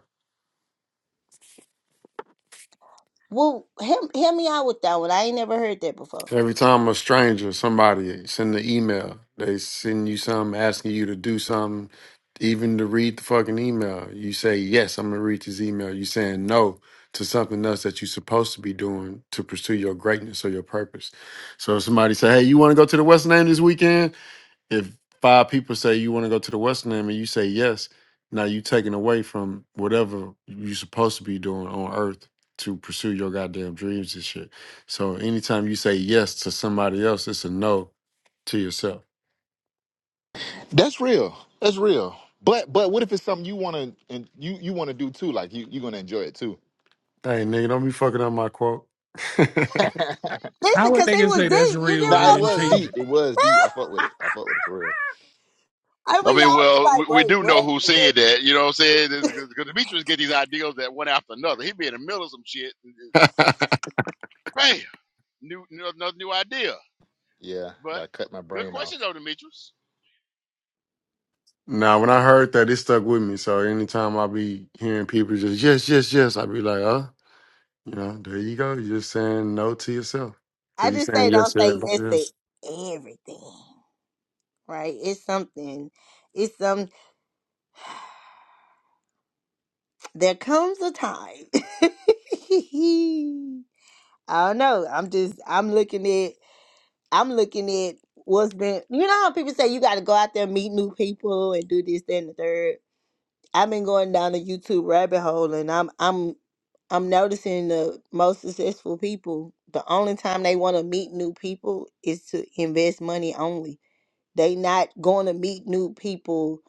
B: Well, help, help me out with that one. I ain't never heard that before.
J: Every time a stranger, somebody send an email, they send you something asking you to do something, even to read the fucking email. You say, yes, I'm going to read this email. you saying no to something else that you're supposed to be doing to pursue your greatness or your purpose. So if somebody say, hey, you want to go to the West End this weekend? if five people say you want to go to the Western Limb and you say yes, now you taken away from whatever you're supposed to be doing on Earth to pursue your goddamn dreams and shit. So anytime you say yes to somebody else, it's a no to yourself.
F: That's real. That's real. But but what if it's something you want to and you you want to do too? Like you you're gonna enjoy it too.
J: Hey nigga, don't be fucking up my quote.
E: H- How
B: Listen,
E: would
B: cause
E: they
B: they
E: can
B: was
E: say that's
B: deep. You get
E: real
F: nah,
E: and
F: it
B: what
E: then
F: was
E: change
F: deep.
E: it?
B: I'm
F: It was deep. I fuck with
B: saying?
F: it. I fuck with it for real.
B: I
A: I
B: mean,
A: mean,
B: y'all was
A: well,
B: like,
A: we, we
B: wait,
A: do know
B: what?
A: who said that. You know what I'm saying? Because Demetrius get these ideas that one after another. He be in the middle of some shit. and it- Bam, new new- another new idea.
F: Yeah, I
A: But
F: gotta cut my
A: good
F: brain
A: question
F: off.
A: though, Demetrius.
J: now, when I heard that, it stuck with me. So anytime I be hearing people just yes, yes, yes, I be like, oh, you know, there you go. You're just saying no to yourself
B: I
J: because you're
B: just say
J: saying
B: don't
J: yes to
B: say yes
J: everybody
B: to
J: else.
B: everything, right? It's something. It's some. There comes a time. I don't know. I'm just. I'm looking at. I'm looking at what's been. You know how people say you got to go out there and meet new people and do this, that, and the third. I've been going down the YouTube rabbit hole and I'm I'm I'm noticing the most successful people, the only time they want to meet new people is to invest money only. They not going to meet new people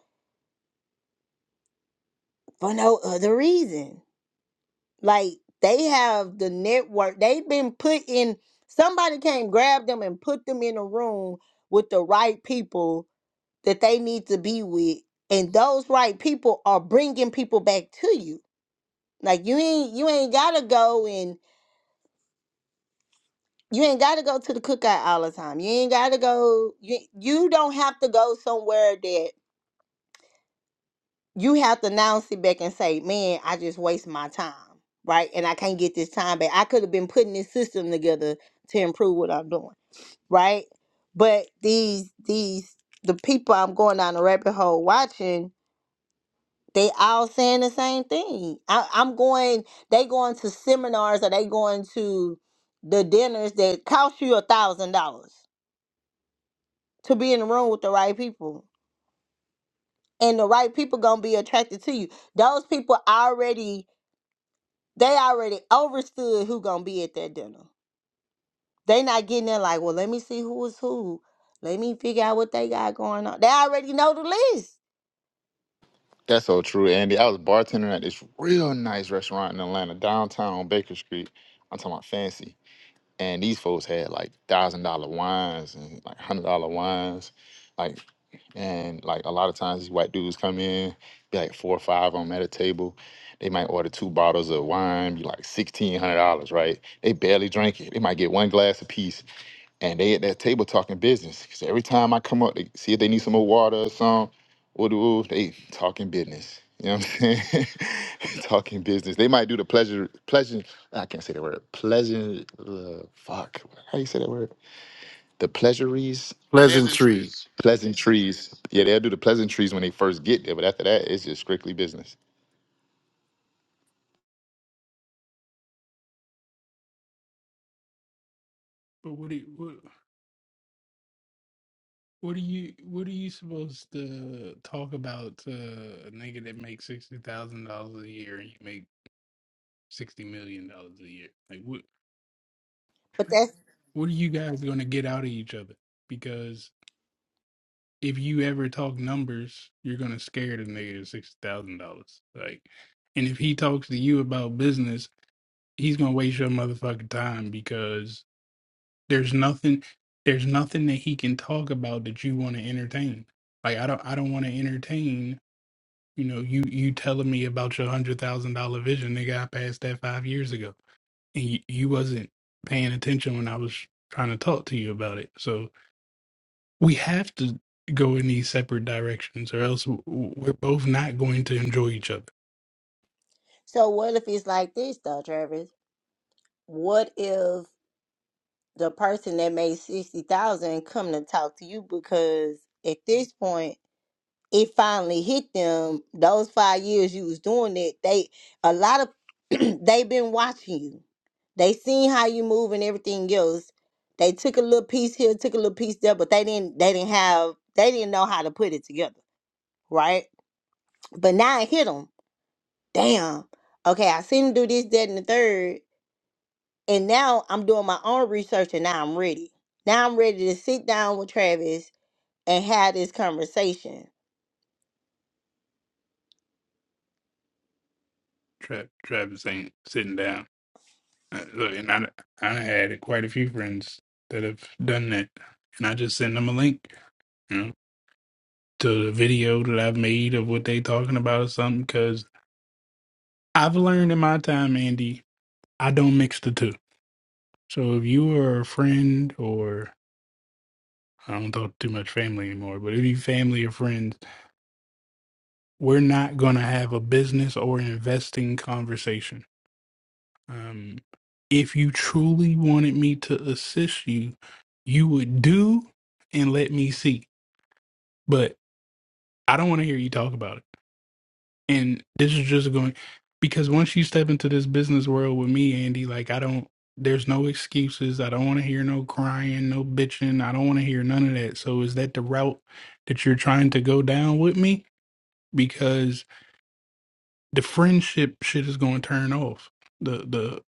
B: for no other reason. Like they have the network. They've been put in somebody came grab them and put them in a room with the right people that they need to be with. And those right people are bringing people back to you Like you ain't you ain't gotta go and you ain't gotta go to the cookout all the time. You ain't gotta go. You you don't have to go somewhere that you have to now sit back and say, "Man, I just waste my time, right? And I can't get this time back. I could have been putting this system together to improve what I'm doing, right? But these these the people I'm going down the rabbit hole watching they all saying the same thing. I, I'm going. They going to seminars or they going to the dinners that cost you a thousand dollars to be in the room with the right people, and the right people gonna be attracted to you. Those people already they already understood who gonna be at that dinner. They not getting there like, well, let me see who is who. Let me figure out what they got going on. They already know the list.
F: That's so true, Andy. I was bartending at this real nice restaurant in Atlanta, downtown on Baker Street. I'm talking about fancy. And these folks had like thousand dollar wines and like hundred dollar wines. Like and like a lot of times these white dudes come in, be like four or five of them at a table. They might order two bottles of wine, be like sixteen hundred dollars, right? They barely drink it. They might get one glass apiece. and they at that table talking business. 'Cause every time I come up, they see if they need some more water or some. Ooh, ooh, they talking business. You know what I'm saying? talking business. They might do the pleasure, pleasure. I can't say that word. Pleasure. Uh, fuck. How you say that word? The pleasuries,
A: There's
J: Pleasantries.
A: entries.
F: pleasantries. Yeah, they'll do the pleasantries when they first get there, but after that, it's just strictly business.
E: But what do you, what what are you what are you supposed to talk about to a nigga that makes sixty thousand dollars a year and you make sixty million dollars a year? Like what
B: But that's
E: what are you guys gonna get out of each other? if you ever talk numbers, you're gonna scare the nigga to sixty thousand dollars. Like, and if he talks to you about business, he's gonna waste your motherfucking time because there's nothing, there's nothing that he can talk about that you want to entertain. Like, I don't, I don't want to entertain. You know, you you telling me about your hundred thousand dollar vision, nigga. I passed that five years ago, and you, you wasn't paying attention when I was trying to talk to you about it. So we have to go in these separate directions, or else w- w- we're both not going to enjoy each other.
B: so. What if it's like this though, Travis? What if? the person that made sixty thousand come to talk to you because at this point it finally hit them. Those five years you was doing it, they a lot of they been watching you. They seen how you move and everything else. They took a little piece here, took a little piece there, but they didn't they didn't have they didn't know how to put it together, right? But now it hit them. Damn. Okay, I seen him do this, that, and the third And now I'm doing my own research and now I'm ready. Now I'm ready to sit down with Travis and have this conversation.
E: Tra- Travis ain't sitting down. Uh, Look, and I, I had quite a few friends that have done that, and I just send them a link, you know, to the video that I've made of what they talking about or something. Because I've learned in my time, Andy, I don't mix the two. So if you are a friend, or I don't talk too much family anymore, but if you family or friends we're not going to have a business or investing conversation. Um, if you truly wanted me to assist you, you would do and let me see. But I don't want to hear you talk about it. And this is just going because once you step into this business world with me, Andy, like I don't, there's no excuses. I don't want to hear no crying, no bitching. I don't want to hear none of that. So is that the route that you're trying to go down with me? Because the friendship shit is going to turn off. The the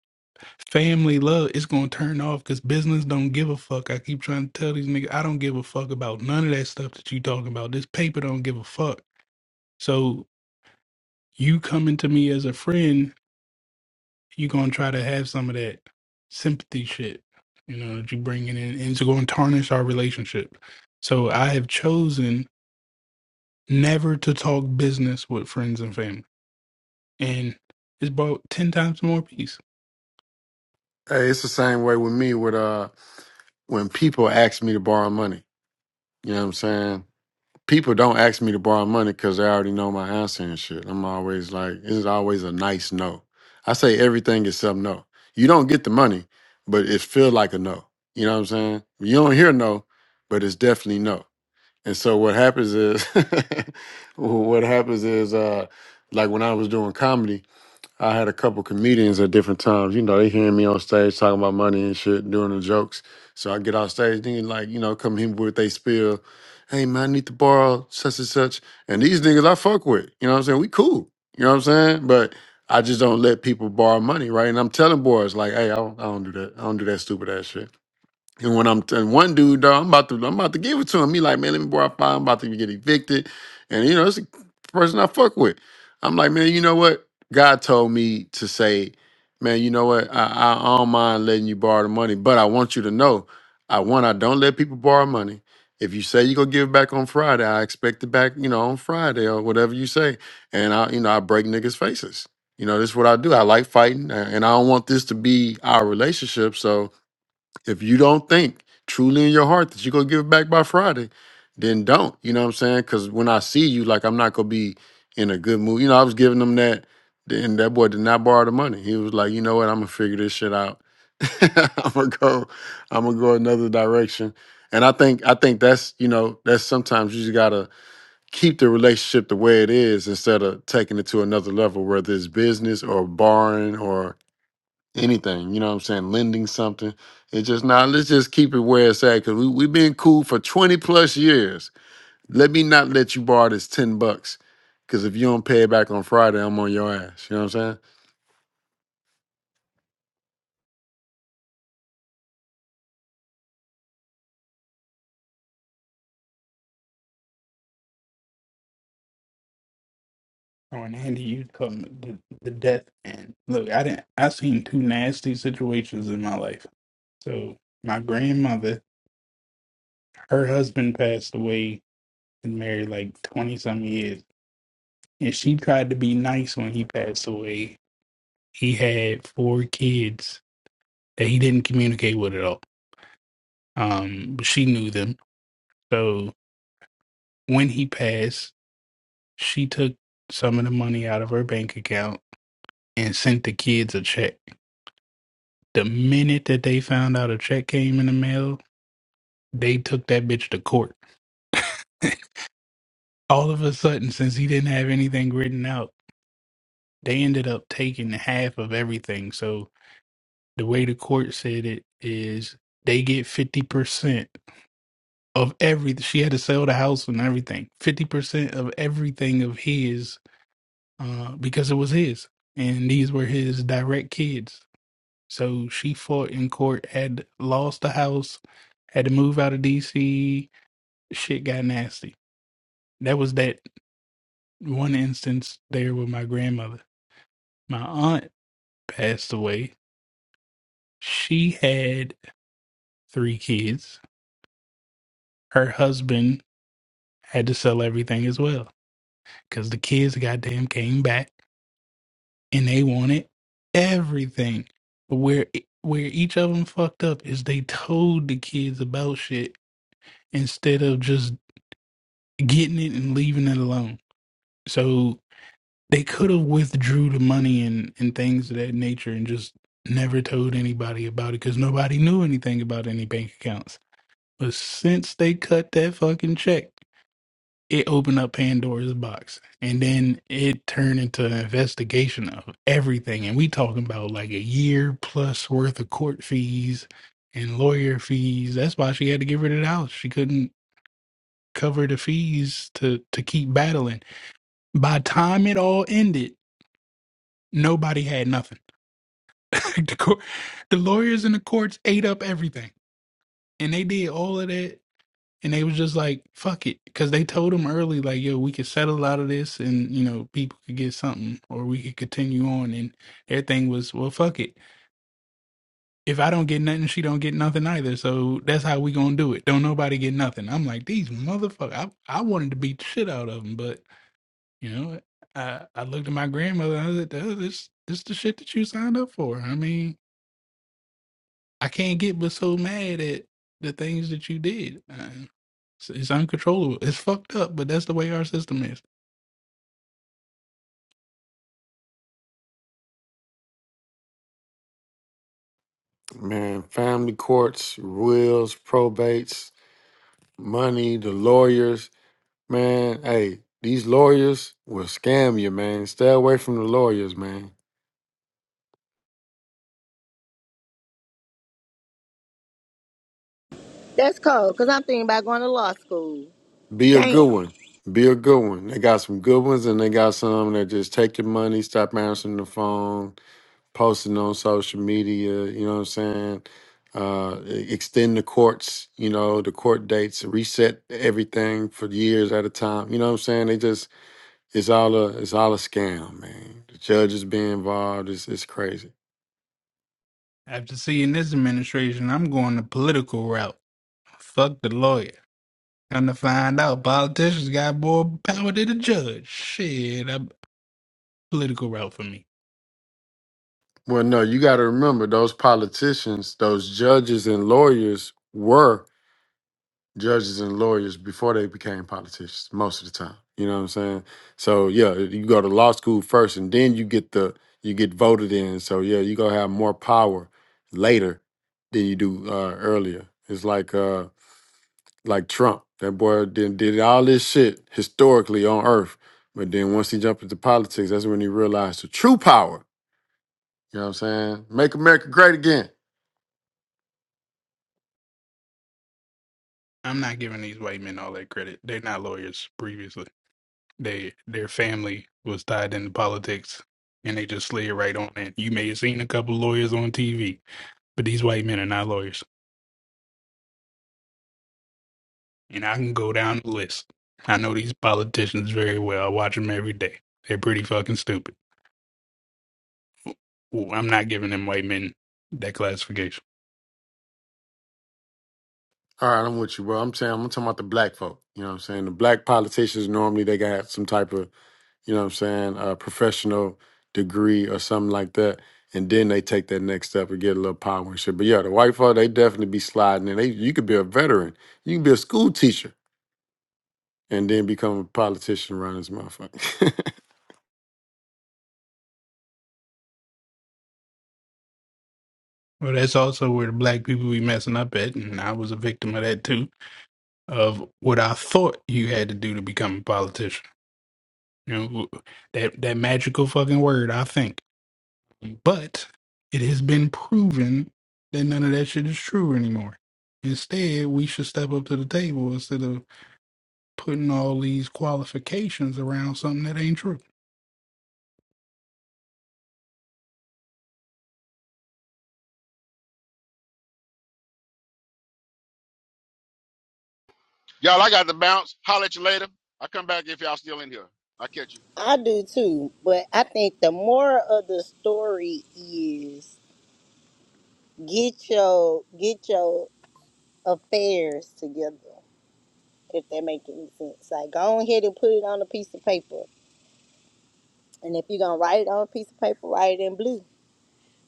E: family love is going to turn off because business don't give a fuck. I keep trying to tell these niggas I don't give a fuck about none of that stuff that you talking about. This paper don't give a fuck. So you coming to me as a friend, you gonna try to have some of that sympathy shit, you know, that you bringing in, and it's going to tarnish our relationship. So I have chosen never to talk business with friends and family, and it's brought ten times more peace.
J: Hey, it's the same way with me with uh when people ask me to borrow money. You know what I'm saying? People don't ask me to borrow money because they already know my answer and shit. I'm always like, it's always a nice no. I say everything except no. You don't get the money, but it feel like a no. You know what I'm saying? You don't hear no, but it's definitely no. And so what happens is, what happens is, uh, like when I was doing comedy, I had a couple comedians at different times. You know, they hearing me on stage talking about money and shit, doing the jokes. So I get off stage, then like, you know, come here with they spill. Hey man, I need to borrow such and such. And these niggas I fuck with. You know what I'm saying? We cool. You know what I'm saying? But I just don't let people borrow money, right? And I'm telling boys like, hey, I don't, I don't do that. I don't do that stupid ass shit. And when I'm and one dude, dog, I'm about to I'm about to give it to him. He like, man, let me borrow five. I'm about to get evicted, and you know, it's a person I fuck with. I'm like, man, you know what? God told me to say, man, you know what? I, I, I don't mind letting you borrow the money, but I want you to know, I want I don't let people borrow money. If you say you're gonna give it back on Friday, I expect it back, you know, on Friday or whatever you say. And I, you know, I break niggas' faces. You know, this is what I do. I like fighting, a- and I don't want this to be our relationship. So if you don't think truly in your heart that you're gonna give it back by Friday, then don't. You know what I'm saying? Cause when I see you, like I'm not gonna be in a good mood. You know, I was giving them that and that boy did not borrow the money. He was like, you know what, I'm gonna figure this shit out. I'm gonna go, I'm gonna go another direction. And I think I think that's, you know, that's sometimes you just gotta keep the relationship the way it is instead of taking it to another level, whether it's business or borrowing or anything. You know what I'm saying? Lending something. It's just now. let's just keep it where it's at because we we've been cool for 20 plus years. Let me not let you borrow this 10 bucks because if you don't pay it back on Friday, I'm on your ass. You know what I'm saying?
E: Oh, and Andy, you come the, the death end. Look, I didn't. I seen two nasty situations in my life. So my grandmother, her husband passed away and married like twenty some years, and she tried to be nice when he passed away. He had four kids that he didn't communicate with at all. Um, but she knew them. So when he passed, she took some of the money out of her bank account and sent the kids a check. The minute that they found out a check came in the mail, they took that bitch to court. All of a sudden, since he didn't have anything written out, they ended up taking half of everything. So the way the court said it is they get 50% of every she had to sell the house and everything 50% of everything of his uh, because it was his and these were his direct kids so she fought in court had lost the house had to move out of dc shit got nasty. That was that one instance there with my grandmother. My aunt passed away. She had three kids. Her husband had to sell everything as well because the kids goddamn came back and they wanted everything. But where e, where each of them fucked up is they told the kids about shit instead of just getting it and leaving it alone. So they could have withdrew the money and and things of that nature and just never told anybody about it because nobody knew anything about any bank accounts. But since they cut that fucking check, it opened up Pandora's box, and then it turned into an investigation of everything. And we talking about like a year plus worth of court fees and lawyer fees. That's why she had to get rid of the house. She couldn't cover the fees to to keep battling. By the time it all ended, nobody had nothing the, court, the lawyers in the courts ate up everything, and they did all of that, and they was just like, "Fuck it," because they told them early, like, "Yo, we could settle out of this, and you know, people could get something, or we could continue on." And their thing was, "Well, fuck it. If I don't get nothing, she don't get nothing either. So that's how we gonna do it. Don't nobody get nothing." I'm like, "These motherfuckers." I I wanted to beat the shit out of them, but you know, I I looked at my grandmother. And I was like, "Duh, "This this the shit that you signed up for." I mean. I can't get but so mad at the things that you did. Uh, It's, it's uncontrollable. It's fucked up, but that's the way our system is.
J: Man, family courts, wills, probates, money, the lawyers. Man, hey, these lawyers will scam you, man. Stay away from the lawyers, man.
B: That's cold because I'm thinking about going to law school.
J: Be a
B: Damn.
J: good one. Be a good one. They got some good ones and they got some that just take your money, stop answering the phone, posting on social media, you know what I'm saying? Uh, e- extend the courts, you know, the court dates, reset everything for years at a time. You know what I'm saying? They just it's all a it's all a scam, man. The judges be involved, it's it's crazy.
E: After seeing this administration, I'm going the political route. Fuck the lawyer. Come to find out, politicians got more power than the judge. Shit, a political route for me.
J: Well, no, you gotta remember those politicians, those judges and lawyers were judges and lawyers before they became politicians most of the time you know what i'm saying so yeah you go to law school first and then you get the you get voted in so yeah you gonna have more power later than you do uh, earlier it's like uh like trump that boy did, did all this shit historically on earth but then once he jumped into politics that's when he realized the true power you know what i'm saying make america great again
E: I'm not giving these white men all that credit. They're not lawyers previously. They their family was tied into politics and they just slid right on in. You may have seen a couple lawyers on TV, but these white men are not lawyers. And I can go down the list. I know these politicians very well. I watch them every day. They're pretty fucking stupid. Ooh, I'm not giving them white men that classification.
J: All right, I'm with you, bro. I'm saying I'm talking about the black folk. You know what I'm saying? The black politicians normally they got some type of, you know what I'm saying, uh professional degree or something like that. And then they take that next step and get a little power and shit. But yeah, the white folk, they definitely be sliding in. They you could be a veteran. You can be a school teacher and then become a politician around this motherfucker.
E: Well, that's also where the black people be messing up at, and I was a victim of that too. Of what I thought you had to do to become a politician. You know that that magical fucking word. I think, but it has been proven that none of that shit is true anymore. Instead, we should step up to the table instead of putting all these qualifications around something that ain't true.
A: Y'all, I got to bounce. Holler at you later. I come back if y'all still in here. I catch you.
B: I do too, but I think the moral of the story is get your get your affairs together, if that makes any sense. Like go ahead and put it on a piece of paper. And if you're gonna write it on a piece of paper, write it in blue.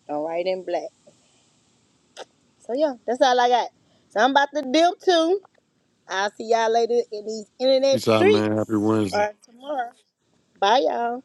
B: Don't write it in black. So yeah, that's all I got. So I'm about to dip too. I'll see y'all later in these internet
J: Peace out, man. Happy
B: streets
J: Wednesday.
B: or tomorrow. Bye, y'all.